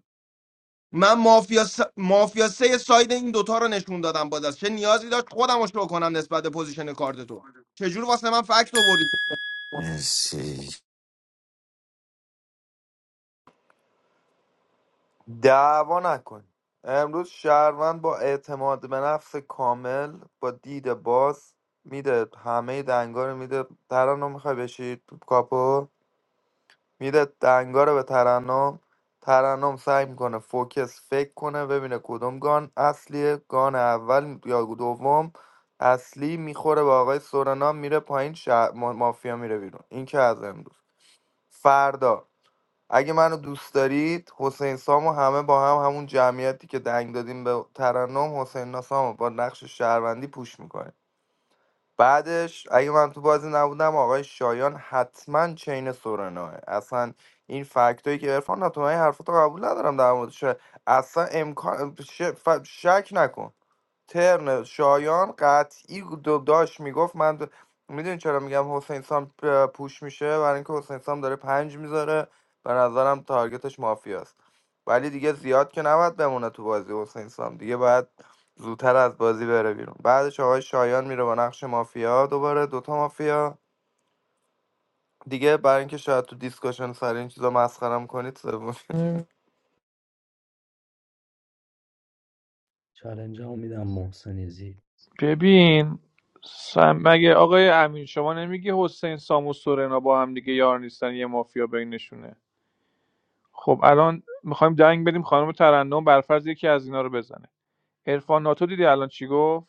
Speaker 15: من مافیا س... مافیا سه ساید این دوتا رو نشون دادم باز چه نیازی داشت خودم رو شو کنم نسبت به پوزیشن کارت تو چجور واسه من فکت آوردی
Speaker 5: مرسی
Speaker 9: دعوا نکن امروز شهروند با اعتماد به نفس کامل با دید باز میده همه دنگا رو میده ترنم میخوای بشی تو کاپو میده دنگا رو به ترنم ترنم سعی میکنه فوکس فکر کنه ببینه کدوم گان اصلیه گان اول یا دوم اصلی میخوره به آقای سورنا میره پایین شهر ما- مافیا میره بیرون این که از امروز فردا اگه منو دوست دارید حسین سامو همه با هم همون جمعیتی که دنگ دادیم به ترنم حسین ناسامو با نقش شهروندی پوش میکنه بعدش اگه من تو بازی نبودم آقای شایان حتما چین سورناه اصلا این فکتایی که عرفان نه تو من این حرفاتو قبول ندارم در موردش اصلا امکان ش- ف- شک نکن ترن شایان قطعی دو- داشت میگفت من د... میدونی چرا میگم حسین سام پ- پوش میشه برای اینکه حسین سام داره پنج میذاره به نظرم تارگتش مافیاست ولی دیگه زیاد که نباید بمونه تو بازی حسین سام دیگه باید زودتر از بازی بره بیرون بعدش آقای شایان میره با نقش مافیا دوباره دوتا مافیا دیگه برای اینکه شاید تو دیسکشن سر این چیزا مسخرم کنید سوم
Speaker 14: چالنج هم میدم محسنیزی
Speaker 10: ببین سم... مگه آقای امین شما نمیگی حسین سام و سورنا با هم دیگه یار نیستن یه مافیا بینشونه خب الان میخوایم دنگ بدیم خانم ترنم برفرض یکی از اینا رو بزنه عرفان ناتو دیدی الان چی گفت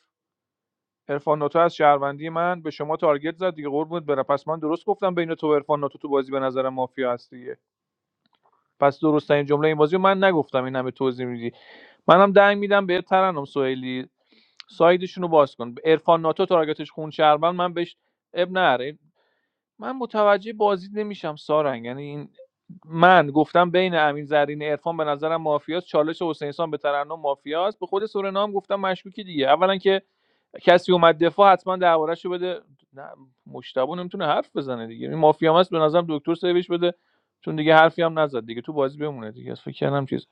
Speaker 10: عرفان ناتو از شهروندی من به شما تارگت زد دیگه قربونت برم پس من درست گفتم بین تو و عرفان ناتو تو بازی به نظر مافیا هست دیگه پس درست این جمله این بازی رو من نگفتم این همه توضیح میدی منم دنگ میدم به ترنم سوئیلی سایدشون رو باز کن عرفان ناتو تارگتش خون شهروند من بهش اب نره من متوجه بازی نمیشم سارنگ یعنی این من گفتم بین امین زرین عرفان به نظرم مافیاست چالش حسین سان به ترنم مافیاست به خود سورنا هم گفتم مشکوکی دیگه اولا که کسی اومد دفاع حتما دربارهش بده نه مشتبه نمیتونه حرف بزنه دیگه این مافیا هم به نظرم دکتر سیوش بده چون دیگه حرفی هم نزد دیگه تو بازی بمونه دیگه فکر کردم چیز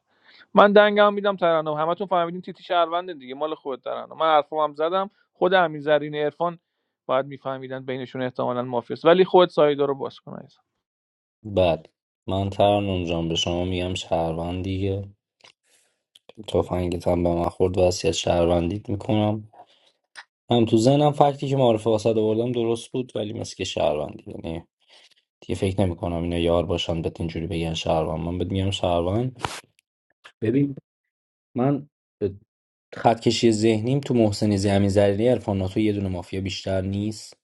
Speaker 10: من دنگم میدم ترنم همتون فهمیدین تیتی شهرونده دیگه مال خود ترنم من حرفام هم زدم خود امین زرین عرفان باید میفهمیدن بینشون احتمالا مافیاست ولی خود سایدا رو باز کن عزیزم.
Speaker 14: بعد من ترنم جان به شما میگم شهروند دیگه تفنگت هم به من خورد وصیت شهروندیت میکنم هم تو ذهنم فکتی که معرفه واسه آوردم درست بود ولی مثل که شهروندی یعنی دیگه فکر نمیکنم اینا یار باشن بهت اینجوری بگن شهروند من بهت میگم شهروند ببین من خط کشی ذهنیم تو محسن زمین زرینی عرفان ناتو یه دونه مافیا بیشتر نیست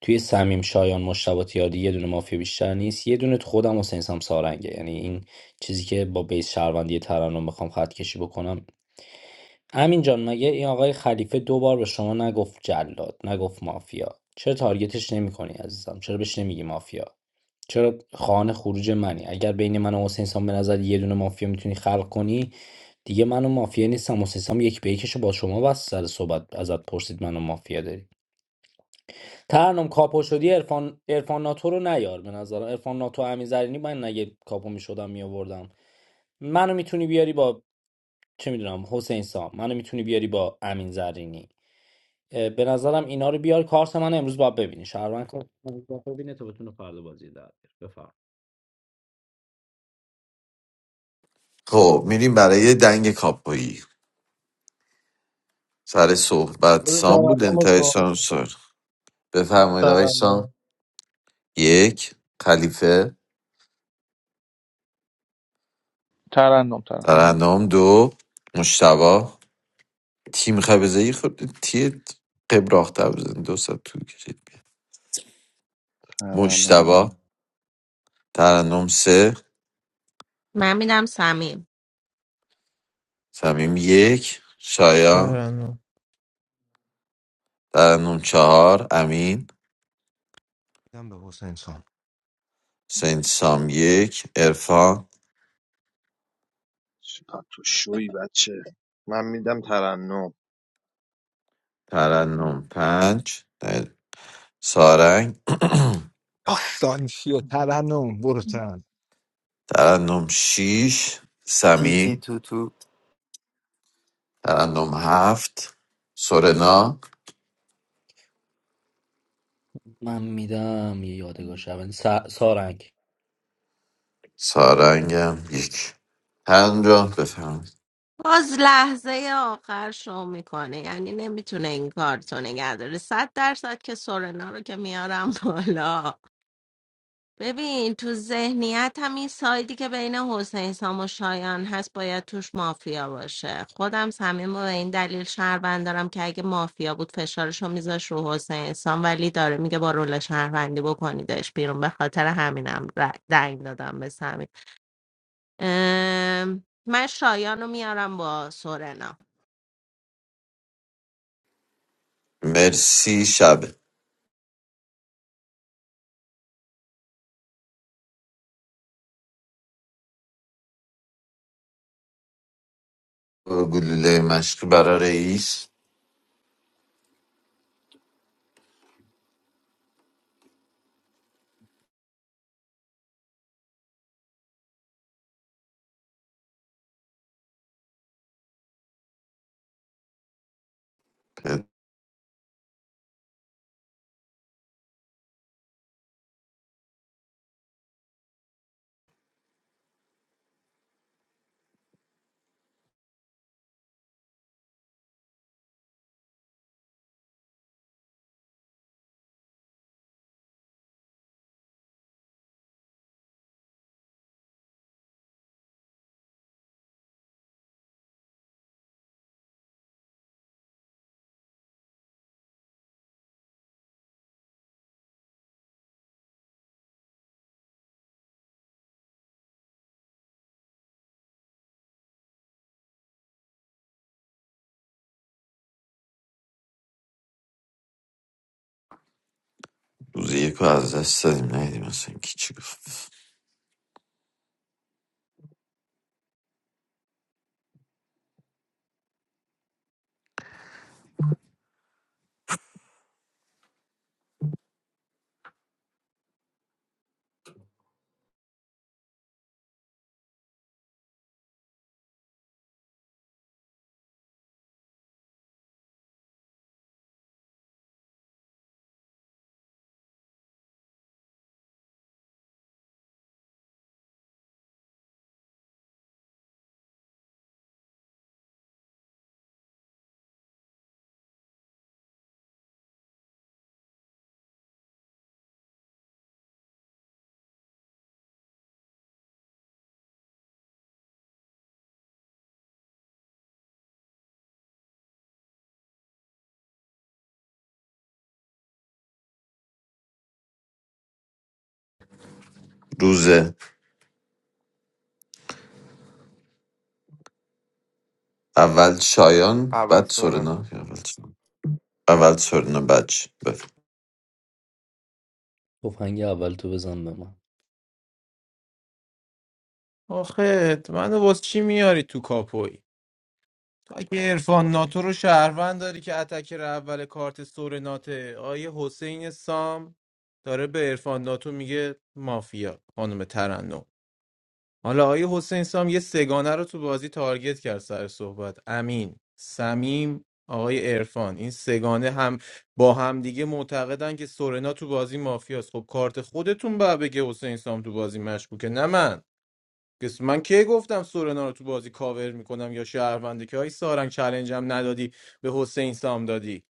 Speaker 14: توی صمیم شایان مجتبی تیاردی یه دونه مافیا بیشتر نیست یه دونه تو خودم حسین سام سارنگه یعنی این چیزی که با بیس شهروندی ترنم بخوام خط کشی بکنم امین جان مگه این آقای خلیفه دو بار به شما نگفت جلاد نگفت مافیا چرا تارگتش نمیکنی عزیزم چرا بهش نمیگی مافیا چرا خانه خروج منی اگر بین من و حسین سام به نظر یه دونه مافیا میتونی خلق کنی دیگه منو مافیا نیستم حسین سام یک به یکش با شما بس سر صحبت ازت پرسید منو مافیا داری ترنم کاپو شدی ارفان ارفان ناتو رو نیار به نظرم ارفان ناتو امین زرینی من اگه کاپو میشدم میآوردم منو میتونی بیاری با چه میدونم حسین سام منو میتونی بیاری با امین زرینی اه، به نظرم اینا رو بیار کارت من امروز باید ببینی شهروند کارت من باید ببینه تا بتونه فردا بازی در بیاره. بفرم
Speaker 5: خب میریم برای دنگ کاپویی سر صحبت
Speaker 4: بده
Speaker 5: سام بود
Speaker 4: طرفم
Speaker 5: انتهای
Speaker 4: سوال
Speaker 5: سام سر
Speaker 4: بده
Speaker 5: بفرمایید آقای سام یک خلیفه
Speaker 10: ترنم ترنم
Speaker 5: ترنم دو مشتبا تیم خبزه ای خود تیه قبراخت بزن دو ساعت طول کشید بیاد
Speaker 8: ترنم
Speaker 5: مشتبا
Speaker 8: دارم
Speaker 5: ترنم سه
Speaker 7: من میدم سمیم
Speaker 5: سمیم یک شایان
Speaker 11: ترنم
Speaker 5: ترنم چهار امین
Speaker 15: میدم به حسین سام
Speaker 5: حسین سام یک ارفان
Speaker 1: چقدر تو شوی بچه من میدم ترنم
Speaker 5: ترنم پنج سارنگ
Speaker 12: آسانسیو ترنم برو ترنم
Speaker 5: <clears throat> ترنم شیش
Speaker 9: تی تی
Speaker 5: سمی
Speaker 9: تو تو
Speaker 5: ترنم هفت سورنا
Speaker 14: من میدم یه یادگار شبن سارنگ
Speaker 5: سارنگم یک ترنم جان بفهم
Speaker 7: باز لحظه آخر شو میکنه یعنی نمیتونه این کار تو نگه داره صد درصد که سورنا رو که میارم بالا ببین تو ذهنیت هم این سایدی که بین حسین سام و شایان هست باید توش مافیا باشه خودم صمیم و به این دلیل شهروند دارم که اگه مافیا بود فشارش رو میذاش رو حسین سام ولی داره میگه با رول شهروندی بکنیدش بیرون به خاطر همینم ر- دنگ دادم به صمیم ام، من شایان رو میارم با سورنا
Speaker 5: مرسی شب گلوله مشق برای رئیس روز یک رو از دست دادیم نهیدیم اصلا کی چی گفت روز اول شایان
Speaker 9: اول
Speaker 5: بعد
Speaker 9: سورنا
Speaker 5: سورنا اول اول سرنا بچ بفر.
Speaker 14: تفنگ اول تو بزن به من
Speaker 11: آخه من واسه چی میاری تو کاپوی تو اگه عرفان ناتو رو شهروند داری که اتکر اول کارت سور ناته آیه حسین سام داره به عرفان ناتو میگه مافیا خانم ترنم حالا آقای حسین سام یه سگانه رو تو بازی تارگت کرد سر صحبت امین سمیم آقای عرفان این سگانه هم با هم دیگه معتقدن که سورنا تو بازی مافیاست خب کارت خودتون باید بگه حسین سام تو بازی مشکوکه نه من کس من کی گفتم سورنا رو تو بازی کاور میکنم یا شهرونده که های سارنگ چلنجم ندادی به حسین سام دادی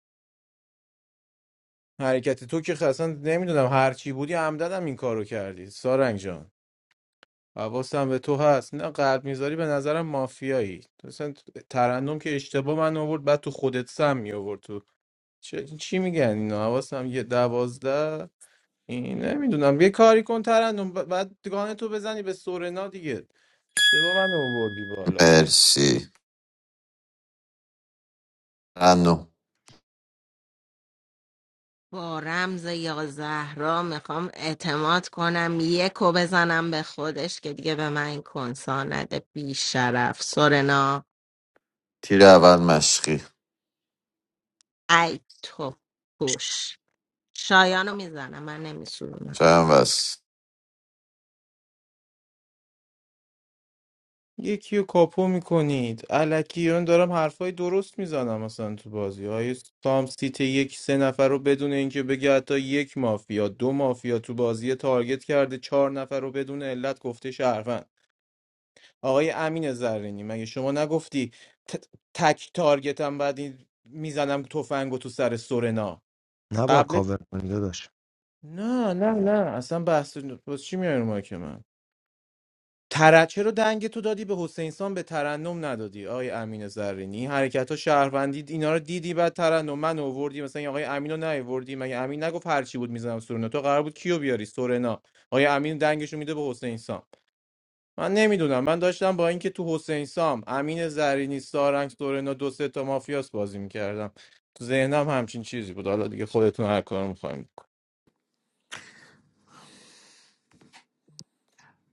Speaker 11: حرکت تو که اصلا نمیدونم هر چی بودی عمدن هم این کارو کردی سارنگ جان حواسم به تو هست نه قلب میذاری به نظرم مافیایی مثلا ترنم که اشتباه من آورد بعد تو خودت سم می آورد تو چه- چی میگن اینا حواسم یه دوازده این نمیدونم یه کاری کن ترنم ب- بعد گانه تو بزنی به سورنا دیگه اشتباه من آوردی بالا
Speaker 5: مرسی ممنون
Speaker 7: با رمز یا زهرا میخوام اعتماد کنم یکو بزنم به خودش که دیگه به من این کنسا نده بیشرف سورنا
Speaker 5: تیر اول مشقی
Speaker 7: ای تو پوش شایانو میزنم من نمیسوزم.
Speaker 5: شبم بس
Speaker 11: یکی رو کاپو میکنید الکی من دارم حرفای درست میزنم مثلا تو بازی های سام سیت یک سه نفر رو بدون اینکه بگه حتی یک مافیا دو مافیا تو بازی تارگت کرده چهار نفر رو بدون علت گفته شهروند آقای امین زرینی مگه شما نگفتی ت- تک تارگتم بعد این میزنم تفنگو تو سر سورنا
Speaker 15: نباید
Speaker 11: قبل
Speaker 15: کاور کنی داداش
Speaker 11: نه نه نه اصلا بحث باز چی میاری ما که من تر... رو دنگ تو دادی به حسینسان به ترنم ندادی آقای امین زرینی این حرکت ها شهروندی اینا رو دیدی بعد ترنم من آوردی مثلا این آقای امین رو نیاوردی مگه امین نگفت هر چی بود میزنم سورنا تو قرار بود کیو بیاری سورنا آقای امین دنگش رو میده به حسین سام من نمیدونم من داشتم با اینکه تو حسین سام امین زرینی سارنگ سورنا دو سه تا مافیاس بازی میکردم تو ذهنم همچین چیزی بود حالا دیگه خودتون هر کار میخوایم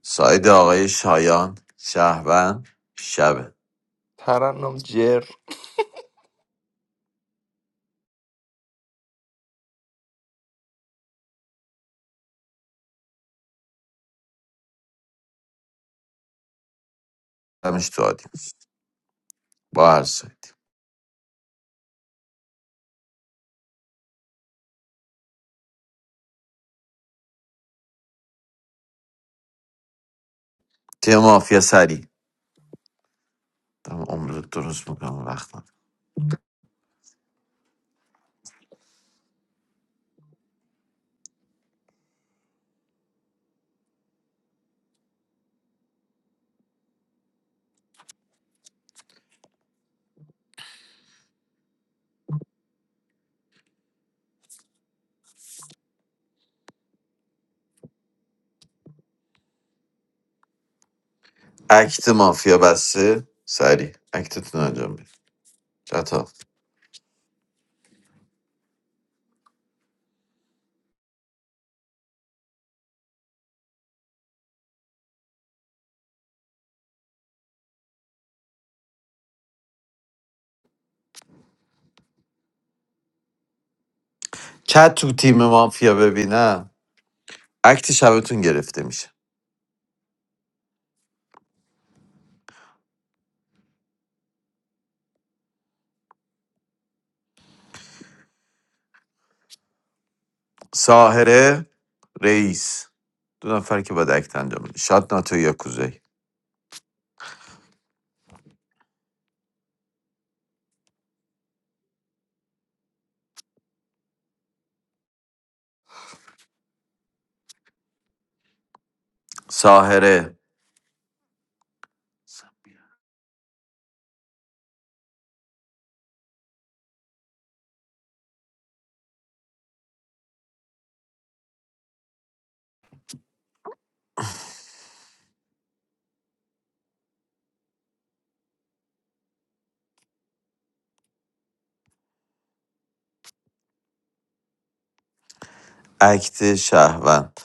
Speaker 5: ساید آقای شایان شهبن شبه
Speaker 9: ترنم جر
Speaker 5: همش تو عادی با هر سایدی تیم مافیا سری دارم عمر رو درست میکنم وقتم اکت مافیا بسته سری اکتتون رو انجام بید چتا چت تو تیم مافیا ببینم اکت شبتون گرفته میشه ساهره رئیس دو نفر که باید اکت انجام بده شاد ناتو یا کوزه ساهره اکت شهروند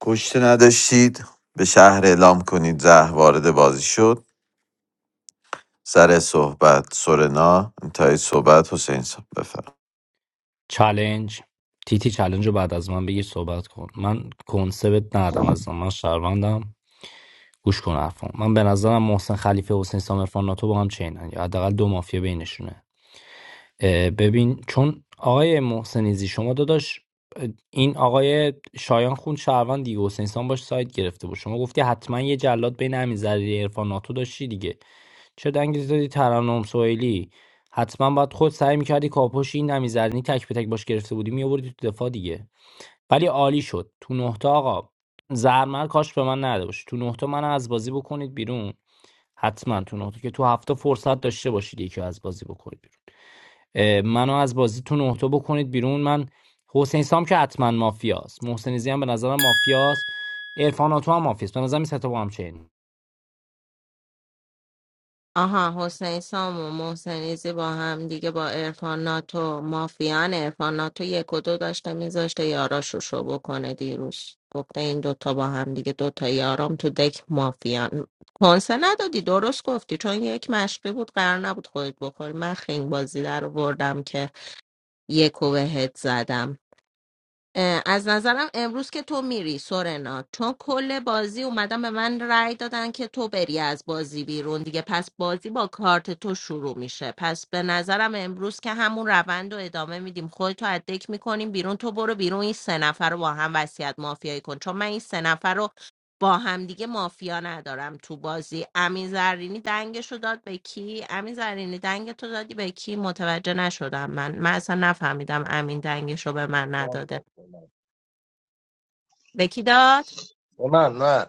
Speaker 5: کشته نداشتید به شهر اعلام کنید زه وارد بازی شد سر صحبت سورنا انتهای صحبت حسین صاحب بفرم
Speaker 14: چالنج تیتی چالنج رو بعد از من بگیر صحبت کن من کنسبت ندم از من شهروندم گوش کن حرفم من به نظرم محسن خلیفه و حسین سام عرفان ناتو با هم چینن یا حداقل دو مافیا بینشونه ببین چون آقای محسنیزی شما داداش این آقای شایان خون شهروند دیگه حسین سام باش سایت گرفته بود شما گفتی حتما یه جلاد بین همین ضریری عرفان ناتو داشتی دیگه چه دنگی دادی ترنم سوئیلی حتما باید خود سعی میکردی کاپوش این نمیزرنی تک به تک باش گرفته بودی میآوردی تو دفاع دیگه ولی عالی شد تو نه تا آقا زرمر کاش به من نداشت تو نه من از بازی بکنید بیرون حتما تو نه که تو هفته فرصت داشته باشید یکی رو از بازی بکنید بیرون اه، منو از بازی تو نه بکنید بیرون من حسین سام که حتما مافیاست محسن زی هم به نظرم مافیاست عرفان تو هم مافیاست به نظرم این سه تا با هم چین
Speaker 7: آها حسین سام و محسنیزی با هم دیگه با ارفان ناتو مافیان ارفان ناتو یک و دو داشته میذاشته یاراشو شو بکنه دیروز گفته این دوتا با هم دیگه دوتا یارام تو دک مافیان کنسه ندادی درست گفتی چون یک مشقی بود قرار نبود خودت بخوری من خنگ بازی در بردم که یک و بهت زدم اه، از نظرم امروز که تو میری سورنا چون کل بازی اومدن به من رأی دادن که تو بری از بازی بیرون دیگه پس بازی با کارت تو شروع میشه پس به نظرم امروز که همون روند رو ادامه میدیم خودتو از دک میکنیم بیرون تو برو بیرون این سه نفر رو با هم وصیت مافیایی کن چون من این سه نفر رو با هم دیگه مافیا ندارم تو بازی امین زرینی دنگش رو داد به کی امین زرینی دنگ تو دادی به کی متوجه نشدم من من اصلا نفهمیدم امین دنگش رو به من نداده
Speaker 4: طرفم.
Speaker 7: به کی داد
Speaker 4: نه نه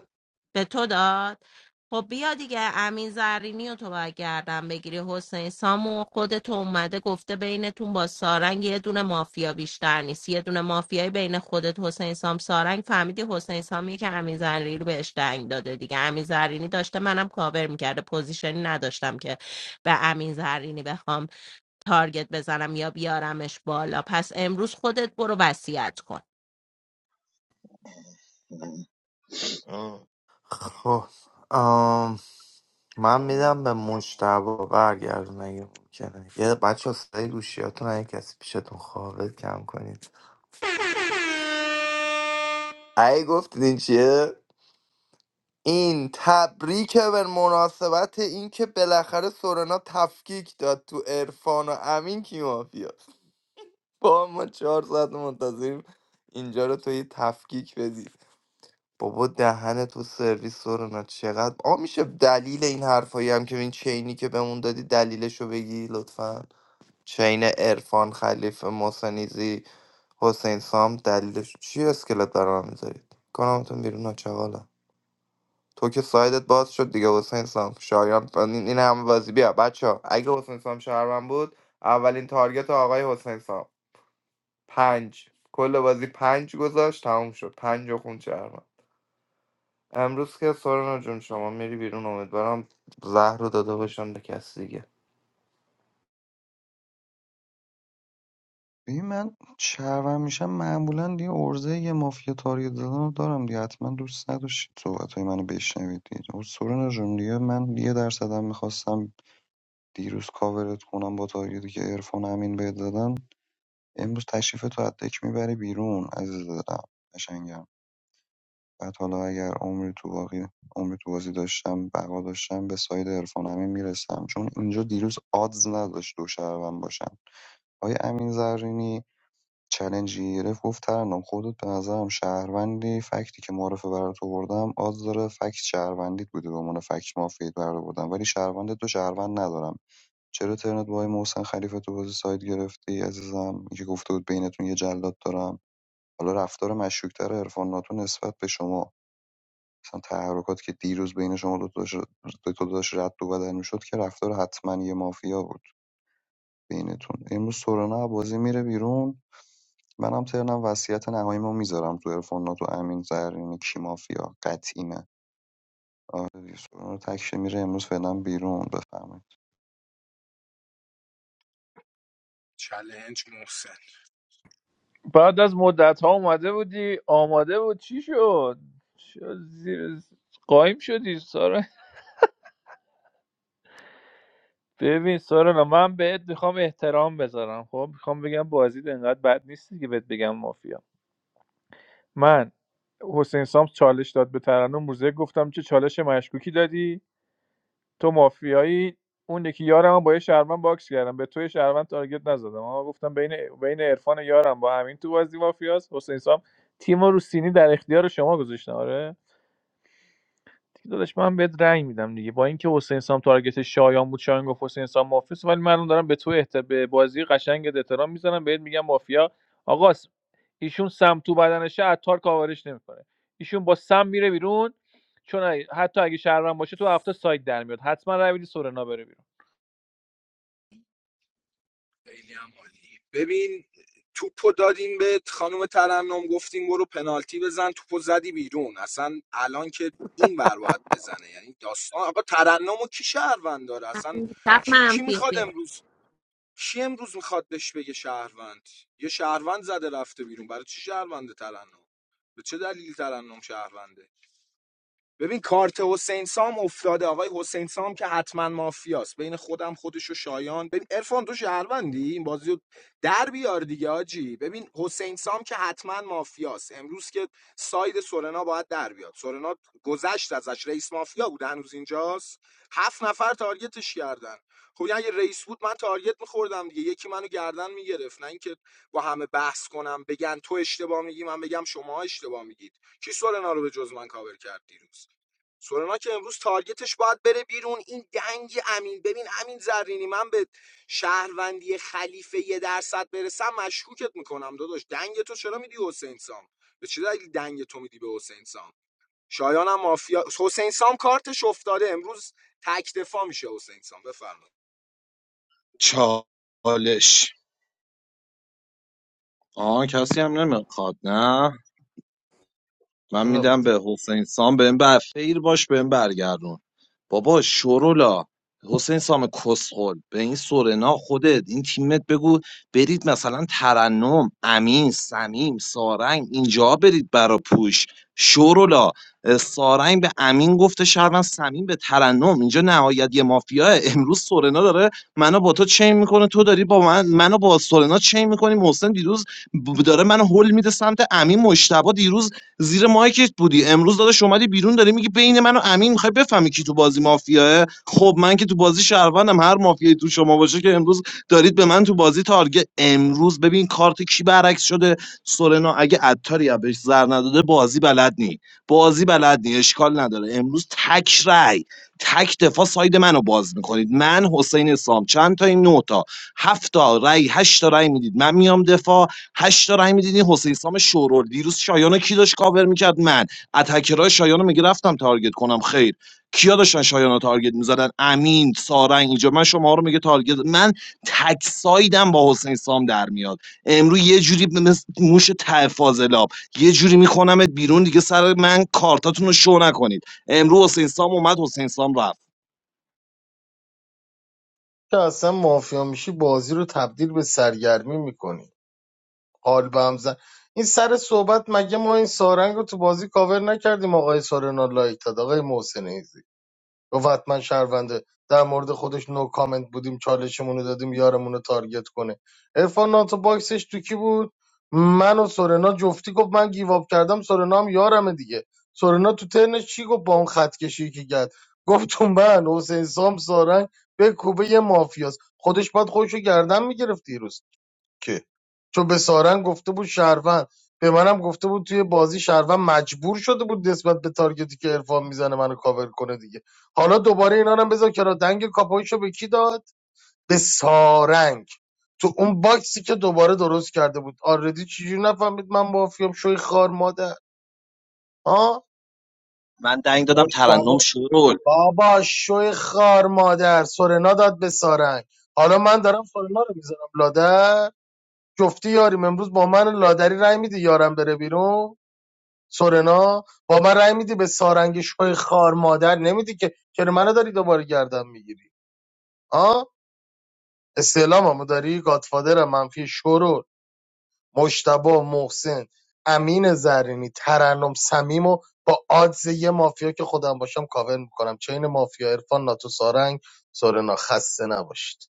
Speaker 7: به تو داد خب بیا دیگه امین زرینی و تو باید گردن بگیری حسین سامو خودت اومده گفته بینتون با سارنگ یه دونه مافیا بیشتر نیست یه دونه مافیای بین خودت حسین سام سارنگ فهمیدی حسین سامی که امین زرینی رو بهش دنگ داده دیگه امین زرینی داشته منم کاور میکرده پوزیشنی نداشتم که به امین زرینی بخوام تارگت بزنم یا بیارمش بالا پس امروز خودت برو وصیت کن
Speaker 4: آه،
Speaker 9: خب من
Speaker 4: آه.
Speaker 9: میدم به مجتبا برگردون اگه ممکنه یه بچه ها صدای گوشیاتون اگه کسی پیشتون خوابه کم کنید ای گفتید این چیه؟ این تبریک به مناسبت اینکه بالاخره سورنا تفکیک داد تو عرفان و امین کی مافیاست؟ با ما چهار ساعت منتظریم اینجا رو تو یه تفکیک بدی بابا دهن تو سرویس سورنا چقدر آ میشه دلیل این حرفایی هم که این چینی که بهمون دادی دلیلشو بگی لطفا چین عرفان خلیفه محسنیزی حسین سام دلیلش چی اسکلت برام میذارید کنامتون بیرون ناچقالا تو که سایدت باز شد دیگه حسین سام شایان این این همه بازی بیا بچه ها اگه حسین سام شهرون بود اولین تارگت آقای حسین سام پنج کل بازی پنج گذاشت تموم شد پنج و خون شهرون امروز که سورنا جون شما میری بیرون امیدوارم زهر رو داده باشم به کسی دیگه
Speaker 8: ببین من شهروند میشم معمولا یه عرضه یه مافیا تاریخ دادن رو دارم دیگه حتما دوست نداشتید صحبت های منو بشنوید دیگه سورنا جون دیگه من یه درصدم میخواستم دیروز کاورت کنم با تاریخی که عرفان امین بهت دادن امروز تشریف تو حتی یک میبری بیرون عزیز دلم قشنگم. بعد حالا اگر عمری تو واقعی، عمری تو بازی داشتم بقا داشتم به ساید عرفان امین میرسم چون اینجا دیروز آدز نداشت دو شهروند باشن آیا امین زرینی چلنجی گرفت گفت ترنم خودت به نظرم شهروندی فکتی که معرفه برات آوردم آدز داره فکت شهروندیت بوده به عنوان فکت مافیت برات آوردم ولی شهروندت تو شهروند ندارم چرا ترنت با آقای محسن خلیفه تو بازی ساید گرفتی عزیزم که گفته بود بینتون یه جلاد دارم حالا رفتار مشکوکتر عرفان ناتو نسبت به شما مثلا تحرکات که دیروز بین شما دو تا دو داشت رد و بدل میشد که رفتار حتما یه مافیا بود بینتون امروز سورنا بازی میره بیرون منم ترنم وصیت نهاییمو میذارم تو عرفان تو امین زرینی کی مافیا قطعیمه آره دیگه، سورنا تکشه میره امروز فعلا بیرون بفهمید
Speaker 12: چلنج محسن
Speaker 10: بعد از مدت ها اومده بودی آماده بود چی شد چرا زیر قایم شدی سارا ببین سارا من بهت میخوام احترام بذارم خب میخوام بگم بازی انقدر بد نیستی که بهت بگم مافیا من حسین سام چالش داد به ترنم موزه گفتم چه چالش مشکوکی دادی تو مافیایی اون یکی یارم هم با یه شهروند باکس کردم به توی شهروند تارگت نزدم اما گفتم بین بین عرفان یارم با همین تو بازی مافیاس حسین سام تیم رو سینی در اختیار شما گذاشتن آره دیگه داداش من بهت رنگ میدم دیگه با اینکه حسین سام تارگت شایان بود شایان گفت حسین سام مافیاس ولی من دارم به تو احت... به بازی قشنگ احترام میزنم بهت میگم مافیا آقا ایشون سم تو بدنشه عطار کاورش نمیکنه ایشون با سم میره بیرون چون اگه- حتی اگه شهروند باشه تو هفته ساید در میاد حتما رای سورنا بره بیرون.
Speaker 12: خیلی هم عالی ببین توپو دادیم به خانم ترنم گفتیم برو پنالتی بزن توپو زدی بیرون اصلا الان که این ور باید بزنه یعنی داستان آقا ترنم و کی شهروند داره اصلا کی, کی
Speaker 7: منفی
Speaker 12: میخواد امروز کی امروز میخواد بهش بگه شهروند یه شهروند زده رفته بیرون برای چی شهرونده ترنم به چه دلیلی ترنم شهرونده ببین کارت حسین سام افتاده آقای حسین سام که حتما مافیاست بین خودم خودش و شایان ببین عرفان تو شهروندی این بازی رو در بیار دیگه آجی ببین حسین سام که حتما مافیاست امروز که ساید سورنا باید در بیاد سورنا گذشت ازش رئیس مافیا بود هنوز اینجاست هفت نفر تارگتش کردن خب یعنی اگه رئیس بود من تارگت میخوردم دیگه یکی منو گردن میگرفت نه اینکه با همه بحث کنم بگن تو اشتباه میگی من بگم شما اشتباه میگید کی سورنا رو به جز من کاور کرد دیروز سورنا که امروز تارگتش باید بره بیرون این دنگ امین ببین امین زرینی من به شهروندی خلیفه یه درصد برسم مشکوکت میکنم داداش دنگ تو چرا میدی حسین سام به چه دلیل دنگ تو میدی به حسین سام شایانم مافیا حسین سام کارتش افتاده امروز تک دفاع میشه حسین سام بفرمایید
Speaker 1: چالش آه کسی هم نمیخواد نه من
Speaker 4: چرا
Speaker 1: میدم
Speaker 4: بده
Speaker 1: به حسین سام بهم بر خیر باش بهم برگردون بابا شورولا حسین سام کسخل به این سورنا خودت این تیمت بگو برید مثلا ترنم امین سمیم سارنگ اینجا برید برا پوش شورولا اه، سارنگ به امین گفته شهروند سمیم به ترنم اینجا نهایت یه مافیا امروز سورنا داره منو با تو چین میکنه تو داری با من منو با سورنا چین میکنی محسن دیروز ب- داره منو هول میده سمت امین مشتبه دیروز زیر مایکت بودی امروز داداش اومدی بیرون داری میگی بین من و امین میخوای بفهمی کی تو بازی مافیاه خب من که تو بازی شهروندم هر مافیایی تو شما باشه که امروز دارید به من تو بازی تارگت امروز ببین کارت کی برعکس شده سورنا اگه عطاری بهش زر نداده بازی بلد نی بازی بلد نی اشکال نداره امروز تک رای تک دفاع ساید منو باز میکنید من حسین سام چند تا این نه تا هفت تا رای هشت تا رای میدید من میام دفاع هشت تا رای میدید این حسین سام شورول دیروز شایان رو کی داشت کاور میکرد من اتکرای شایان رو میگه رفتم تارگت کنم خیر کیا داشتن شایان تارگت میزدن امین سارنگ اینجا من شما رو میگه تارگت من تک سایدم با حسین سام در میاد امروز یه جوری مثل موش ته فاضلاب یه جوری میکنمت بیرون دیگه سر من کارتاتون رو شو نکنید امروز حسین سام اومد حسین سام رفت
Speaker 4: که اصلا مافیا میشی بازی رو تبدیل به سرگرمی میکنی حال قلبم زن این سر صحبت مگه ما این سارنگ رو تو بازی کاور نکردیم آقای سارنا لایک داد آقای محسن ایزی گفت حتما شهرونده در مورد خودش نو کامنت بودیم چالشمون رو دادیم یارمون رو تارگت کنه عرفان ناتو باکسش تو کی بود من و سورنا جفتی گفت من گیواب کردم سورنا هم یارمه دیگه سورنا تو ترنش چی گفت با اون خط کشی که کرد گفت تو من حسین سام سارنگ به کوبه یه مافیاست خودش باید خودش رو گردن میگرفت که چون به سارنگ گفته بود شهروند به منم گفته بود توی بازی شهروند مجبور شده بود نسبت به تارگتی که عرفان میزنه منو کاور کنه دیگه حالا دوباره اینا رو هم بذار کرا دنگ کاپایشو به کی داد به سارنگ تو اون باکسی که دوباره درست کرده بود آردی چجوری نفهمید من مافیام شوی خار مادر ها
Speaker 1: من دنگ دادم
Speaker 4: مشتبه
Speaker 1: ترنم شورول
Speaker 4: بابا شوی خار مادر سورنا داد به سارنگ حالا من دارم سورنا رو میذارم لادر جفتی یاریم امروز با من لادری رای میدی یارم بره بیرون سورنا با من رای میدی به سارنگ شوی خار مادر نمیدی که چرا منو داری دوباره گردن میگیری ها استعلاممو داری گادفادر منفی شورو مشتبه محسن امین زرینی ترنم سمیم و با آدز یه مافیا که خودم باشم کاور میکنم چین مافیا عرفان ناتو سارنگ سورنا خسته نباشید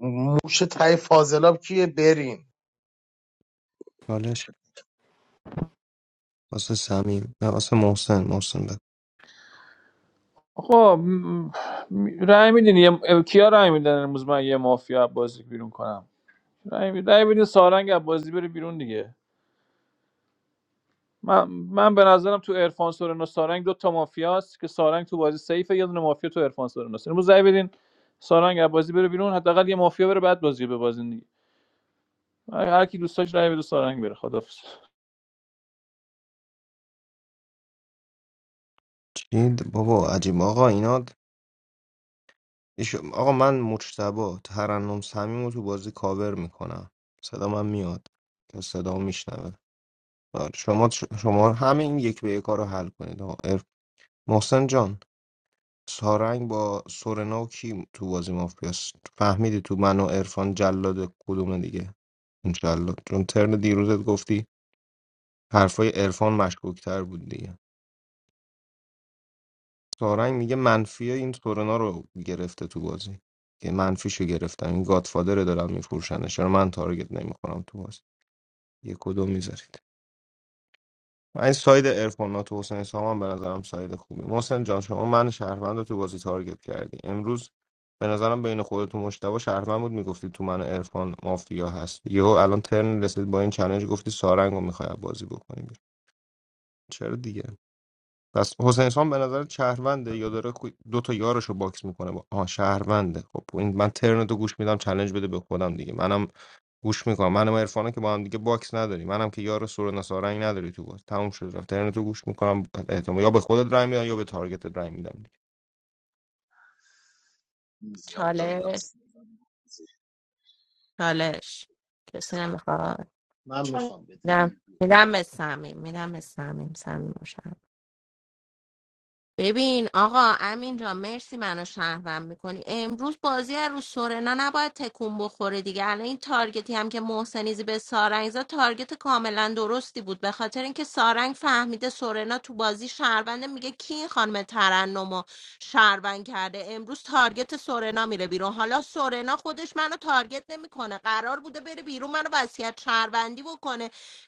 Speaker 4: موش تای فاضلاب کیه برین
Speaker 15: چالش واسه سمیم نه واسه محسن محسن بد
Speaker 10: آقا م- م- رأی میدین یه... کیا رأی میدن امروز من یه مافیا از بازی بیرون کنم رأی می- رأی میدین سارنگ از بازی بره بیرون دیگه من من به نظرم تو عرفان سورنا سارنگ دو تا مافیاست که سارنگ تو بازی سیفه یه دونه مافیا تو عرفان سورناست امروز رأی بدین سارنگ از بازی بره بیرون حداقل یه مافیا بره بعد بازی به بازی دیگه هر هر کی دوست رأی بده سارنگ بره خدافظ
Speaker 15: چی بابا عجیب آقا اینا ایش... آقا من مجتبا ترنم سمیم رو تو بازی کاور میکنم صدا من میاد صدا میشنوه شما شما همین یک به یک رو حل کنید آقا عرف- محسن جان سارنگ با سورنا و کی تو بازی مافیاس فهمیدی تو من و عرفان جلاد کدومه دیگه اون جلاد چون ترن دیروزت گفتی حرفای عرفان مشکوکتر بود دیگه سارنگ میگه منفی این سورنا رو گرفته تو بازی که منفیشو گرفتم این گادفادر دارم میفروشنش چرا من تارگت نمیخورم تو بازی یه کدوم میذارید این ساید ارفانات و حسین اسلام هم به نظرم ساید خوبی محسن جان شما من شهروند رو تو بازی تارگت کردی امروز به نظرم بین خودت و مشتبه شهروند بود میگفتی تو من ارفان مافیا هست یهو الان ترن رسید با این چالش گفتی سارنگ رو میخوای بازی بکنیم بیرون. چرا دیگه پس حسین اسلام به نظر شهرونده یا داره کو- دو تا یارشو باکس میکنه با آه شهرونده خب این من ترن تو گوش میدم چالش بده به خودم دیگه منم گوش میکنم منم عرفانا که با هم دیگه باکس نداری منم که یار سورنا سارنگ نداری تو باز تموم شد رفت ترن تو گوش میکنم احتمال یا به خودت رای میدم یا به تارگتت رای میدم دیگه.
Speaker 1: زیاد داد
Speaker 7: چالش
Speaker 1: لاست.
Speaker 7: چالش کسی نمیخواد
Speaker 4: من میخوام بده
Speaker 7: میدم میدم به سمیم میدم به سمیم سمیم مشکل. ببین آقا امین جان مرسی منو شهروند میکنی امروز بازی از رو سورنا نباید تکون بخوره دیگه الان این تارگتی هم که محسنیزی به سارنگ زد تارگت کاملا درستی بود به خاطر اینکه سارنگ فهمیده سورنا تو بازی شهرونده میگه کی این خانم ترنمو شهروند کرده امروز تارگت سورنا میره بیرون حالا سورنا خودش منو تارگت نمیکنه قرار بوده بره بیرون منو وصیت شهروندی بکنه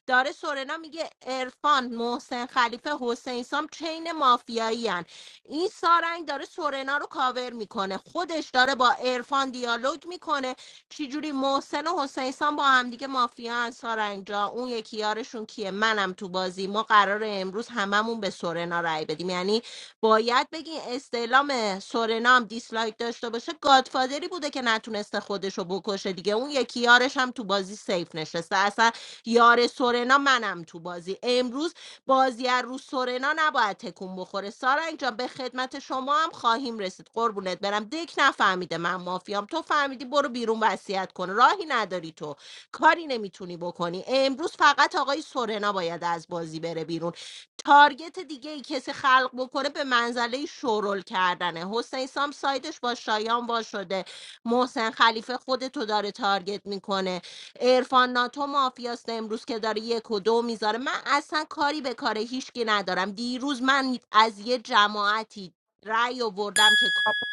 Speaker 7: داره سورنا میگه عرفان محسن خلیفه حسین سام چین مافیایی هن. این سارنگ داره سورنا رو کاور میکنه خودش داره با عرفان دیالوگ میکنه چجوری محسن و حسین سام با همدیگه مافیا هن سارنگ جا اون یکی یارشون کیه منم تو بازی ما قراره امروز هممون به سورنا رای بدیم یعنی باید بگین استعلام سورنا هم دیسلایک داشته باشه گادفادری بوده که نتونسته خودش رو بکشه دیگه اون یکی یارش هم تو بازی سیف نشسته اصلا یار سورنا منم تو بازی امروز بازی از رو سورنا نباید تکون بخوره سارنگ جان به خدمت شما هم خواهیم رسید قربونت برم دک نفهمیده من مافیام تو فهمیدی برو بیرون وصیت کن راهی نداری تو کاری نمیتونی بکنی امروز فقط آقای سورنا باید از بازی بره بیرون تارگت دیگه ای کسی خلق بکنه به منزله شورل کردنه حسین سام سایدش با شایان وا شده محسن خلیفه خودتو داره تارگت میکنه ارفان ناتو مافیاست امروز که داره یک و دو میذاره من اصلا کاری به کار هیچکی ندارم دیروز من از یه جماعتی رأی آوردم که کاپیتان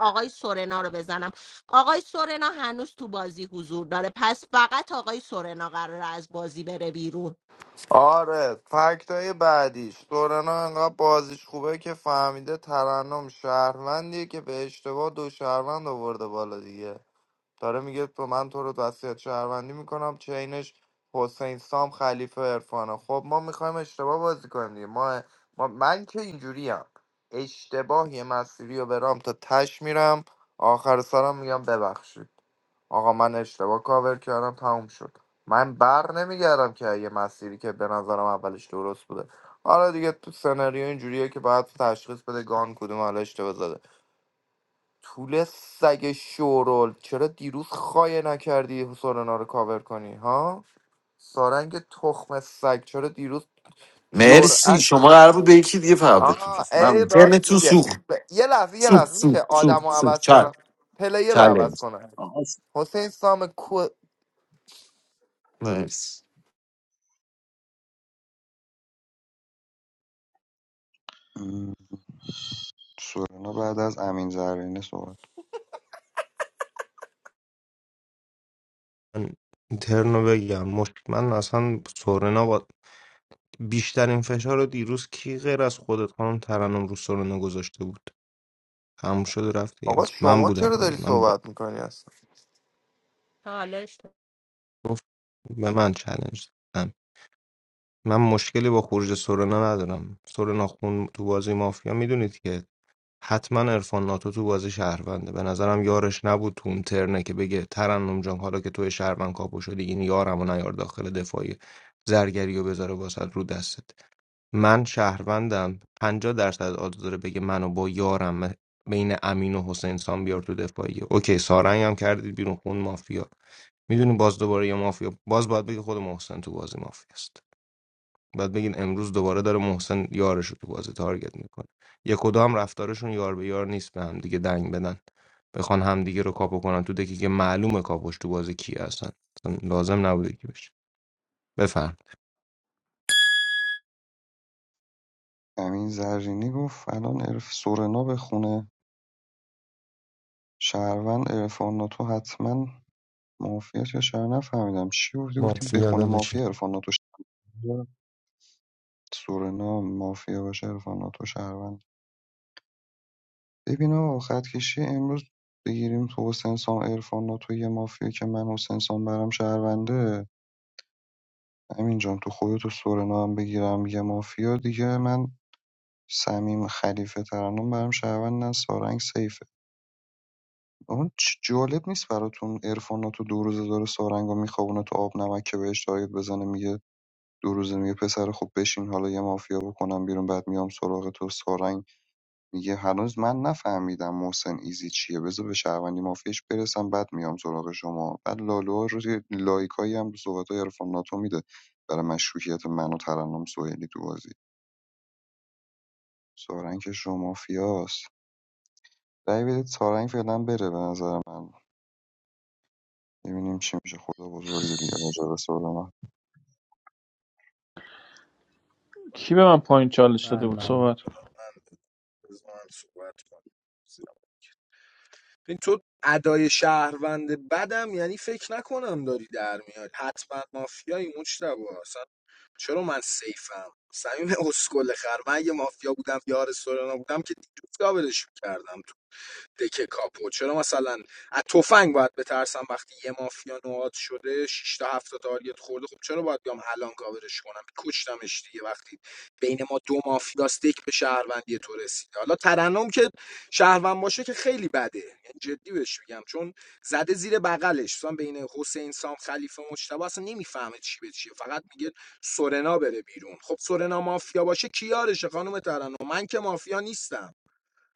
Speaker 7: آقای سورنا رو بزنم آقای سورنا هنوز تو بازی حضور داره پس فقط آقای سورنا قراره از بازی بره بیرون
Speaker 9: آره فکتای بعدیش دورنا انقدر بازیش خوبه که فهمیده ترنم شهروندیه که به اشتباه دو شهروند آورده بالا دیگه داره میگه تو من تو رو وصیت شهروندی میکنم چینش حسین سام خلیفه عرفانه خب ما میخوایم اشتباه بازی کنیم دیگه ما, ما من که اینجوریم اشتباه یه مسیری رو برام تا تش میرم آخر سرم میگم ببخشید آقا من اشتباه کاور کردم تموم شد من بر نمیگردم که یه مسیری که به نظرم اولش درست بوده حالا دیگه تو سناریو اینجوریه که باید تشخیص بده گان کدوم حالا اشتباه زده طول سگ شورول چرا دیروز خایه نکردی سورنا رو کاور کنی ها سارنگ تخم سگ چرا دیروز
Speaker 5: مرسی
Speaker 9: جرأت
Speaker 5: شما قرار بود به یکی دیگه فقط بتون
Speaker 9: آه
Speaker 5: بس.
Speaker 9: ای
Speaker 5: من
Speaker 9: راست
Speaker 5: ترنتون
Speaker 9: میگه
Speaker 5: سوخ
Speaker 9: ب- یه لحظه یه
Speaker 5: سوخ
Speaker 9: لحظه
Speaker 5: سوخ
Speaker 9: میشه
Speaker 5: سوخ
Speaker 9: آدم رو
Speaker 5: سوخ
Speaker 9: عوض
Speaker 5: چل
Speaker 9: کنم پلیه رو عوض
Speaker 5: چلنج
Speaker 9: کنم
Speaker 1: آقا
Speaker 9: حسین سام
Speaker 5: مرسی
Speaker 8: سورنا بعد از امین زرینی صحبت
Speaker 15: من این بگم مشت من اصلا سورنا با بیشترین فشار رو دیروز کی غیر از خودت خانم ترنم رو سورنا گذاشته بود تموم شد رفت دیگه
Speaker 9: آقا
Speaker 15: بس من
Speaker 9: شما
Speaker 15: بودم
Speaker 9: چرا
Speaker 15: دیگه
Speaker 9: داری
Speaker 15: من با
Speaker 9: صحبت میکنی اصلا
Speaker 7: حالش
Speaker 15: گفت به من چالش دادم من مشکلی با خروج سورنا ندارم سورنا خون تو بازی مافیا میدونید که حتما عرفان ناتو تو بازی شهرونده به نظرم یارش نبود تو اون ترنه که بگه ترنم جان حالا که توی شهروند کاپو شدی این یارم و نیار داخل دفاعی زرگری و بذاره واسد رو دستت من شهروندم پنجاه درصد آدز داره بگه منو با یارم بین امین و حسین سان بیار تو دفاعیه اوکی سارنگ هم کردید بیرون خون مافیا میدونی باز دوباره یه مافیا باز باید بگه خود محسن تو بازی مافیاست بعد بگین امروز دوباره داره محسن یارش رو تو بازی تارگت میکنه یک کدام رفتارشون یار به یار نیست به هم دیگه دنگ بدن بخوان همدیگه رو کاپو کنن تو دکی که معلومه کاپوش تو بازی کی هستن اصلا لازم نبوده که بشه بفهم
Speaker 8: امین زرینی گفت الان عرف سورنا به خونه شهروند عرفان تو حتما مافیا یا شهر نفهمیدم چی گفتی گفتی به
Speaker 15: مافیا
Speaker 8: خونه
Speaker 15: داداشی
Speaker 8: مافیا عرفان ناتو سورنا مافیا باشه عرفان ناتو شهروند ببین آقا خط کشی امروز بگیریم تو حسین سام عرفان ناتو یه مافیا که من حسین سام برم شهرونده همین جان تو خودت و سورنا هم بگیرم یه مافیا دیگه من سمیم خلیفه ترانم برم شهروند نه سارنگ سیفه اون چ- جالب نیست براتون عرفان ناتو دو روزه داره سارنگو رو میخوابونه تو آب نمک که بهش تارگت بزنه میگه دو روزه میگه پسر خوب بشین حالا یه مافیا بکنم بیرون بعد میام سراغ تو سارنگ میگه هنوز من نفهمیدم محسن ایزی چیه بذار به شهروندی مافیش برسم بعد میام سراغ شما بعد لالو رو لایکایی هم صحبت های عرفان ناتو میده برای مشروعیت من و ترنم سوئیلی تو بازی سارنگ که شما مافیاست رأی بدید سارنگ فعلا بره به نظر من ببینیم چی میشه خدا بزرگی دیگه راجع به سارنگ
Speaker 10: کی به من پایین چالش داده
Speaker 14: من
Speaker 10: بود
Speaker 14: من
Speaker 10: صحبت کن.
Speaker 12: من بزنم صحبت کنم این تو ادای شهروند بدم یعنی فکر نکنم داری در میاد حتما مافیایی مجتبا اصلا چرا من سیفم صمیم اسکل خر من اگه مافیا بودم یار سورنا بودم که دیروز کابلش میکردم دکه کاپو چرا مثلا از تفنگ باید بترسم وقتی یه مافیا نواد شده شش تا هفت تا تارگت خورده خب چرا باید بیام الان کاورش کنم کشتمش دیگه وقتی بین ما دو مافیاست دک به شهروندی تو رسیده حالا ترنم که شهروند باشه که خیلی بده یعنی جدی بهش میگم چون زده زیر بغلش مثلا بین حسین سام خلیفه مجتبی اصلا نمیفهمه چی به چیه فقط میگه سورنا بره بیرون خب سورنا مافیا باشه کیارشه خانم ترنم من که مافیا نیستم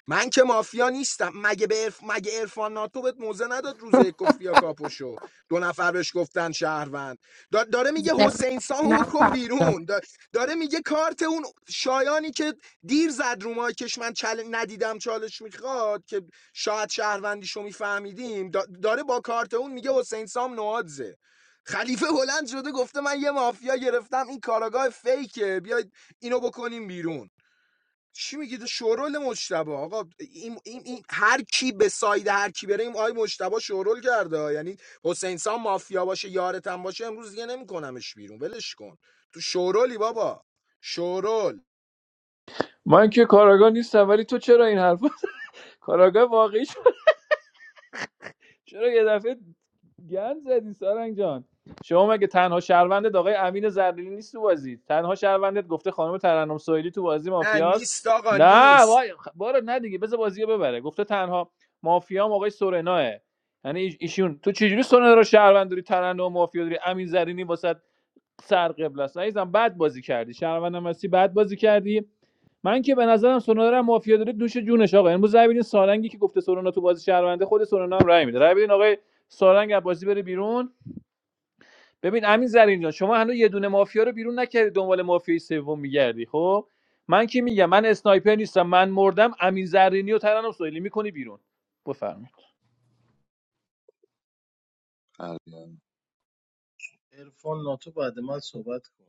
Speaker 12: من که مافیا نیستم مگه به عرف... مگه عرفان ناتو بهت موزه نداد روز کفیا کاپوشو دو نفر بهش گفتن شهروند دا... داره میگه حسین سامو
Speaker 7: نه
Speaker 12: بکن بیرون دا... داره میگه کارت اون شایانی که دیر زد رو مایکش من چل... ندیدم چالش میخواد که شاید شهروندیشو میفهمیدیم دا... داره با کارت اون میگه حسین سام نوادزه خلیفه بلند شده گفته من یه مافیا گرفتم این کاراگاه فیکه بیاید اینو بکنیم بیرون چی میگید شورول مجتبی آقا این, این, این هر کی به ساید هر کی بره این آی مجتبی شورول کرده یعنی حسین سان مافیا باشه یارتم باشه امروز دیگه نمیکنمش بیرون ولش کن تو شورولی بابا شورول
Speaker 10: من که کاراگاه نیستم ولی تو چرا این حرف <laughs> کاراگاه واقعی چرا یه دفعه گند زدی سارنگ جان شما مگه تنها شهروندت آقای امین زرینی نیست تو بازی تنها شهروندت گفته خانم ترنم سویلی تو بازی
Speaker 12: نه
Speaker 10: مافیاست
Speaker 12: نیست آقا
Speaker 10: نه
Speaker 12: نیست
Speaker 10: وای خ- بارو نه دیگه بذار بازی ببره گفته تنها مافیام آقای سورناه یعنی ایش- ایشون تو چجوری سورنا رو شهروند داری ترنم مافیا داری امین زرینی واسه سر قبل است عزیزم بد بازی کردی شهروندم هستی بد بازی کردی من که به نظرم سونارا مافیا داره دوش جونش آقا امروز رای بدین سارنگی که گفته سونا تو بازی شهرونده خود سونا هم رای میده رای بدین آقای سارنگ از بازی بره بیرون ببین امین زرین جان شما هنوز یه دونه مافیا رو بیرون نکردی دنبال مافیای سوم میگردی خب من که میگم من اسنایپر نیستم من مردم امین زرینی و ترنم سهیلی میکنی بیرون بفرمایید
Speaker 4: عرفان ناتو بعد من صحبت کن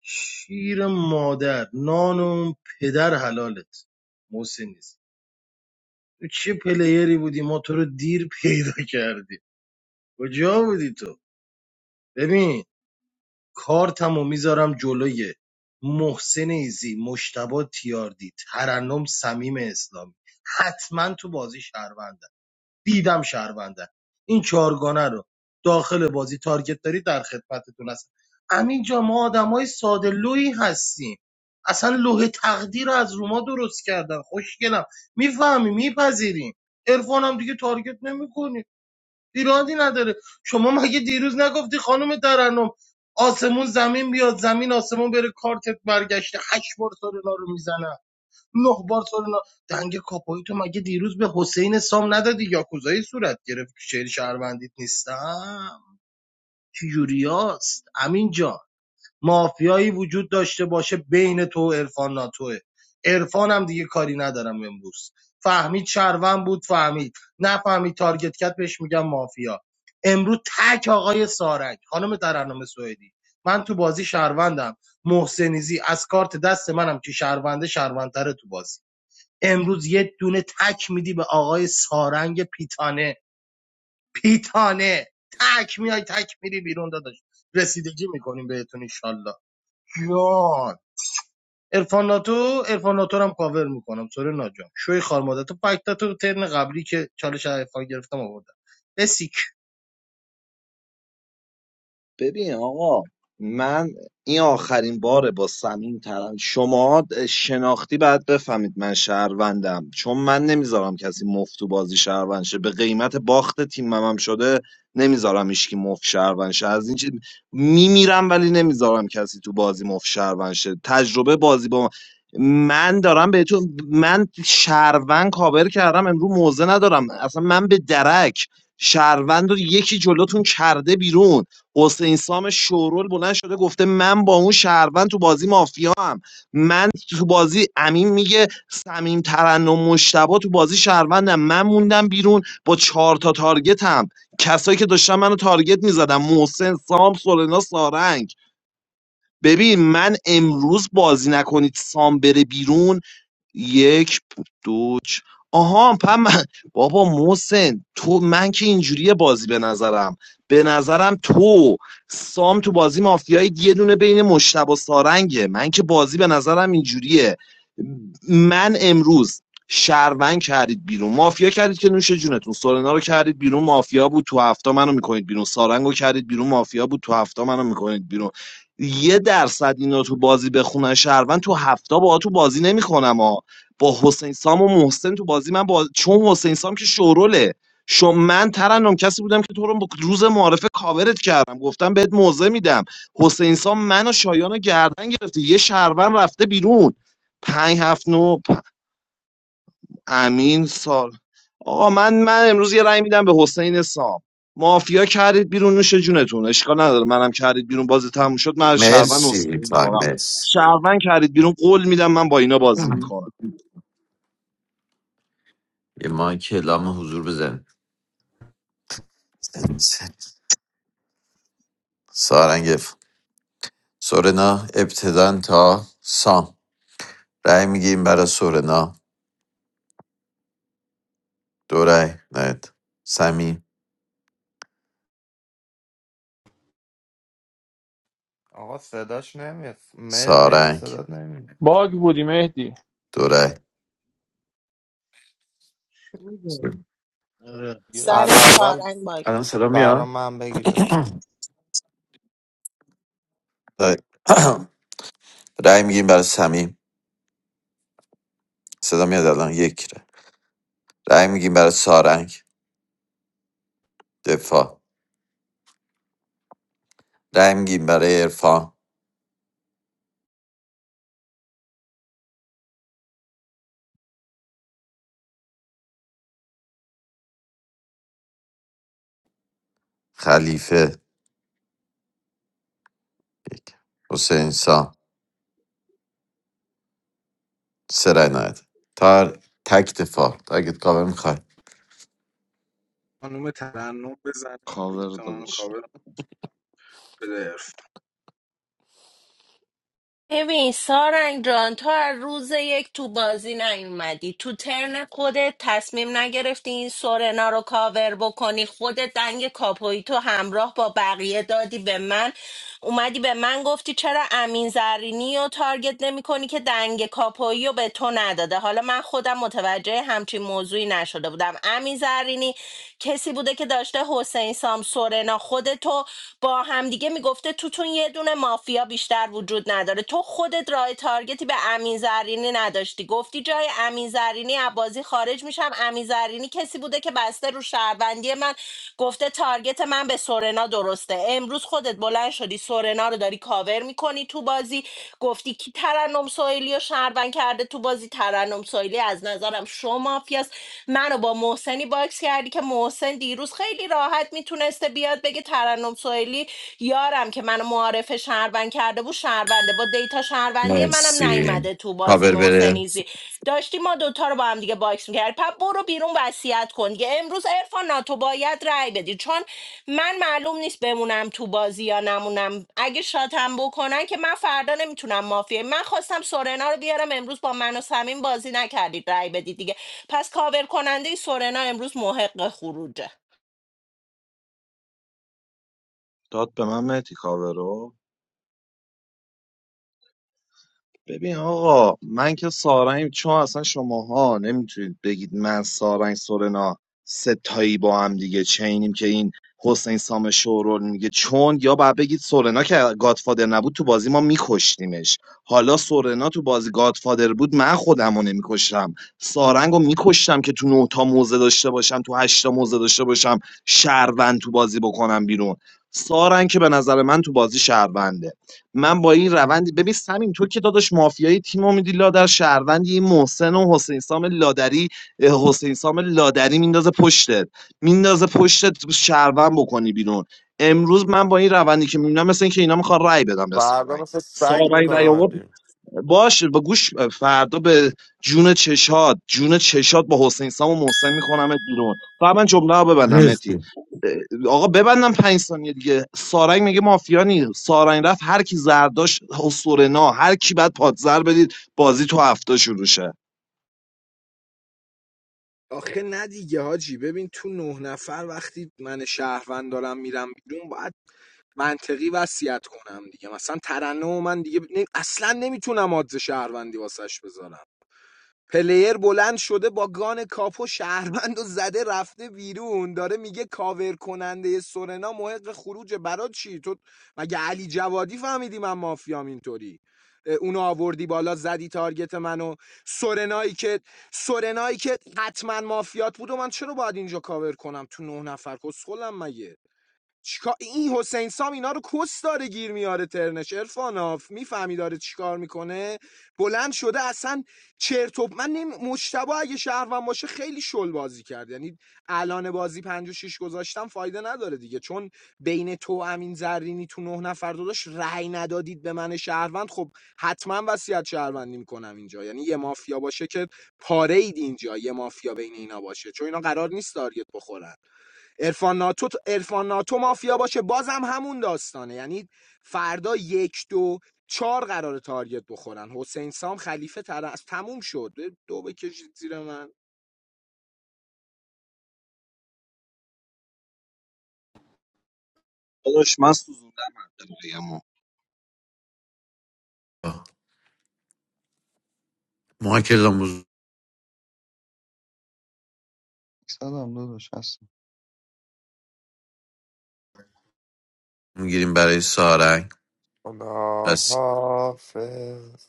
Speaker 4: شیر مادر نان اون پدر حلالت محسن نیست تو چه پلیری بودی ما تو رو دیر پیدا کردیم کجا بودی تو ببین کارتمو میذارم جلوی محسن ایزی مشتبه تیاردی ترنم سمیم اسلامی حتما تو بازی شهروند دیدم شهروندن این چهارگانه رو داخل بازی تارگت داری در خدمتتون هستم امین جا ما آدمای ساده لویی هستیم اصلا لوح تقدیر رو از روما درست کردن خوشگلم میفهمی میپذیریم عرفان هم دیگه تارگت نمیکنی ایرادی نداره شما مگه دیروز نگفتی خانم ترنم آسمون زمین بیاد زمین آسمون بره کارتت برگشته هشت بار سر رو میزنه نه بار سورنا دنگ کاپایی تو مگه دیروز به حسین سام ندادی یاکوزایی صورت گرفت که شعر شهروندیت نیستم که یوریاست امین جان مافیایی وجود داشته باشه بین تو و عرفان ناتوه عرفان هم دیگه کاری ندارم امروز فهمید شهروند بود فهمید نفهمید تارگت کرد بهش میگم مافیا امروز تک آقای سارک خانم ترنم سوئدی من تو بازی شهروندم محسنیزی از کارت دست منم که شهرونده شهروندتره تو بازی امروز یه دونه تک میدی به آقای سارنگ پیتانه پیتانه تک میای تک میری بیرون داداش رسیدگی میکنیم بهتون انشالله. جان ارفان ناتو ارفان ناتو رو هم کاور میکنم سوره ناجان شوی خارماده تو فکتا تو ترن قبلی که چالش ارفان گرفتم آوردم بسیک
Speaker 1: ببین آقا من این آخرین باره با سمیم ترن شما شناختی باید بفهمید من شهروندم چون من نمیذارم کسی مفت تو بازی شهروند شه به قیمت باخت تیمم هم شده نمیذارم هیچکی مفت شهروند شه از این چیز میمیرم ولی نمیذارم کسی تو بازی مفت شهروند شه تجربه بازی با من من دارم بهتون من شهروند کاور کردم امروز موزه ندارم اصلا من به درک شهروند رو یکی جلوتون کرده بیرون حسین سام شورول بلند شده گفته من با اون شهروند تو بازی مافیا هم من تو بازی امین میگه سمیم ترن و تو بازی شهروندم من موندم بیرون با چهار تا تارگتم کسایی که داشتن منو تارگت میزدم محسن سام سولنا سارنگ ببین من امروز بازی نکنید سام بره بیرون یک دو چ- آها پم بابا محسن تو من که اینجوریه بازی به نظرم به نظرم تو سام تو بازی مافیایی یه دونه بین مشتب و سارنگه من که بازی به نظرم اینجوریه من امروز شهروند کردید بیرون مافیا کردید که نوش جونتون سورنا رو کردید بیرون مافیا بود تو هفته منو میکنید بیرون سارنگو کردید بیرون مافیا بود تو هفته منو میکنید بیرون یه درصد اینا تو بازی بخونن شهروند تو هفته با تو بازی نمیکنم با حسین سام و محسن تو بازی من با چون حسین سام که شوروله شو من ترنم کسی بودم که تو رو با- روز معارفه کاورت کردم گفتم بهت موضع میدم حسین سام من و شایان رو گردن گرفته یه شهروند رفته بیرون پنج هفت نو پ- امین سال آقا من من امروز یه رأی میدم به حسین سام مافیا کردید بیرون نوش جونتون اشکال نداره منم کردید بیرون بازی تموم شد من از شهروند
Speaker 5: مرسی
Speaker 1: عذرخواهی
Speaker 5: تایم
Speaker 1: میکنم
Speaker 5: مرسی
Speaker 1: شهروند کردید بیرون قول میدم من با اینا بازی میکنم
Speaker 5: یه مایک اعلام حضور بزن سارنگف سورنا ابتدا تا سام رای میگیم برای سورنا دو رأی نهایت سمی
Speaker 9: آقا صداش نمیاد م- مهدی
Speaker 5: سارنگ
Speaker 9: صدات نمیاد
Speaker 10: باگ بودی مهدی
Speaker 5: دو رأی
Speaker 4: آره.
Speaker 10: گیراره
Speaker 9: از
Speaker 7: سر
Speaker 9: اول
Speaker 7: سارنگ
Speaker 5: الان صدا
Speaker 9: برا
Speaker 5: میاد
Speaker 9: من بگیریم
Speaker 5: رأی <coughs> رأی میگیم برای سمی صدا میاد الان یک رأی رأی میگیم برای سارنگ دفاع رای میگیم برای عرفان خلیفه یک حسین سام سه رأی نهایت تار تک دفاع تارگت کاور میخوای
Speaker 12: خانم ترنم بزن
Speaker 1: کاور
Speaker 12: تاریخ منو
Speaker 1: دادش
Speaker 12: کاور بده
Speaker 7: ببین سارنگ جان تو از روز یک تو بازی نیومدی تو ترن خودت تصمیم نگرفتی این سورنا رو کاور بکنی خودت دنگ کاپوی تو همراه با بقیه دادی به من اومدی به من گفتی چرا امین زرینی رو تارگت نمی کنی که دنگ کاپویی رو به تو نداده حالا من خودم متوجه همچین موضوعی نشده بودم امین زرینی کسی بوده که داشته حسین سام سورنا خودتو با همدیگه میگفته تو بینتون یه دونه مافیا بیشتر وجود نداره تو خودت راه تارگتی به امین زرینی نداشتی گفتی جای امین زرینی از بازی خارج میشم امین زرینی کسی بوده که بسته رو شهروندی من گفته تارگت من به سورنا درسته امروز خودت بلند شدی سورنا رو داری کاور میکنی تو بازی گفتی کی ترنم سوئیلی رو شهروند کرده تو بازی ترنم سوئیلی از نظرم شو مافیاست منو با محسنی باکس کردی که محسن دیروز خیلی راحت میتونسته بیاد بگه ترنم سوئیلی یارم که منو معارف شهروند کرده بود شهرونده با دیتا شهروندی منم
Speaker 5: مرسی
Speaker 7: نیومده تو بازی
Speaker 5: کاور بره
Speaker 7: محسنیزی داشتی ما دوتا رو با هم دیگه باکس میکردی پس برو بیرون وصیت کن دیگه امروز عرفان ناتو باید رأی بدی چون من معلوم نیست بمونم تو بازی یا نمونم اگه شاتم بکنن که من فردا نمیتونم مافیه من خواستم سورنا رو بیارم امروز با من و سمین بازی نکردید رأی بدید دیگه پس کاور کننده سورنا امروز محق خروجه
Speaker 1: داد به من مهدی کاور رو ببین آقا من که سارنگ چون اصلا شماها نمیتونید بگید من سارنگ سورنا ستایی با هم دیگه چینیم که این حسین سام شورول میگه چون یا باید بگید سورنا که گادفادر نبود تو بازی ما میکشتیمش حالا سورنا تو بازی گادفادر بود من خودمو نمیکشتم سارنگو میکشتم که تو نه تا موزه داشته باشم تو هشت تا موزه داشته باشم شهروند تو بازی بکنم بیرون سارنگ که به نظر من تو بازی شهرونده من با این روند ببین همین تو که داداش مافیایی تیم امیدی لادر شهروند این محسن و حسین سام لادری حسین سام لادری میندازه پشتت میندازه پشتت شهروند بکنی بیرون امروز من با این روندی که میبینم مثل اینکه اینا میخوان رای بدم به
Speaker 9: فردا
Speaker 1: سارنگ
Speaker 9: مثل سگ
Speaker 1: سارنگ رای
Speaker 9: میکنم بیرون.
Speaker 1: باشه با گوش فردا به جون چشاد جون چشاد با حسین سام و محسن میکنم بیرون فقط من جمله رو ببندم نتی
Speaker 5: مرسی
Speaker 1: اه، آقا ببندم پنج ثانیه دیگه سارنگ میگه مافیانی سارنگ رفت هر کی زرداش حسورنا هر کی بعد پادزر بدید بازی تو هفته شروع شه
Speaker 12: آخه نه دیگه حاجی ببین تو نه نفر وقتی من شهروند دارم میرم بیرون باید منطقی وصیت کنم دیگه مثلا ترنم و من دیگه نه- اصلا نمیتونم آدز شهروندی واسش بذارم پلیر بلند شده با گان کاپو شهروند و زده رفته بیرون داره میگه کاور کننده سورنا محق خروج برا چی تو مگه علی جوادی فهمیدی من مافیام اینطوری اونو آوردی بالا زدی تارگت منو سورنایی که سورنایی که حتما مافیات بود و من چرا باید اینجا کاور کنم تو نه نفر کسخلم مگه چیکار این حسین سام اینا رو کس داره گیر میاره ترنش ارفاناف میفهمی داره چیکار میکنه بلند شده اصلا چرت و من نمی... مجتبی اگه شهروند باشه خیلی شل بازی کرد یعنی الان بازی 5 و 6 گذاشتم فایده نداره دیگه چون بین تو امین زرینی تو نه نفر داداش رأی ندادید به من شهروند خب حتما وصیت شهروندی میکنم اینجا یعنی یه مافیا باشه که پاره اید اینجا یه مافیا بین اینا باشه چون اینا قرار نیست تارگت بخورن ارفان ناتو ارفان ناتو مافیا باشه بازم همون داستانه یعنی فردا یک دو چهار قرار تارگت بخورن حسین سام خلیفه ترس تموم شد دو بکشید زیر من
Speaker 1: داداش من سوزوندم منطقه‌ایمو.
Speaker 5: ما که
Speaker 8: صدام داداش هستم
Speaker 5: میگیریم برای سارنگ
Speaker 9: خدا
Speaker 5: پس
Speaker 9: حافظ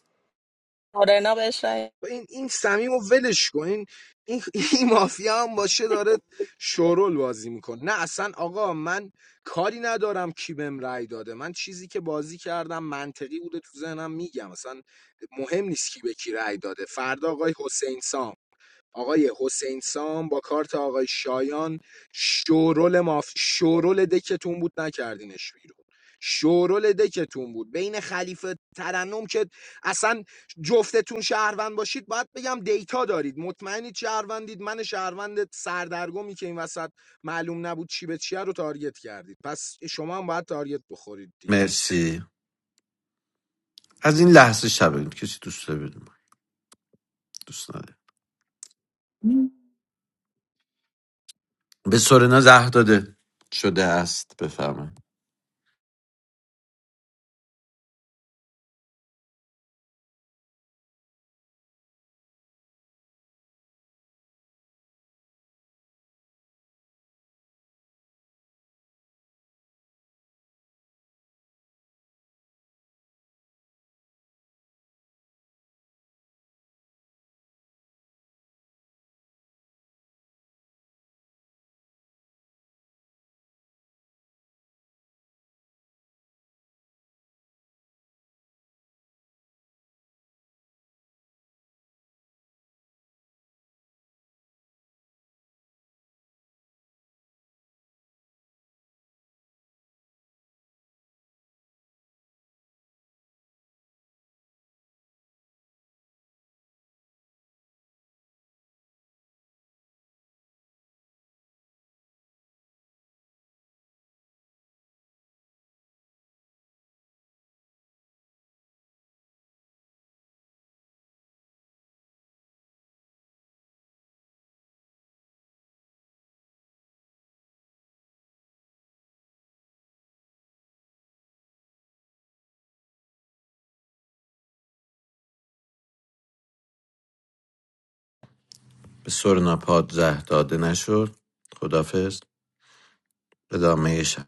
Speaker 7: سورنا بهش رأی
Speaker 12: این این سمیم و ولش کن این این, <laughs> این مافیا هم باشه داره شورول بازی میکنه نه اصلا آقا من کاری ندارم کی بهم رأی داده من چیزی که بازی کردم منطقی بوده تو ذهنم میگم اصلا مهم نیست کی به کی رأی داده فردا آقای حسین سام آقای حسین سام با کارت آقای شایان شورول ماف شورول دکتون بود نکردینش بیرون شورول دکتون بود بین خلیفه ترنم که اصلا جفتتون شهروند باشید باید بگم دیتا دارید مطمئنید شهروندید من شهروند سردرگمی که این وسط معلوم نبود چی به چیه رو تارگت کردید پس شما هم باید تارگت بخورید دیگه
Speaker 5: مرسی از این لحظه شب این کسی دوست داره بدون من. دوست نداره به سورنا زهر داده شده است بفرمایید به سورنا پاد زهر داده نشد خدافظ ادامه شب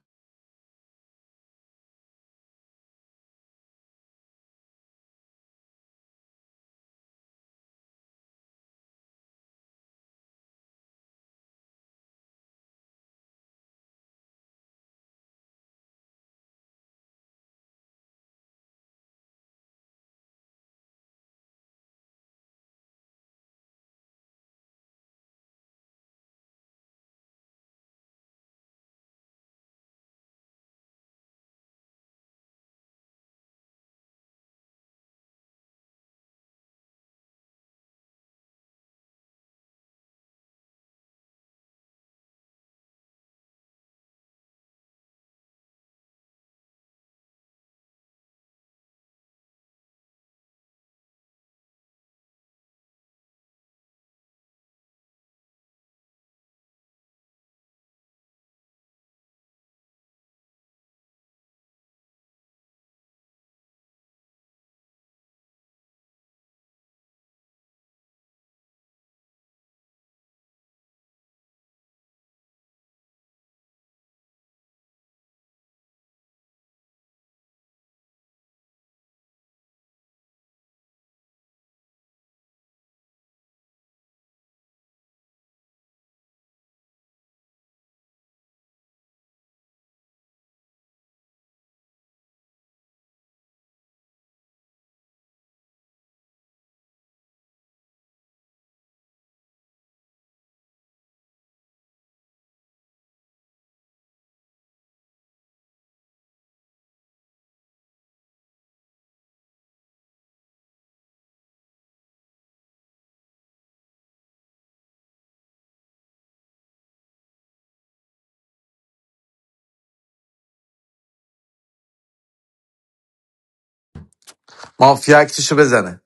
Speaker 5: مافیا اکتشو بزنه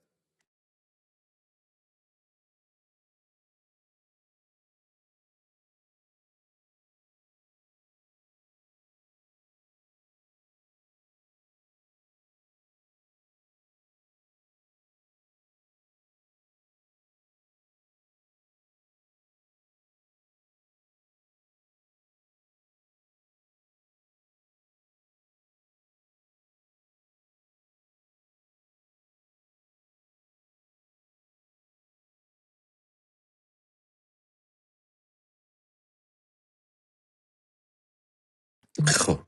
Speaker 5: خب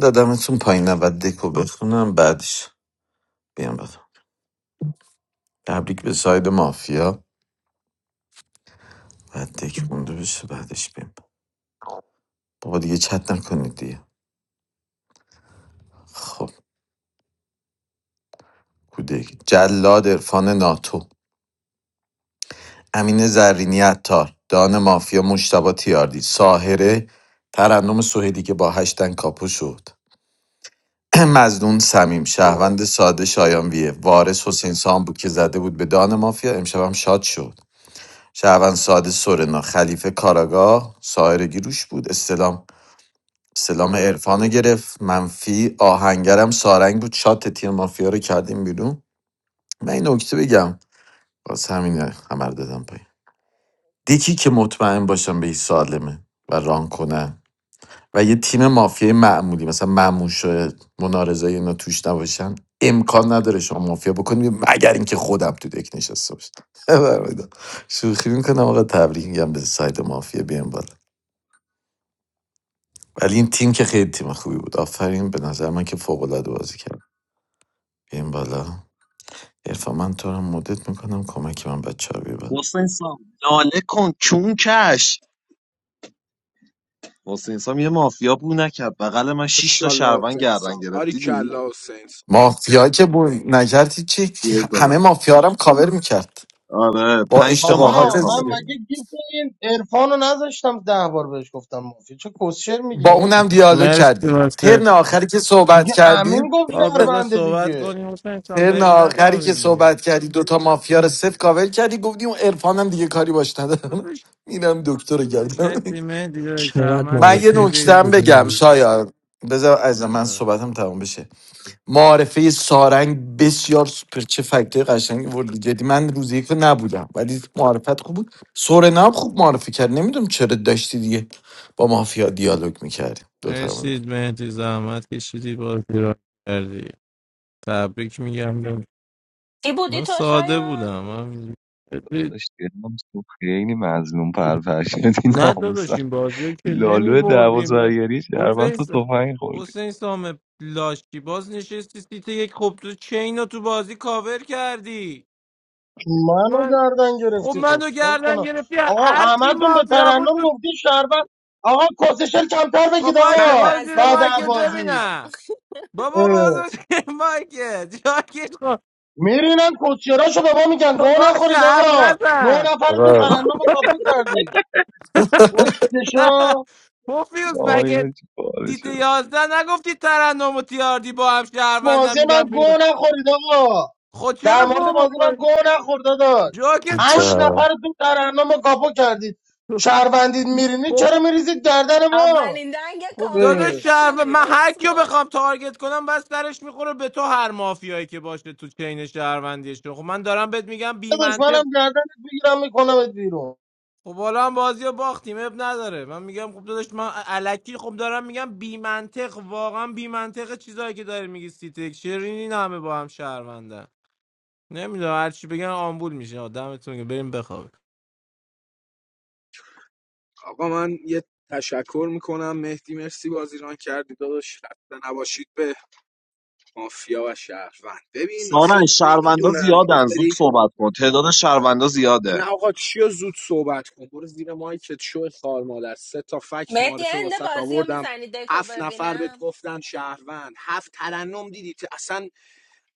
Speaker 5: دادمتون پایین نبود دکو بخونم بعدش بیام بدم تبریک به ساید مافیا بعد دک مونده بشه بعدش بیم بابا دیگه چت نکنید دیگه خب کودک جلاد عرفان ناتو امین زرینی عطار دان مافیا مشتبه تیاردی ساهره ترنم سوهدی که با هشتن کاپو شد <clears throat> مزدون سمیم شهروند ساده شایان ویه وارث حسین سام بود که زده بود به دان مافیا امشبم شاد شد شهروند ساده سورنا خلیفه کاراگاه ساهره گیروش بود استلام سلام عرفان رو گرفت منفی آهنگرم سارنگ بود شاد تیم مافیا رو کردیم بیرون من این نکته بگم باز همینه همه رو دادم پایین دکی که مطمئن باشن به این سالمه و ران کنن و یه تیم مافیای معمولی مثلا مموش و منارزه اینا توش نباشن امکان نداره شما مافیا بکنید مگر اینکه خودم تو دک نشسته باشم برمی‌دار. شوخی میکنم آقا تبریک میگم به سایت مافیا بیام بالا ولی این تیم که خیلی تیم خوبی بود آفرین به نظر من که فوق العاده بازی کرد بیام بالا عرفان من تو رو مدت میکنم کمک من بچه ها بیا
Speaker 1: حسین سام ناله کن چون کش حسین سام یه مافیا بو نکرد بغل من شش تا
Speaker 12: ماشاءالله
Speaker 1: شهروند
Speaker 12: حسین
Speaker 1: گردن
Speaker 12: سام
Speaker 1: گرفت
Speaker 12: باری
Speaker 1: دیدی
Speaker 12: کلا
Speaker 5: مافیا که بود نکردی چی
Speaker 1: بیایید بالا
Speaker 5: همه مافیا رو هم کاور میکرد
Speaker 1: آره
Speaker 5: با
Speaker 1: پنج تا مافیا
Speaker 5: اشتباهات
Speaker 4: آقا
Speaker 1: کامل
Speaker 4: من
Speaker 5: زیاد.
Speaker 4: مگه
Speaker 1: کنه
Speaker 4: گیف این عرفان رو نذاشتم ده بار بهش گفتم مافی چه کسشر میگی
Speaker 5: با اونم
Speaker 4: مهدی
Speaker 5: دیالوگ
Speaker 11: مرسی
Speaker 5: کردی
Speaker 11: واسه
Speaker 5: ترن آخری که صحبت
Speaker 4: میگه
Speaker 5: کردی
Speaker 4: امین گفت
Speaker 11: آه بذار
Speaker 4: شهرونده
Speaker 11: صحبت
Speaker 4: دیگه
Speaker 11: کنیم حسین جان
Speaker 5: ترن
Speaker 11: بریم
Speaker 5: آخری که
Speaker 11: بخوابیم دیگه
Speaker 5: صحبت کردی دوتا مافیا رو صفر کاور کردی گفتی اون عرفانم دیگه کاری باش ندارم <laughs> میرم دکتر رو گردم
Speaker 11: مرسی مهدی داری
Speaker 14: چقدر
Speaker 5: <laughs>
Speaker 11: زحمت
Speaker 5: من یه
Speaker 14: معارفه
Speaker 11: کشیدید
Speaker 14: خوب
Speaker 5: نکتم بگم
Speaker 14: بود
Speaker 11: جان
Speaker 5: شایان بذار از من صحبتم تمام بشه معارفه سارنگ بسیار سوپر چه فکتای قشنگی وردی جدی من روز یک رو نبودم ولی معرفت خوب بود سورنا هم خوب معرفی کرد نمیدونم چرا داشتی دیگه با مافیا دیالوگ میکردی
Speaker 11: مرسی مهدی زحمت کشیدی بازی را کردی تبریک میگم به-
Speaker 7: کی بودی
Speaker 11: من
Speaker 7: تو
Speaker 11: ساده
Speaker 7: شایان؟
Speaker 11: بودم من
Speaker 8: داداش دلم تو خیلی مظلوم پرپر شدی
Speaker 11: نه
Speaker 8: ناموسم
Speaker 11: داداش این بازی رو که نمی
Speaker 8: لالو دعوا
Speaker 11: بردیم
Speaker 8: زرگری شهروند
Speaker 11: حسین
Speaker 8: تو
Speaker 11: س-
Speaker 8: تفنگ خوردی
Speaker 11: حسین سام لاشکی باز نشستی سیت یک خب تو چین رو تو بازی کاور کردی
Speaker 4: منو
Speaker 11: من
Speaker 4: گردن
Speaker 11: خب
Speaker 4: گرفتی خب
Speaker 11: منو
Speaker 4: چیکار
Speaker 11: گردن
Speaker 4: کنم
Speaker 11: گرفتی
Speaker 4: آقا
Speaker 11: هر چی
Speaker 4: همتون به
Speaker 11: مافیا بود
Speaker 4: ترنم
Speaker 11: تو
Speaker 4: گفتی شربت آقا کسشل کمتر
Speaker 11: خب
Speaker 4: بگید
Speaker 7: من
Speaker 11: باشه
Speaker 4: آقا
Speaker 11: بار زیر
Speaker 4: بعد
Speaker 7: مظنون
Speaker 4: از
Speaker 11: مایکت
Speaker 7: بودم
Speaker 4: بازی
Speaker 11: ببینم بابا
Speaker 4: اه.
Speaker 11: بازو چه مایکت جاکش خب
Speaker 4: میرینن کسیراشو به ما میگن
Speaker 11: تو
Speaker 4: گوه
Speaker 11: باشه
Speaker 4: نخورید
Speaker 11: حرف
Speaker 4: آقا نه
Speaker 11: نزن
Speaker 4: نفرتون
Speaker 5: آقا
Speaker 4: ترنم
Speaker 11: بابا
Speaker 4: رو کپو کردی کسشا
Speaker 11: پوفیوز
Speaker 8: آیا
Speaker 11: مگه
Speaker 8: چی پاره
Speaker 11: دیت
Speaker 8: شدی؟
Speaker 11: یازده نگفتی ترنم و تیاردی با هم
Speaker 4: بازی
Speaker 11: شهروندم
Speaker 4: من
Speaker 11: میگم بیرون
Speaker 4: گوه نخورید آقا
Speaker 11: خود
Speaker 4: در
Speaker 11: چرا
Speaker 4: مورد
Speaker 11: گو
Speaker 4: بازی من
Speaker 11: بخوری
Speaker 4: گوه نخور داداش
Speaker 11: جاکش
Speaker 4: هشت
Speaker 11: خود
Speaker 5: پیتزا.
Speaker 4: نفرتون ترنم رو کپو کردید شهروندید میرینید
Speaker 11: خب
Speaker 4: چرا میریزید گردن ما
Speaker 7: اولین دنگ
Speaker 11: خب
Speaker 7: کاپاییم
Speaker 4: اه.
Speaker 11: داداش
Speaker 7: تو
Speaker 11: شهر
Speaker 7: بودی
Speaker 11: من هر کیو
Speaker 7: اسکن
Speaker 11: بخوام تارگت کنم بس سرش میخوره به تو هر مافیایی که باشه تو چین شهروندیش خب من دارم بهت میگم
Speaker 4: داداش
Speaker 11: بی
Speaker 4: منم گردنت بگیرم میکنمت بیرون
Speaker 11: خب حالا هم بازی باختیم اب نداره من میگم خب داداش من الکی خب دارم میگم بی منطق واقعا بی منطق چیزایی که داری میگی سیتک شیرین این همه با هم شهروندن نمیدونم هر چی بگن آمبول میشه آدمتون که بریم بخوابیم
Speaker 12: آقا من یه تشکر میکنم مهدی مرسی بازیران کردی داداش خسته نباشید به مافیا و شهروند ببین آخه
Speaker 1: سارن شهروندا
Speaker 12: نمیدونم یه
Speaker 1: زیادن زود
Speaker 12: سری
Speaker 1: صحبت کن تعداد شهروندا زیاده
Speaker 12: نه آقا چی زود صحبت کن برو زیر مایکت شو خار مادر سه تا فکت
Speaker 7: مهدی
Speaker 12: معارفه
Speaker 7: هند
Speaker 12: واسط
Speaker 7: بازی رو
Speaker 12: آوردم
Speaker 7: میزنی دکو
Speaker 12: هفت نفر بهت
Speaker 7: ببینم
Speaker 12: گفتن شهروند هفت ترنم دیدی اصلا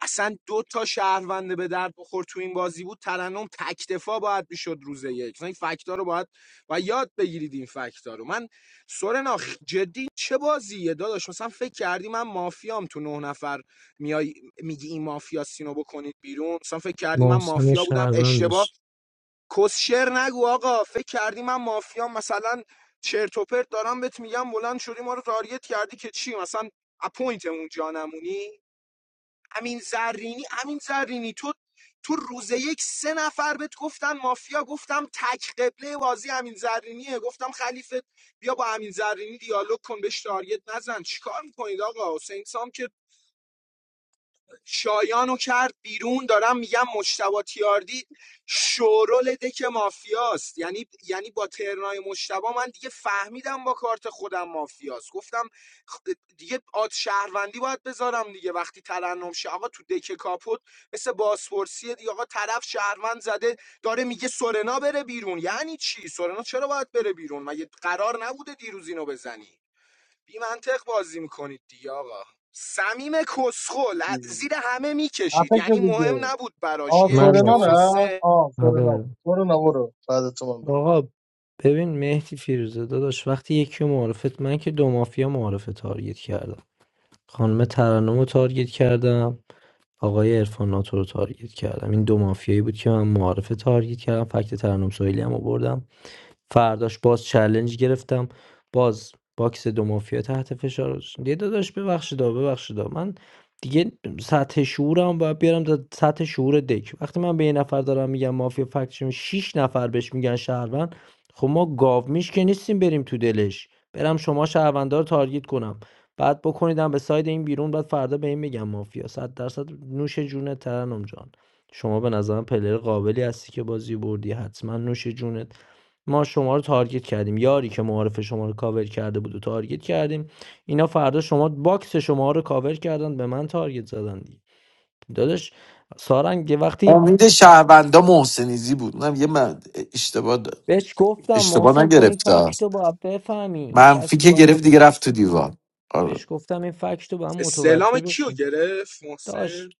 Speaker 12: اصلا دو تا شهرونده به درد بخور تو این بازی بود ترنم تکتفا باید میشد روز یک مثلا این فکتا رو باید و یاد بگیرید این فکتا رو من سورنا خ- جدی چه بازیه داداش مثلا فکر کردی من مافیام تو نه نفر میای میگی این مافیا سینو بکنید بیرون مثلا فکر کردی من
Speaker 14: محسن
Speaker 12: مافیا بودم اشتباه
Speaker 14: شهروندش
Speaker 12: کسشر نگو آقا فکر کردی من مافیام مثلا چرت و پرت دارم بهت میگم بلند شدی ما رو تارگت کردی که چی مثلا اپوینتمون جانمونی امین زرینی امین زرینی تو تو روز یک سه نفر بهت گفتن مافیا گفتم تک قبله بازی امین زرینیه گفتم خلیفه بیا با امین زرینی دیالوگ کن بهش تارگت نزن چیکار میکنید آقا حسین سام که شایانو کرد بیرون دارم میگم مشتبه تیاردی شورول دک مافیاست یعنی یعنی با ترنای مشتبه من دیگه فهمیدم با کارت خودم مافیاست گفتم دیگه آد شهروندی باید بذارم دیگه وقتی ترنم شه آقا تو دک کاپوت مثل بازپرسی دیگه آقا طرف شهروند زده داره میگه سورنا بره بیرون یعنی چی سورنا چرا باید بره بیرون مگه قرار نبوده دیروز اینو بزنی بی منطق بازی میکنید دیگه آقا سمیم کسخل زیر همه
Speaker 4: خفه
Speaker 12: میکشید
Speaker 4: شو
Speaker 12: یعنی مهم
Speaker 4: دیگه
Speaker 12: نبود براش
Speaker 4: آه
Speaker 14: من
Speaker 12: یک
Speaker 4: سورنا
Speaker 12: دو
Speaker 14: رفتم
Speaker 4: رفت
Speaker 12: سه
Speaker 4: آه سورنا
Speaker 14: آره
Speaker 4: بود سورنا برو بعد تو من برو
Speaker 14: آقا ببین مهدی فیروزه داداش وقتی یکی رو معرفت من که دو مافیا معرفه تارگت کردم خانم ترنم رو تارگت کردم آقای عرفان ناتو رو تارگت کردم این دو مافیایی بود که من معرفه تارگت کردم فکت ترنم سویلی هم آوردم فرداش باز چالنج گرفتم باز باکس دو مافیا تحت فشار بود. یه داداش ببخشید آ، ببخشید آ. من دیگه سطح شعورم باید بیارم تا سطح شعور دک وقتی من به یه نفر دارم میگم مافیا فکت شش نفر بهش میگن شهروند خب ما گاو میش که نیستیم بریم تو دلش برم شما شهروندار رو تارگت کنم بعد بکنیدم به ساید این بیرون بعد فردا به این میگم مافیا صد درصد نوش جونت ترنم جان شما به نظرم پلر قابلی هستی که بازی بردی حتما نوش جونت ما شما رو تارگت کردیم یاری که معارف شما رو کاور کرده بود و تارگت کردیم اینا فردا شما باکس شما رو کاور کردن به من تارگت زدن دیگه داداش سارنگ یه وقتی
Speaker 5: امید شهروندا محسنیزی بود نه یه من اشتباه د-
Speaker 14: بهش گفتم
Speaker 5: اشتباه
Speaker 14: محسن تو این
Speaker 5: نگرفته
Speaker 14: فکت رو باید بفهمی این
Speaker 5: منفی
Speaker 14: فکت رو
Speaker 5: که
Speaker 14: باید
Speaker 5: گرفت
Speaker 14: مت...
Speaker 5: دیگه رفت تو دیوار
Speaker 14: بهش
Speaker 5: آره.
Speaker 14: گفتم این فکت رو باید
Speaker 12: استعلام
Speaker 14: متوجه
Speaker 12: کیو
Speaker 14: بشی
Speaker 12: گرفت
Speaker 14: داش
Speaker 12: محسن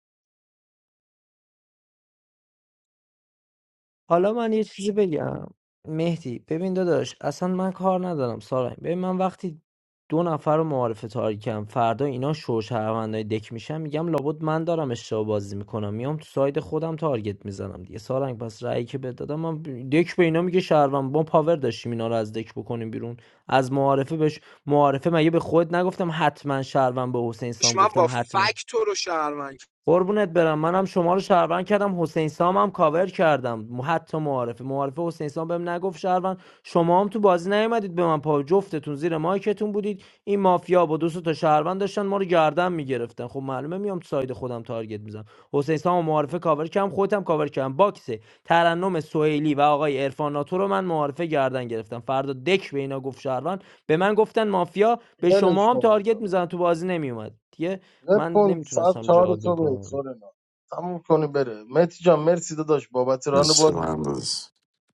Speaker 14: حالا من یه چیزی بگم مهدی ببین داداش اصلا من کار ندارم سارنگ ببین من وقتی دو نفر رو معارفه تاریکم فردا اینا شوشهروندای دک میشن میگم لابد من دارم اشتباه بازی میکنم میام تو ساید خودم تارگت میزنم دیگه سارنگ پس رأیی که بهت دادم من دک به اینا میگه شهروند با پاور داشتیم اینا رو از دک بکنیم بیرون از معارفه بهش معارفه مگه به خود نگفتم حتما شهروند به حسین سام
Speaker 12: من با
Speaker 14: گفتم حتما
Speaker 12: فکت تو رو شهرمند
Speaker 14: قربونت برم منم شما رو شهروند کردم حسین سام هم کاور کردم م- حتی معارفه معارفه حسین سام بهم نگفت شهروند شما هم تو بازی نیومدید به من پا جفتتون زیر مایکتون بودید این مافیا با دو سه تا شهروند داشتن ما رو گردن میگرفتن خب معلومه میام تو ساید خودم تارگت میزنم حسین سام و معارفه کاور کردم خودم کاور کردم باکس ترنم سهیلی و آقای عرفان ناتو رو من معارفه گردن گرفتم فردا دک به اینا گفت شهروند به من گفتن مافیا به
Speaker 4: ولش
Speaker 14: شما هم
Speaker 4: کن دیگه
Speaker 14: تارگت
Speaker 4: آقا.
Speaker 14: میزنن تو بازی نمیومد دیگه.
Speaker 4: ول
Speaker 14: من
Speaker 4: کن ساعت
Speaker 14: نمیتونستم
Speaker 4: چهار
Speaker 14: جادو
Speaker 4: صبح به
Speaker 14: کنم
Speaker 4: سورنا تموم کنی بره مهدی جان مرسی داداش بابت ران
Speaker 5: مثل
Speaker 4: بازی
Speaker 5: من بود.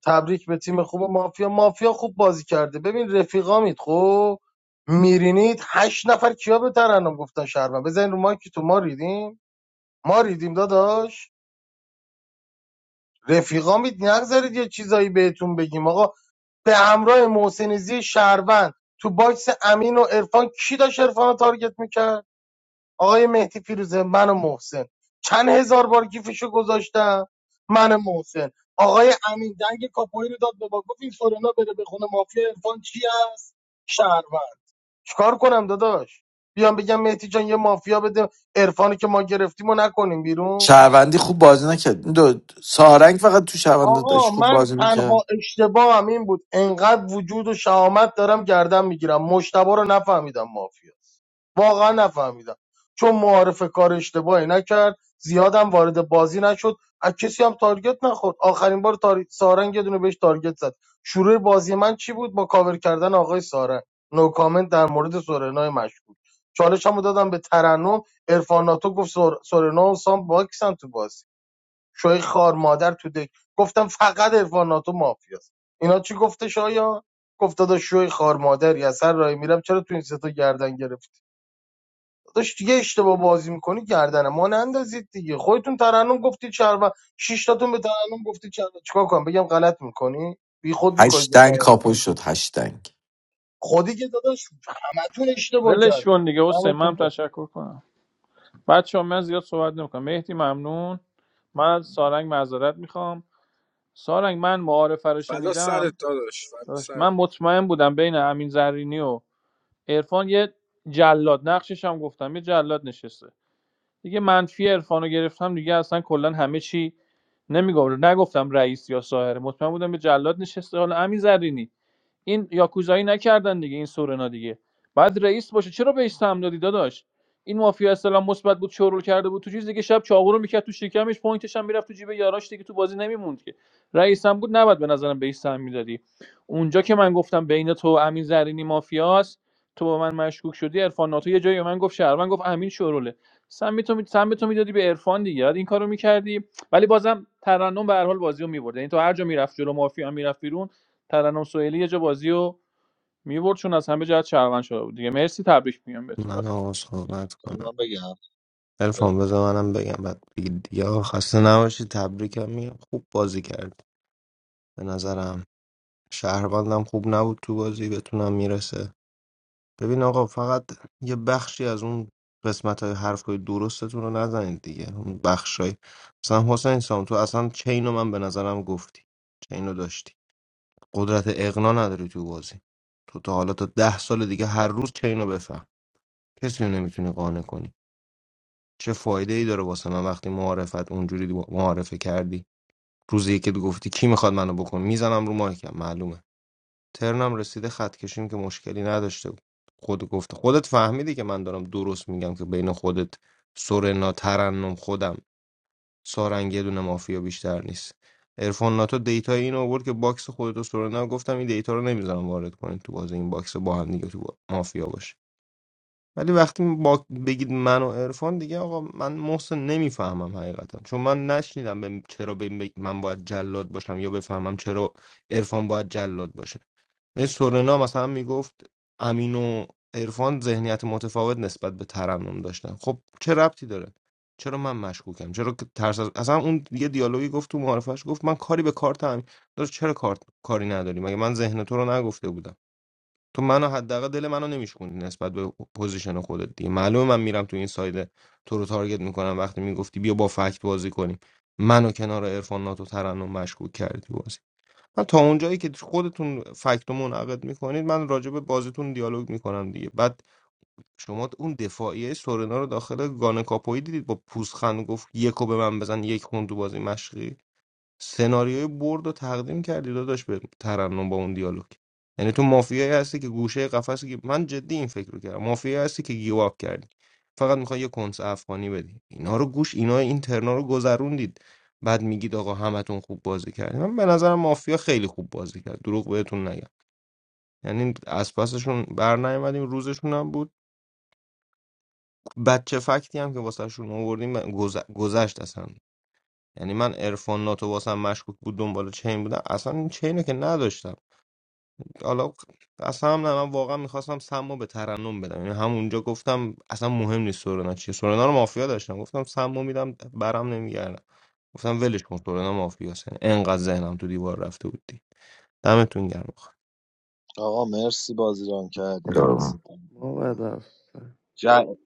Speaker 4: تبریک به تیم خوب مافیا مافیا خوب بازی کرده ببین رفیقامید خب میرینید هشت نفر کیا به ترنم گفتن شهروند بزنین رو مایک تو ما ریدیم ما ریدیم داداش رفیقامید نگذارید یه چیزایی بهتون بگیم آقا به همراه محسن زی شهروند تو باکس امین و عرفان کی داشت عرفان رو تارگت میکرد آقای مهدی فیروزه من و محسن چند هزار بار گیفشو گذاشتم من و محسن آقای امین دنگ کاپوی رو داد به ما گفت این سورنا بره به خونه مافیا عرفان چی هست شهروند چیکار کنم داداش بیام بگم مهدی جان یه مافیا بده عرفانی که ما گرفتیم و نکنیم بیرون
Speaker 5: شهروندی خوب بازی نکرد این دو سارنگ فقط تو شهروندا
Speaker 4: آقا
Speaker 5: داشت خوب
Speaker 4: من
Speaker 5: بازی میکرد
Speaker 4: تنها اشتباهم این بود انقدر وجود و شهامت دارم گردن میگیرم مشتبه رو نفهمیدم مافیاست واقعا نفهمیدم چون معارف کار اشتباهی نکرد زیادم وارد بازی نشد از کسی هم تارگت نخورد آخرین بار تار... سارنگ یه دونه بهش تارگت زد شروع بازی من چی بود با کاور کردن آقای سارنگ نو کامنت در مورد سورنای مشکوک چالش هم دادم به ترنم ارفاناتو گفت سور... سورنا و سام باکسن تو بازی شوی خار مادر تو دک گفتم فقط عرفان ناتو مافیاست اینا چی گفته شایا گفت داداش شوی خار مادری از هر راهی میرم چرا تو این سه تا گردن گرفتی داداش دیگه اشتباه بازی میکنی گردن ما نندازید دیگه خودتون ترنم گفتی چربا شش تاتون به ترنم گفتی چربا چیکار کنم بگم غلط میکنی بی خود میکنید به
Speaker 5: هشتنگ
Speaker 4: ترنم
Speaker 5: کاپو شد هشتنگ
Speaker 4: خودی که داداش حتون اشتباه
Speaker 10: ولش
Speaker 4: کردی
Speaker 10: کن دیگه حسین من
Speaker 4: دمتون
Speaker 10: هم
Speaker 4: گرم
Speaker 10: تشکر کنم بچه ها من زیاد صحبت نمیکنم مهدی ممنون من از سارنگ معذرت میخوام سارنگ من معارفه رو
Speaker 12: فدا سرت
Speaker 10: شنیدم
Speaker 12: داداش فدا
Speaker 10: داداش، من
Speaker 12: سرت
Speaker 10: مطمئن بودم بین امین زرینی و عرفان یه جلاد نقشش هم گفتم یه جلاد نشسته دیگه منفی عرفان رو گرفتم دیگه اصلا کلا همه چی نمیگم نگفتم رئیس یا ساهره مطمئن بودم یه جلاد نشسته حالا امین زرینی این یاکوزایی نکردن دیگه این سورنا دیگه بعد رئیس باشه چرا بهش سهم دادی داداش این مافیا اسلام مثبت بود شورول کرده بود تو چیز دیگه شب چاغور رو میکرد تو شکمش پوینتش هم میرفت تو جیب یاراش دیگه تو بازی نمیموند که رئیسم بود نباید به نظرم بهش سهم میدادی اونجا که من گفتم بین تو و امین زرینی مافیاست تو با من مشکوک شدی عرفان ناتو یه جایی به من گفت شهر من گفت امین شوروله سم تو می... سهم تو میدادی به عرفان دیگه بعد این کارو میکردی ولی بازم ترنم به هر حال بازی رو میبرد یعنی تو هر جا میرفت جلو مافیا میرفت بیرون ترنم سوئیلی یه جا بازی رو میبرد چون از همه جهت شهروند شده بود دیگه مرسی تبریک میگم بهتون
Speaker 15: من
Speaker 10: بفر
Speaker 15: آقا صحبت
Speaker 1: آقا
Speaker 15: کنم
Speaker 1: من بگم بگو.
Speaker 15: الفان بذار منم بگم بعد بگید دیگه آقا خسته نباشی تبریکم میگم خوب بازی کرد به نظرم شهروندم خوب نبود تو بازی بتونم میرسه ببین آقا فقط یه بخشی از اون قسمت های حرف های درستتون رو نزنید دیگه اون بخش های مثلا حسین سام تو اصلا چین رو من به نظرم گفتی چین رو داشتی قدرت اقنا نداری تو بازی تو تا حالا تا ده سال دیگه هر روز چین رو بفهم کسی رو نمیتونی قانع کنی چه فایده ای داره واسه من وقتی معارفت اونجوری معارفه کردی روزی که تو گفتی کی میخواد منو بکن میزنم رو مایکم معلومه ترنم رسیده خط کشیم که مشکلی نداشته بود خود گفته خودت فهمیدی که من دارم درست میگم که بین خودت سورنا ترنم خودم سارنگ یه دونه مافیا بیشتر نیست ارفان ناتو دیتا این آورد که باکس خودت و سورنا گفتم این دیتا رو نمیذارم وارد کنید تو بازی این باکس با هم دیگه تو با- مافیا باشه ولی وقتی با... بگید من و عرفان دیگه آقا من محسن نمیفهمم حقیقتا چون من نشنیدم به... چرا به... من باید جلاد باشم یا بفهمم چرا عرفان باید جلاد باشه یه سورنا مثلا میگفت امین و عرفان ذهنیت متفاوت نسبت به ترنم داشتن خب چه ربطی داره چرا من مشکوکم چرا که ترس از... اصلا اون یه دیالوگی گفت تو معارفش گفت من کاری به کارت امین داره چرا کارت کاری نداری مگه من ذهن تو رو نگفته بودم تو منو حداقل دل منو نمیشکوندی نسبت به پوزیشن خودت دیگه معلومه من میرم تو این ساید تو رو تارگت میکنم وقتی میگفتی بیا با فکت بازی کنیم منو کنار عرفان ناتو ترنم مشکوک کردی من تا اونجایی که خودتون فکت رو منعقد میکنید من راجع به بازیتون دیالوگ میکنم دیگه بعد شما اون دفاعیه سورنا رو داخل گانه کاپوی دیدید با پوزخند گفت یکو به من بزن یک خون تو بازی مشقی سناریوی برد رو تقدیم کردی داداش به ترنم با اون دیالوگ یعنی تو مافیایی هستی که گوشه قفس گی- من جدی این فکر رو کردم مافیایی هستی که گیواب کردی فقط میخوای یه کنس افغانی بدی اینا رو گوش اینا این ترنا رو گذروندید بعد میگید آقا همتون خوب بازی کردید من به نظرم مافیا خیلی خوب بازی کرد دروغ بهتون نگم یعنی از پسشون بر نیومدیم روزشون هم بود بچه فکتی هم که واسهشون آوردیم گذ- گذشت اصلا یعنی من عرفان ناتو واسم مشکوک بود دنبال چین بودم اصلا این چین که نداشتم حالا اصلا هم نه من واقعا میخواستم سمو به ترنم بدم یعنی همونجا گفتم اصلا مهم نیست سورنا چیه سورنا رو مافیا داشتم گفتم سمو میدم برم نمیگردم گفتم ولش کن سورنا مافیاست یعنی انقدر ذهنم تو دیوار رفته بود دید. دمتون گرم
Speaker 1: آقا مرسی بازی ران کردی دست
Speaker 9: مبادر
Speaker 1: ج-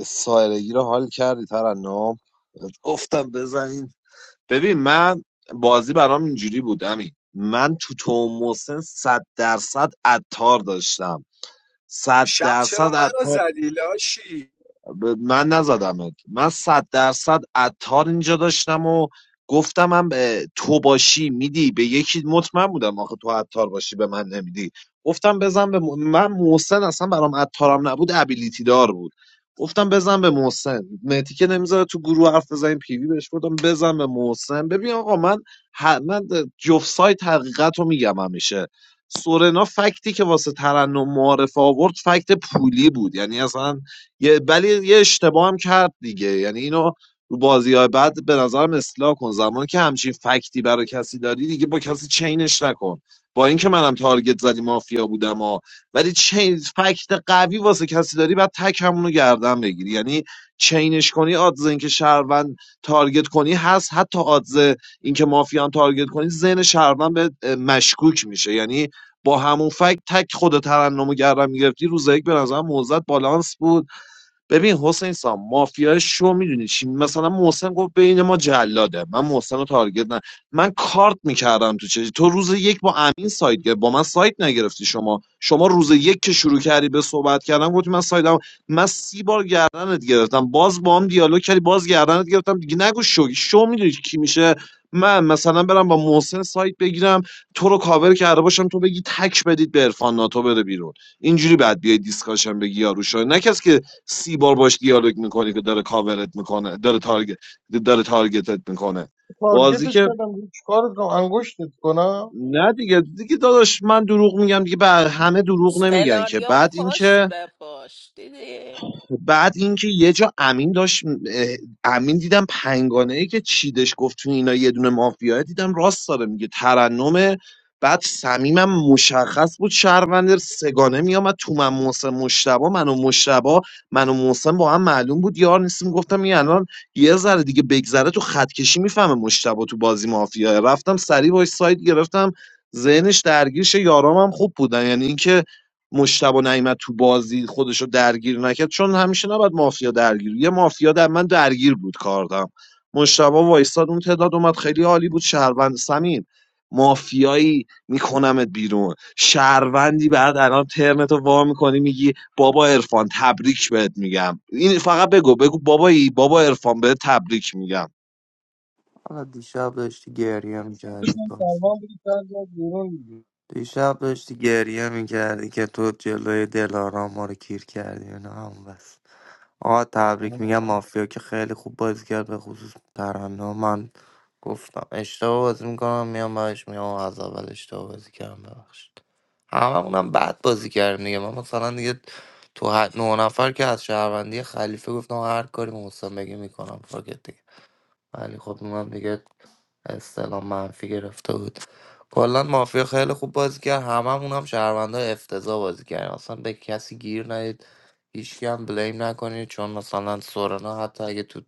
Speaker 1: سایرگی رو حال کردی ترنم گفتم بزنین ببین من بازی برام اینجوری بود امین من تو تو محسن صد درصد عطار داشتم صد
Speaker 12: شب چرا
Speaker 1: درصد
Speaker 12: منو
Speaker 1: عطار
Speaker 12: زدی لاشی
Speaker 1: من نزدمت من صد درصد عطار اینجا داشتم و گفتم هم تو باشی میدی به یکی مطمئن بودم آخه تو عطار باشی به من نمیدی گفتم بزن به م- من محسن اصلا برام عطارم نبود ابیلیتی دار بود گفتم بزن به محسن مهدی که نمیذاره تو گروه حرف بزنیم پیوی بهش گفتم بزن به محسن ببین آقا من ه- من جفت سایت حقیقت رو میگم همیشه سورنا فکتی که واسه ترنم معارفه آورد فکت پولی بود یعنی اصلا یه ولی یه اشتباه هم کرد دیگه یعنی اینو رو بازی های بعد به نظرم اصلاح کن زمانی که همچین فکتی برای کسی داری دیگه با کسی چینش نکن با اینکه منم تارگت زدی مافیا بودم ها ولی چین فکت قوی واسه کسی داری بعد تک همونو گردن بگیری یعنی چینش کنی آدز اینکه شهروند تارگت کنی هست حتی آدز اینکه مافیا هم تارگت کنی ذهن شهروند به اه، مشکوک میشه یعنی با همون فکت تک خود ترنمو گردن میگرفتی روز یک به نظرم موزت بالانس بود ببین حسین سام مافیای شو میدونی چی مثلا محسن گفت بین ما جلاده من محسن رو تارگت نه من کارت میکردم تو چه تو روز یک با امین سایت گرفت با من سایت نگرفتی شما شما روز یک که شروع کردی به صحبت کردن گفتی من سایدم من سی بار گردنت گرفتم باز با هم دیالوگ کردی باز گردنت گرفتم دیگه نگو شو شو میدونی کی میشه من مثلا برم با محسن سایت بگیرم تو رو کاور کرده باشم تو بگی تک بدید به عرفان ناتو بره بیرون اینجوری بعد بیای دیسکاشن بگی یارو شو نه کسی که سی بار باش دیالوگ میکنی که داره کاورت میکنه داره تارگت داره تارگتت میکنه بازی
Speaker 4: تارگتت
Speaker 1: که
Speaker 4: کردم دیگه چیکارت کنم انگشتت کنم
Speaker 1: نه دیگه دیگه داداش من دروغ میگم دیگه بر همه دروغ نمیگن که
Speaker 7: سناریو
Speaker 1: بعد
Speaker 7: پشت
Speaker 1: اینکه
Speaker 7: به پشت دیدی
Speaker 1: بعد اینکه یه جا امین داشت اه، امین دیدم پنگانه ای که چیدش گفت تو اینا یه دونه مافیا دیدم راست داره میگه ترنمه بعد صمیمم مشخص بود شهروند سگانه میامد تو من محسن مشتبه من و مشتبه من و محسن با هم معلوم بود یار نیستیم گفتم این الان یه ذره دیگه بگذره تو خط کشی میفهمه مشتبه تو بازی مافیا رفتم سریع باش سایت گرفتم ذهنش درگیرش یارام هم خوب بودن یعنی اینکه مشتبه نعیمت تو بازی خودشو درگیر نکرد چون همیشه نباید مافیا درگیر یه مافیا در من درگیر بود کاردم مشتبه وایستاد اون تعداد اومد خیلی عالی بود شهروند سمیم مافیایی میکنمت بیرون شهروندی بعد الان ترمتو وا میکنی میگی بابا عرفان تبریک بهت میگم این فقط بگو بگو بابایی بابا عرفان بهت تبریک میگم
Speaker 9: حالا دیشب داشتی گریه میکردی
Speaker 4: ترنم بگی بیرون دیگه.
Speaker 9: دیشب داشتی گریه میکردی که تو جلوی دلارام ما رو کیر کردی اینا هم بس آقا تبریک
Speaker 8: آقا،
Speaker 9: میگم مافیا که خیلی خوب بازی کرد به خصوص ترانه من گفتم اشتباه بازی میکنم میام بهش میام از اول اشتباه بازی کردم ببخشید هممونم بد بازی کردیم دیگه من مثلا دیگه تو هر- نه نفر که از شهروندی خلیفه گفتم هر کاری محسن بگه میکنم فاکت دیگه. ولی خب اونم دیگه استلام منفی گرفته بود کلا مافیا خیلی خوب بازی کرد هممون هم شهروندا افتضاح بازی کردیم اصلا به کسی گیر ندید هیچکی هم بلیم نکنید چون مثلا سورنا حتی اگه تو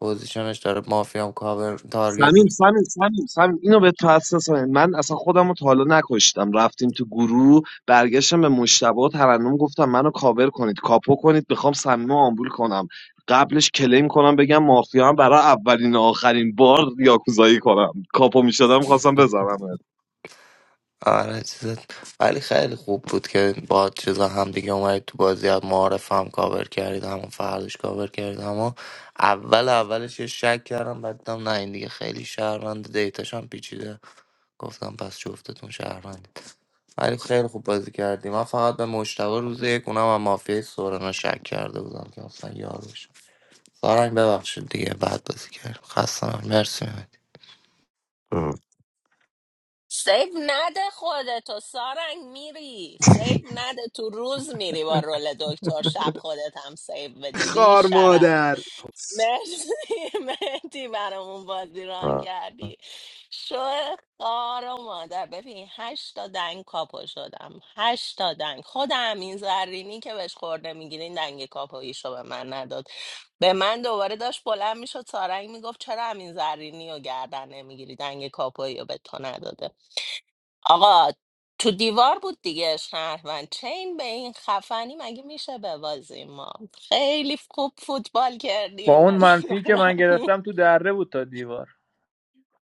Speaker 9: پوزیشنش داره مافیا هم کاور تارگت
Speaker 1: سمیم
Speaker 9: میکنه
Speaker 1: سمیم سمیم سمیم اینو به تو حساس من من اصلا خودم رو تا حالا نکشتم رفتیم تو گروه برگشتم به مشتبه و ترنم گفتم منو کاور کنید کاپو کنید میخوام صمیم رو آمبول کنم قبلش کلیم کنم بگم مافیا هم برای اولین و آخرین بار یاکوزایی کنم کاپو میشدم خواستم بزنم
Speaker 9: آره چیز ولی خیلی خوب بود که با چیزا هم دیگه اومدید تو بازی از معارف هم کاور کردید هم فردش کاور کردید اما اول اولش یه شک کردم بعدم نه این دیگه خیلی شهروند دیتاش هم پیچیده گفتم پس جفتتون شهروند ولی خیلی خوب بازی کردیم من فقط به مشتبه روز یک اونم هم مافیای سورنا شک کرده بودم که اصلا یاروش سارنگ ببخشید دیگه بعد بازی کردیم خستم مرسی مهدی
Speaker 7: سیف نده خودتو سارنگ میری سیف نده تو روز میری با رول دکتر شب خودت هم سیف بدی بی
Speaker 12: خار
Speaker 7: شرف.
Speaker 12: مادر
Speaker 7: مرسی مهدی برامون بازی ران کردی شو خار و مادر ببین هشتا دنگ کاپو شدم هشتا دنگ خودم این زرینی که بهش خورده میگیرین دنگ کاپویشو به من نداد به من دوباره داشت بلند میشد سارنگ میگفت چرا همین زرینی رو گردن نمیگیری دنگ کاپویی رو به تو نداده آقا تو دیوار بود دیگه شهروند چین به این خفنی مگه میشه ببازیم ما خیلی خوب فوتبال
Speaker 10: با
Speaker 7: کردیم به
Speaker 10: اون منفی که من
Speaker 7: نظرم
Speaker 10: گرفتم تو دره بود تا دیوار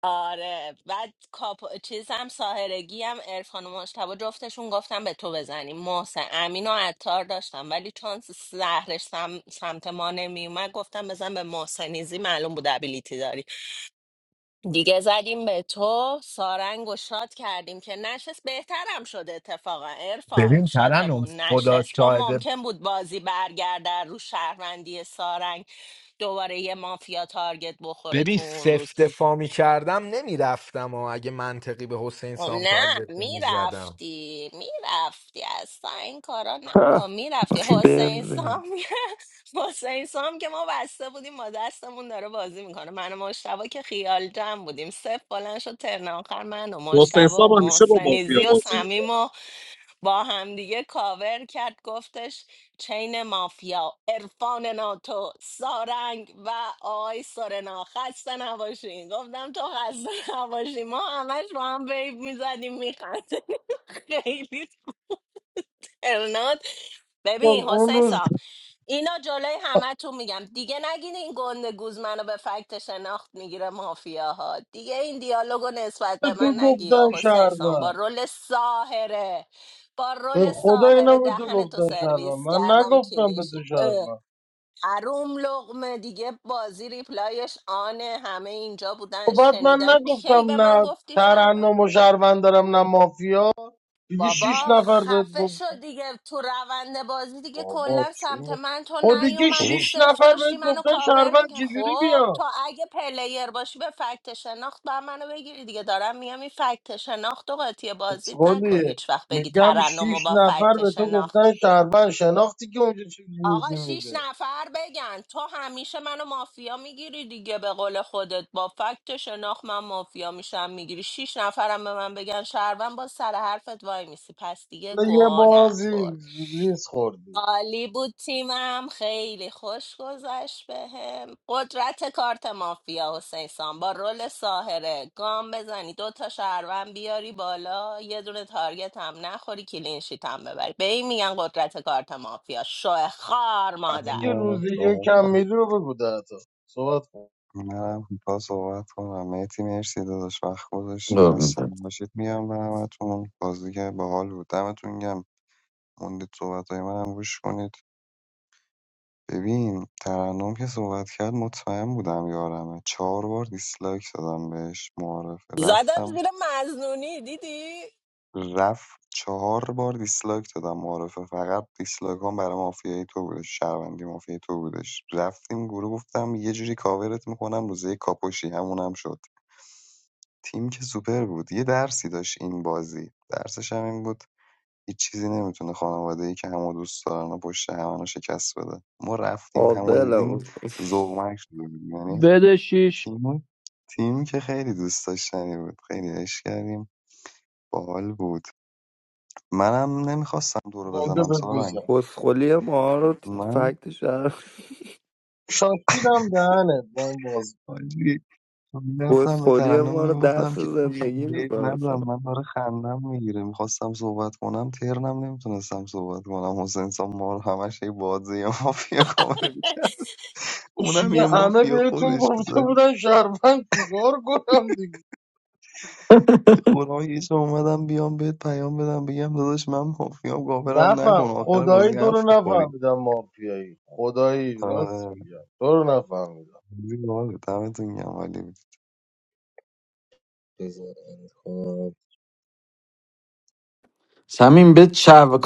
Speaker 7: آره بعد کاپ چیزم ساهرگی هم ارفان و مشتبه جفتشون گفتم به تو بزنیم محسن امین و عطار داشتم ولی چون زهرش سم... سمت ما نمیومد گفتم بزن به محسنیزی معلوم بود ابیلیتی داری. دیگه زدیم به تو سارنگ و شاد کردیم که نشست بهترم شد اتفاقا ارفان
Speaker 12: ببین ترنم
Speaker 7: شاتمون
Speaker 12: خدا
Speaker 7: نشست چون
Speaker 12: شاهده
Speaker 7: ممکن بود بازی برگرده رو شهروندی سارنگ دوباره یه مافیا تارگت بخوره
Speaker 12: ببین
Speaker 7: تو اون روز
Speaker 12: سفت فامی کردم نمیرفتم و اگه منطقی به حسین
Speaker 7: خب
Speaker 12: سام
Speaker 7: نه
Speaker 12: تارگت زدم
Speaker 7: میرفتی میرفتی اصلا این کارا
Speaker 9: <laughs> ها،
Speaker 7: نکن میرفتی
Speaker 9: چی
Speaker 7: حسین
Speaker 9: بند بگم
Speaker 7: سام <laughs> حسین سام که ما بسته بودیم با دستمون داره بازی میکنه من و مشتبه که خیال جمع بودیم صفر بلند شد ترن آخر من و
Speaker 1: حسین
Speaker 7: مشتبه و
Speaker 1: صاحب همیشه با مافیا
Speaker 7: محسنیزی و
Speaker 1: بازی میکنه
Speaker 7: صمیم و با همدیگه کاور کرد گفتش چین مافیا عرفان ناتو سارنگ و آقای سورنا خسته نباشین گفتم تو خسته نباشی ما همش با هم ویب میزدیم میخندیم <laughs> خیلی ترنات
Speaker 4: خب،
Speaker 7: ببین
Speaker 4: اون
Speaker 7: حسین
Speaker 4: روز
Speaker 7: صاحب اینا جلوی همه تو میگم دیگه نگین این گنده گوز منو به فکت شناخت میگیره مافیاها دیگه این دیالوگو نسبت
Speaker 4: به
Speaker 7: به
Speaker 4: تو
Speaker 7: من
Speaker 4: گفتن
Speaker 7: نگیا حسین سان با
Speaker 4: شهروند
Speaker 7: رول ساهره با
Speaker 4: به
Speaker 7: رول
Speaker 4: خدا اینا
Speaker 7: ساهره
Speaker 4: به تو
Speaker 7: دهن تو
Speaker 4: گفتن شهروند
Speaker 7: سرویس
Speaker 4: من
Speaker 7: کردم
Speaker 4: نگفتم به تو
Speaker 7: کلیشید اه،
Speaker 4: شهروند
Speaker 7: حروم لغمه دیگه بازی ریپلایش آنه همه اینجا
Speaker 4: خب
Speaker 7: بودن
Speaker 4: بعد من
Speaker 7: شنیدن کی به
Speaker 4: نگفتم
Speaker 7: من
Speaker 4: نه
Speaker 7: گفتی شب
Speaker 4: ترنم و شهروند دارم نه مافیا دیگه شیش
Speaker 7: بابا
Speaker 4: نفر بهت
Speaker 7: خفه
Speaker 4: گفتن
Speaker 7: شد دیگه تو روند بازی دیگه
Speaker 4: بابا
Speaker 7: کلا
Speaker 4: چی
Speaker 7: سمت
Speaker 4: می-
Speaker 7: من تو
Speaker 4: خب دیگه
Speaker 7: نیومدی
Speaker 9: بابا
Speaker 4: شیش
Speaker 7: صفر
Speaker 4: نفر
Speaker 7: داشتی
Speaker 4: بهت
Speaker 7: منو
Speaker 4: گفتن
Speaker 7: کاور
Speaker 4: شهروند
Speaker 7: میگه
Speaker 4: چجوری
Speaker 7: خب
Speaker 4: بیام
Speaker 7: تو اگه پلیر باشی به فکت شناخت با منو بگیری دیگه دارم میگم این فکت شناخت و قاطی بازیت نکن
Speaker 4: خودیه
Speaker 7: هیچ وقت بگی
Speaker 4: میگم
Speaker 7: ترنم و
Speaker 4: شیش
Speaker 7: با
Speaker 4: نفر
Speaker 7: فکت
Speaker 4: به تو
Speaker 7: شناخت
Speaker 4: گفتن شهروند شناختی که اونجا چجوری
Speaker 7: آقا شیش
Speaker 4: میده
Speaker 7: نفر بگن تو همیشه منو مافیا میگیری دیگه به قول خودت با فکت شناخت من مافیا میشم میگیری شیش نفرم به من بگن شهروند با سر حرفت وای میسی پس دیگه
Speaker 4: یه
Speaker 7: گوه
Speaker 4: بازی
Speaker 7: نخور
Speaker 4: ریز خوردی
Speaker 7: عالی بود تیمم خیلی خوش گذشت بهم قدرت کارت مافیا حسین سان با رول ساهره گام بزنی دو تا شهروند بیاری بالا یه دونه تارگت هم نخوری کلینشیت هم ببری به این میگن قدرت کارت مافیا شوه خار
Speaker 4: بعدی
Speaker 7: مادر
Speaker 4: که
Speaker 8: من
Speaker 4: روز یک
Speaker 8: صحبت
Speaker 4: کم
Speaker 8: کنم.
Speaker 4: میدی رو بگو ده تا صحبت کن
Speaker 8: منم با صحبت کنم مهدی مرسی داداش وقت گذاشتی خسته
Speaker 5: قربونت.
Speaker 8: باشید میام برمتون بازی که باحال بود دمتون گم موندید صحبت های منم گوش کنید ببین ترنم که صحبت کرد مطمئن بودم یارمه چهار بار دیسلایک دادم بهش معارفه
Speaker 7: زدم
Speaker 8: رفتم
Speaker 7: زیر مزنونی دیدی
Speaker 8: رفت چهار بار دیسلایک دادم معارفه فقط دیسلایک هم برای مافیای تو بودش شهروندی مافیای تو بودش رفتیم گروه گفتم یه جوری کاورت میکنم روزه کاپوشی همون هم شد تیم که سوپر بود یه درسی داشت این بازی درسش هم این بود هیچ چیزی نمیتونه خانواده ای که همو دوست دارن و پشت همانو شکست بده ما رفتیم همو
Speaker 9: قابلم
Speaker 8: دیدیم ذوقمک شده بودیم. یعنی
Speaker 10: بده شیش.
Speaker 8: تیم تیم که خیلی دوست داشتنی بود خیلی عشق کردیم باحال بود منم نمیخواستم دورو
Speaker 4: گنده
Speaker 8: بزنم سارنگ
Speaker 4: بگوزم
Speaker 9: کسخولی ما رو
Speaker 8: من
Speaker 9: فکت شهر
Speaker 4: شاکیدم دهنت با این بازی
Speaker 8: حاجی میرفتم به
Speaker 9: کسخولی
Speaker 8: ترنم
Speaker 9: ما رو
Speaker 8: میگفتم
Speaker 9: درس
Speaker 8: که
Speaker 9: زندگی
Speaker 8: بیب
Speaker 9: میکنه
Speaker 8: ندارم من داره خندم میگیره میخواستم صحبت کنم ترنم نمیتونستم صحبت کنم حسین سام مار همش یه بازی یه مافیا کامل میکرد اونم
Speaker 4: دیگه
Speaker 8: یه
Speaker 4: همه
Speaker 8: مافیا
Speaker 4: بهتون
Speaker 8: خودش
Speaker 4: گفته
Speaker 8: بذاری
Speaker 4: بودن شرفن چیکار کنم دیگه
Speaker 8: قرآن یه جا اومدم بیام بهت پیام بدم بگم داداش من مافیا گاورم
Speaker 4: نفهم
Speaker 8: نکن آخر بازی
Speaker 4: خدایی تو رو
Speaker 8: حرف میخوری
Speaker 4: نفهمیدم مافیایی خدایی راست
Speaker 8: آره
Speaker 4: میگم تو رو نفهمیدم
Speaker 8: بازی باحاله. دمتون گرم ولی
Speaker 5: صمیم به